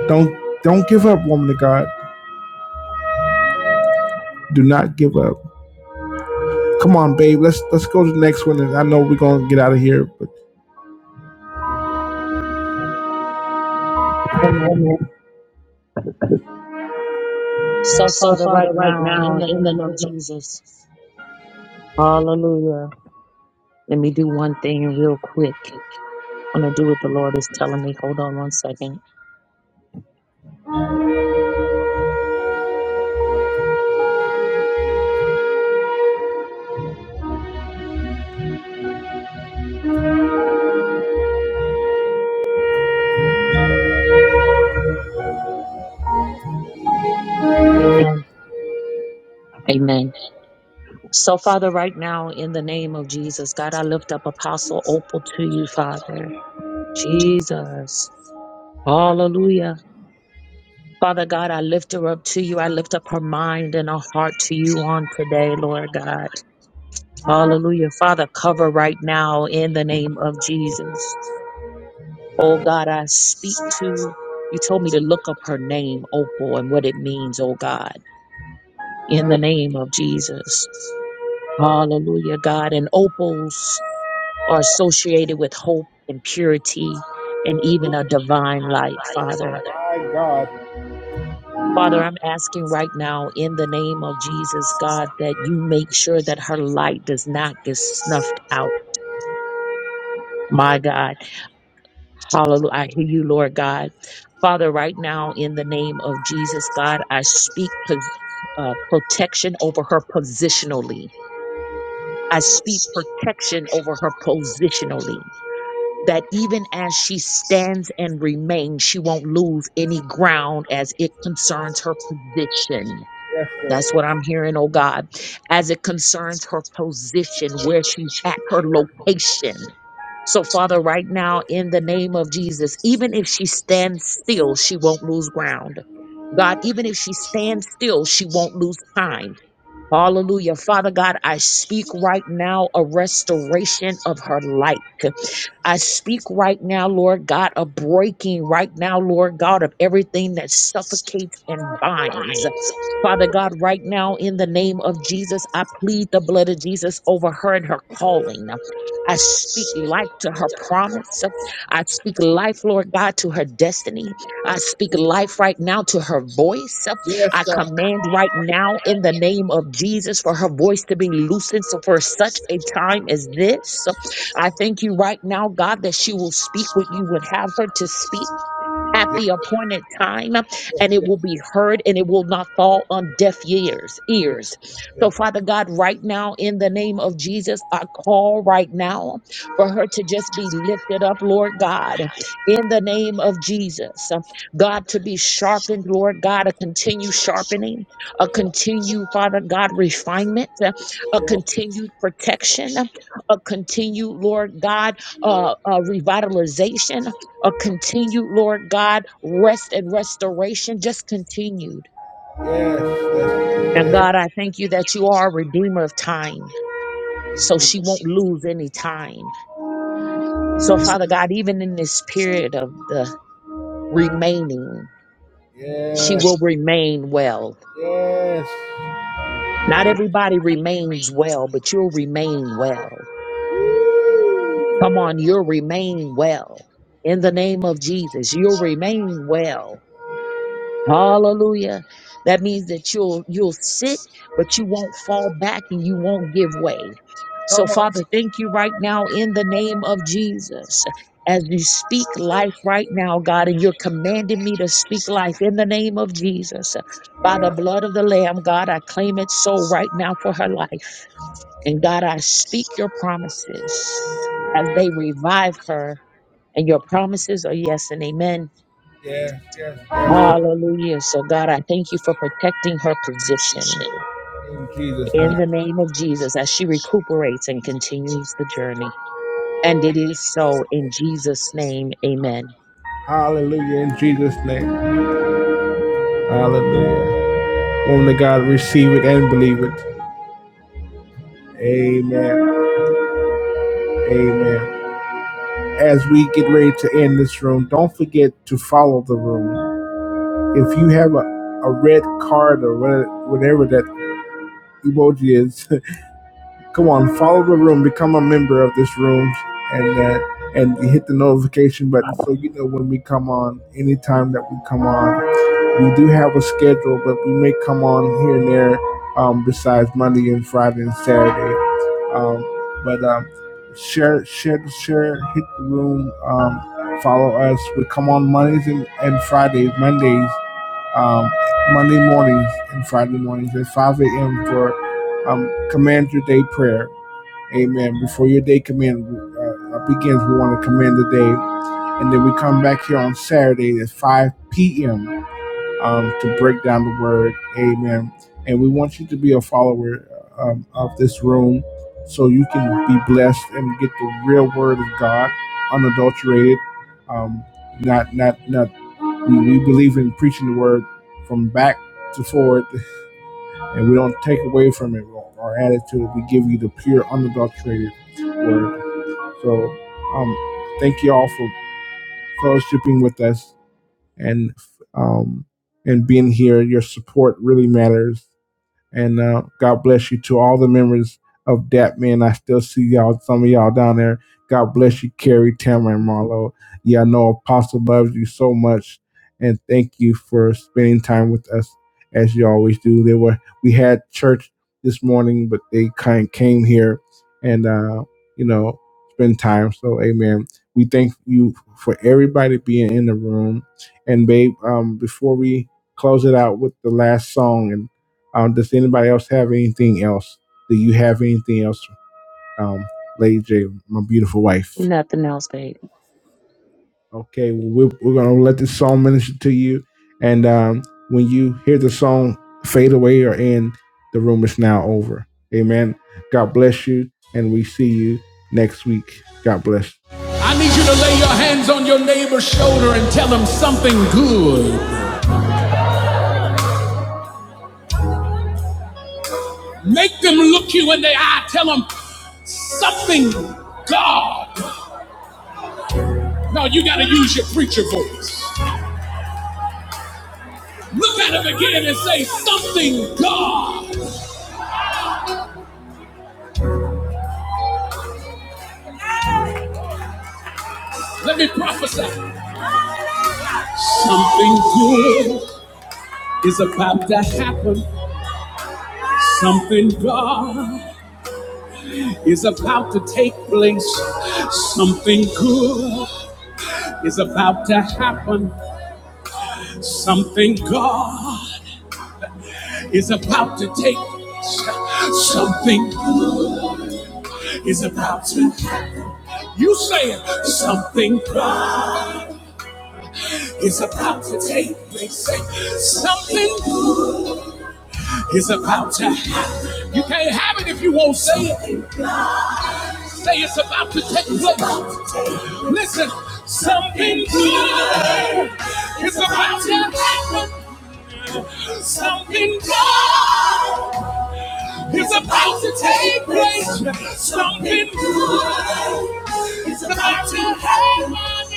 B: Don't don't give up, woman of God. Do not give up. Come on, babe. Let's let's go to the next one. And I know we're gonna get out of here, but
A: Amen. So,
B: So,
A: Father, right
B: Father, right
A: now, in
B: now,
A: the
B: in the
A: name
B: name
A: of
B: of Jesus.
A: Jesus, hallelujah. Let me do one thing real quick. I'm gonna do what the Lord is telling me. Hold on one second. Amen. Amen. So, Father, right now, in the name of Jesus, God, I lift up Apostle Opal to you, Father. Jesus. Hallelujah. Father God, I lift her up to you. I lift up her mind and her heart to you on today, Lord God. Hallelujah. Father, cover right now in the name of Jesus. Oh God, I speak to you told me to look up her name, Opal, and what it means, oh God, in the name of Jesus. Hallelujah, God. And opals are associated with hope and purity and even a divine light, Father.
B: My God.
A: Father, I'm asking right now in the name of Jesus, God, that you make sure that her light does not get snuffed out. My God. Hallelujah. I hear you, Lord God. Father, right now in the name of Jesus, God, I speak pos- uh, protection over her positionally. I speak protection over her positionally. That even as she stands and remains, she won't lose any ground as it concerns her position That's what I'm hearing, oh God, as it concerns her position, where she's at, her location. So, Father, right now, in the name of Jesus, even if she stands still, she won't lose ground. God, even if she stands still, she won't lose time. Hallelujah. Father God, I speak right now a restoration of her life. I speak right now, Lord God, a breaking right now, Lord God, of everything that suffocates and binds. Father God, right now in the name of Jesus, I plead the blood of Jesus over her and her calling. I speak life to her promise. I speak life, Lord God, to her destiny. I speak life right now to her voice.
B: Yes,
A: I command right now in the name of Jesus for her voice to be loosened so for such a time as this. I thank you right now, God, that she will speak what you would have her to speak at the appointed time and it will be heard and it will not fall on deaf ears ears so father god right now in the name of jesus i call right now for her to just be lifted up lord god in the name of jesus Um, god to be sharpened lord god a continued sharpening a continued father god refinement uh, a continued protection uh, a continued lord god uh, uh, revitalization a continued, Lord God, rest and restoration, just continued.
B: yes, yes,
A: And God, I thank you that you are a redeemer of time, so she won't lose any time. So, Father God, even in this period of the remaining, she will
B: yes,
A: remain well.
B: yes.
A: Not everybody remains well, but you'll remain well. Come on, you'll remain well. In the name of Jesus, you'll remain well Hallelujah. That means that you'll you'll sit, but you won't fall back and you won't give way. So
B: Come on.
A: Father, thank you right now in the name of Jesus. As you speak life right now, God, and you're commanding me to speak life in the name of Jesus. By the
B: Yes,
A: blood of the Lamb, God, I claim it so right now for her life. And God, I speak your promises as they revive her. And your promises are yes and amen.
B: yes, yes.
A: Hallelujah. So, God, I thank you for protecting her position
B: In Jesus'
A: in the
B: name.
A: name of Jesus as she recuperates and continues the journey. And it is so in Jesus' name. Amen.
B: Hallelujah. In Jesus' name. Hallelujah. Woman God, receive it and believe it. Amen. Amen. As we get ready to end this room, don't forget to follow the room. If you have a, a red card or red, whatever that emoji is, Come on, follow the room, become a member of this room, and uh, and hit the notification button so you know when we come on. Anytime that we come on, we do have a schedule, but we may come on here and there. Um, besides Monday and Friday and Saturday, um, but um, share, share, share, hit the room. Um, follow us. We come on Mondays and, and Fridays, Mondays, um, Monday mornings and Friday mornings at 5 a.m. for um, Commander Day prayer Amen. Before your day commend, uh, uh, begins, we want to commend the day. And then we come back here on Saturday at 5 p.m. Um, to break down the word. Amen. And we want you to be a follower um, of this room so you can be blessed and get the real word of God, unadulterated. Um, not, not, not, we, we believe in preaching the word from back to forward, and we don't take away from it or our attitude. We give you the pure, unadulterated word. So um, thank you all for fellowshipping with us and um, and being here. Your support really matters. And uh, God bless you to all the members of DAP man. I still see y'all, some of y'all down there. God bless you, Carrie, Tamara, and Marlo. Yeah, I know Apostle loves you so much. And thank you for spending time with us as you always do. They were we had church this morning, but they kind of came here and uh, you know, spend time. So amen. We thank you for everybody being in the room. And babe, um, before we close it out with the last song and. Um, does anybody else have anything else? Do you have anything else, um, Lady J, my beautiful wife?
A: Nothing else, babe.
B: Okay, well, we're, we're going to let this song minister to you. And um, when you hear the song fade away or end, the room is now over. Amen. God bless you. And we see you next week. God bless. Make them look you in the eye. Tell them something God. No, you got to preach your voice. Look at them again and say something God. Let me prophesy.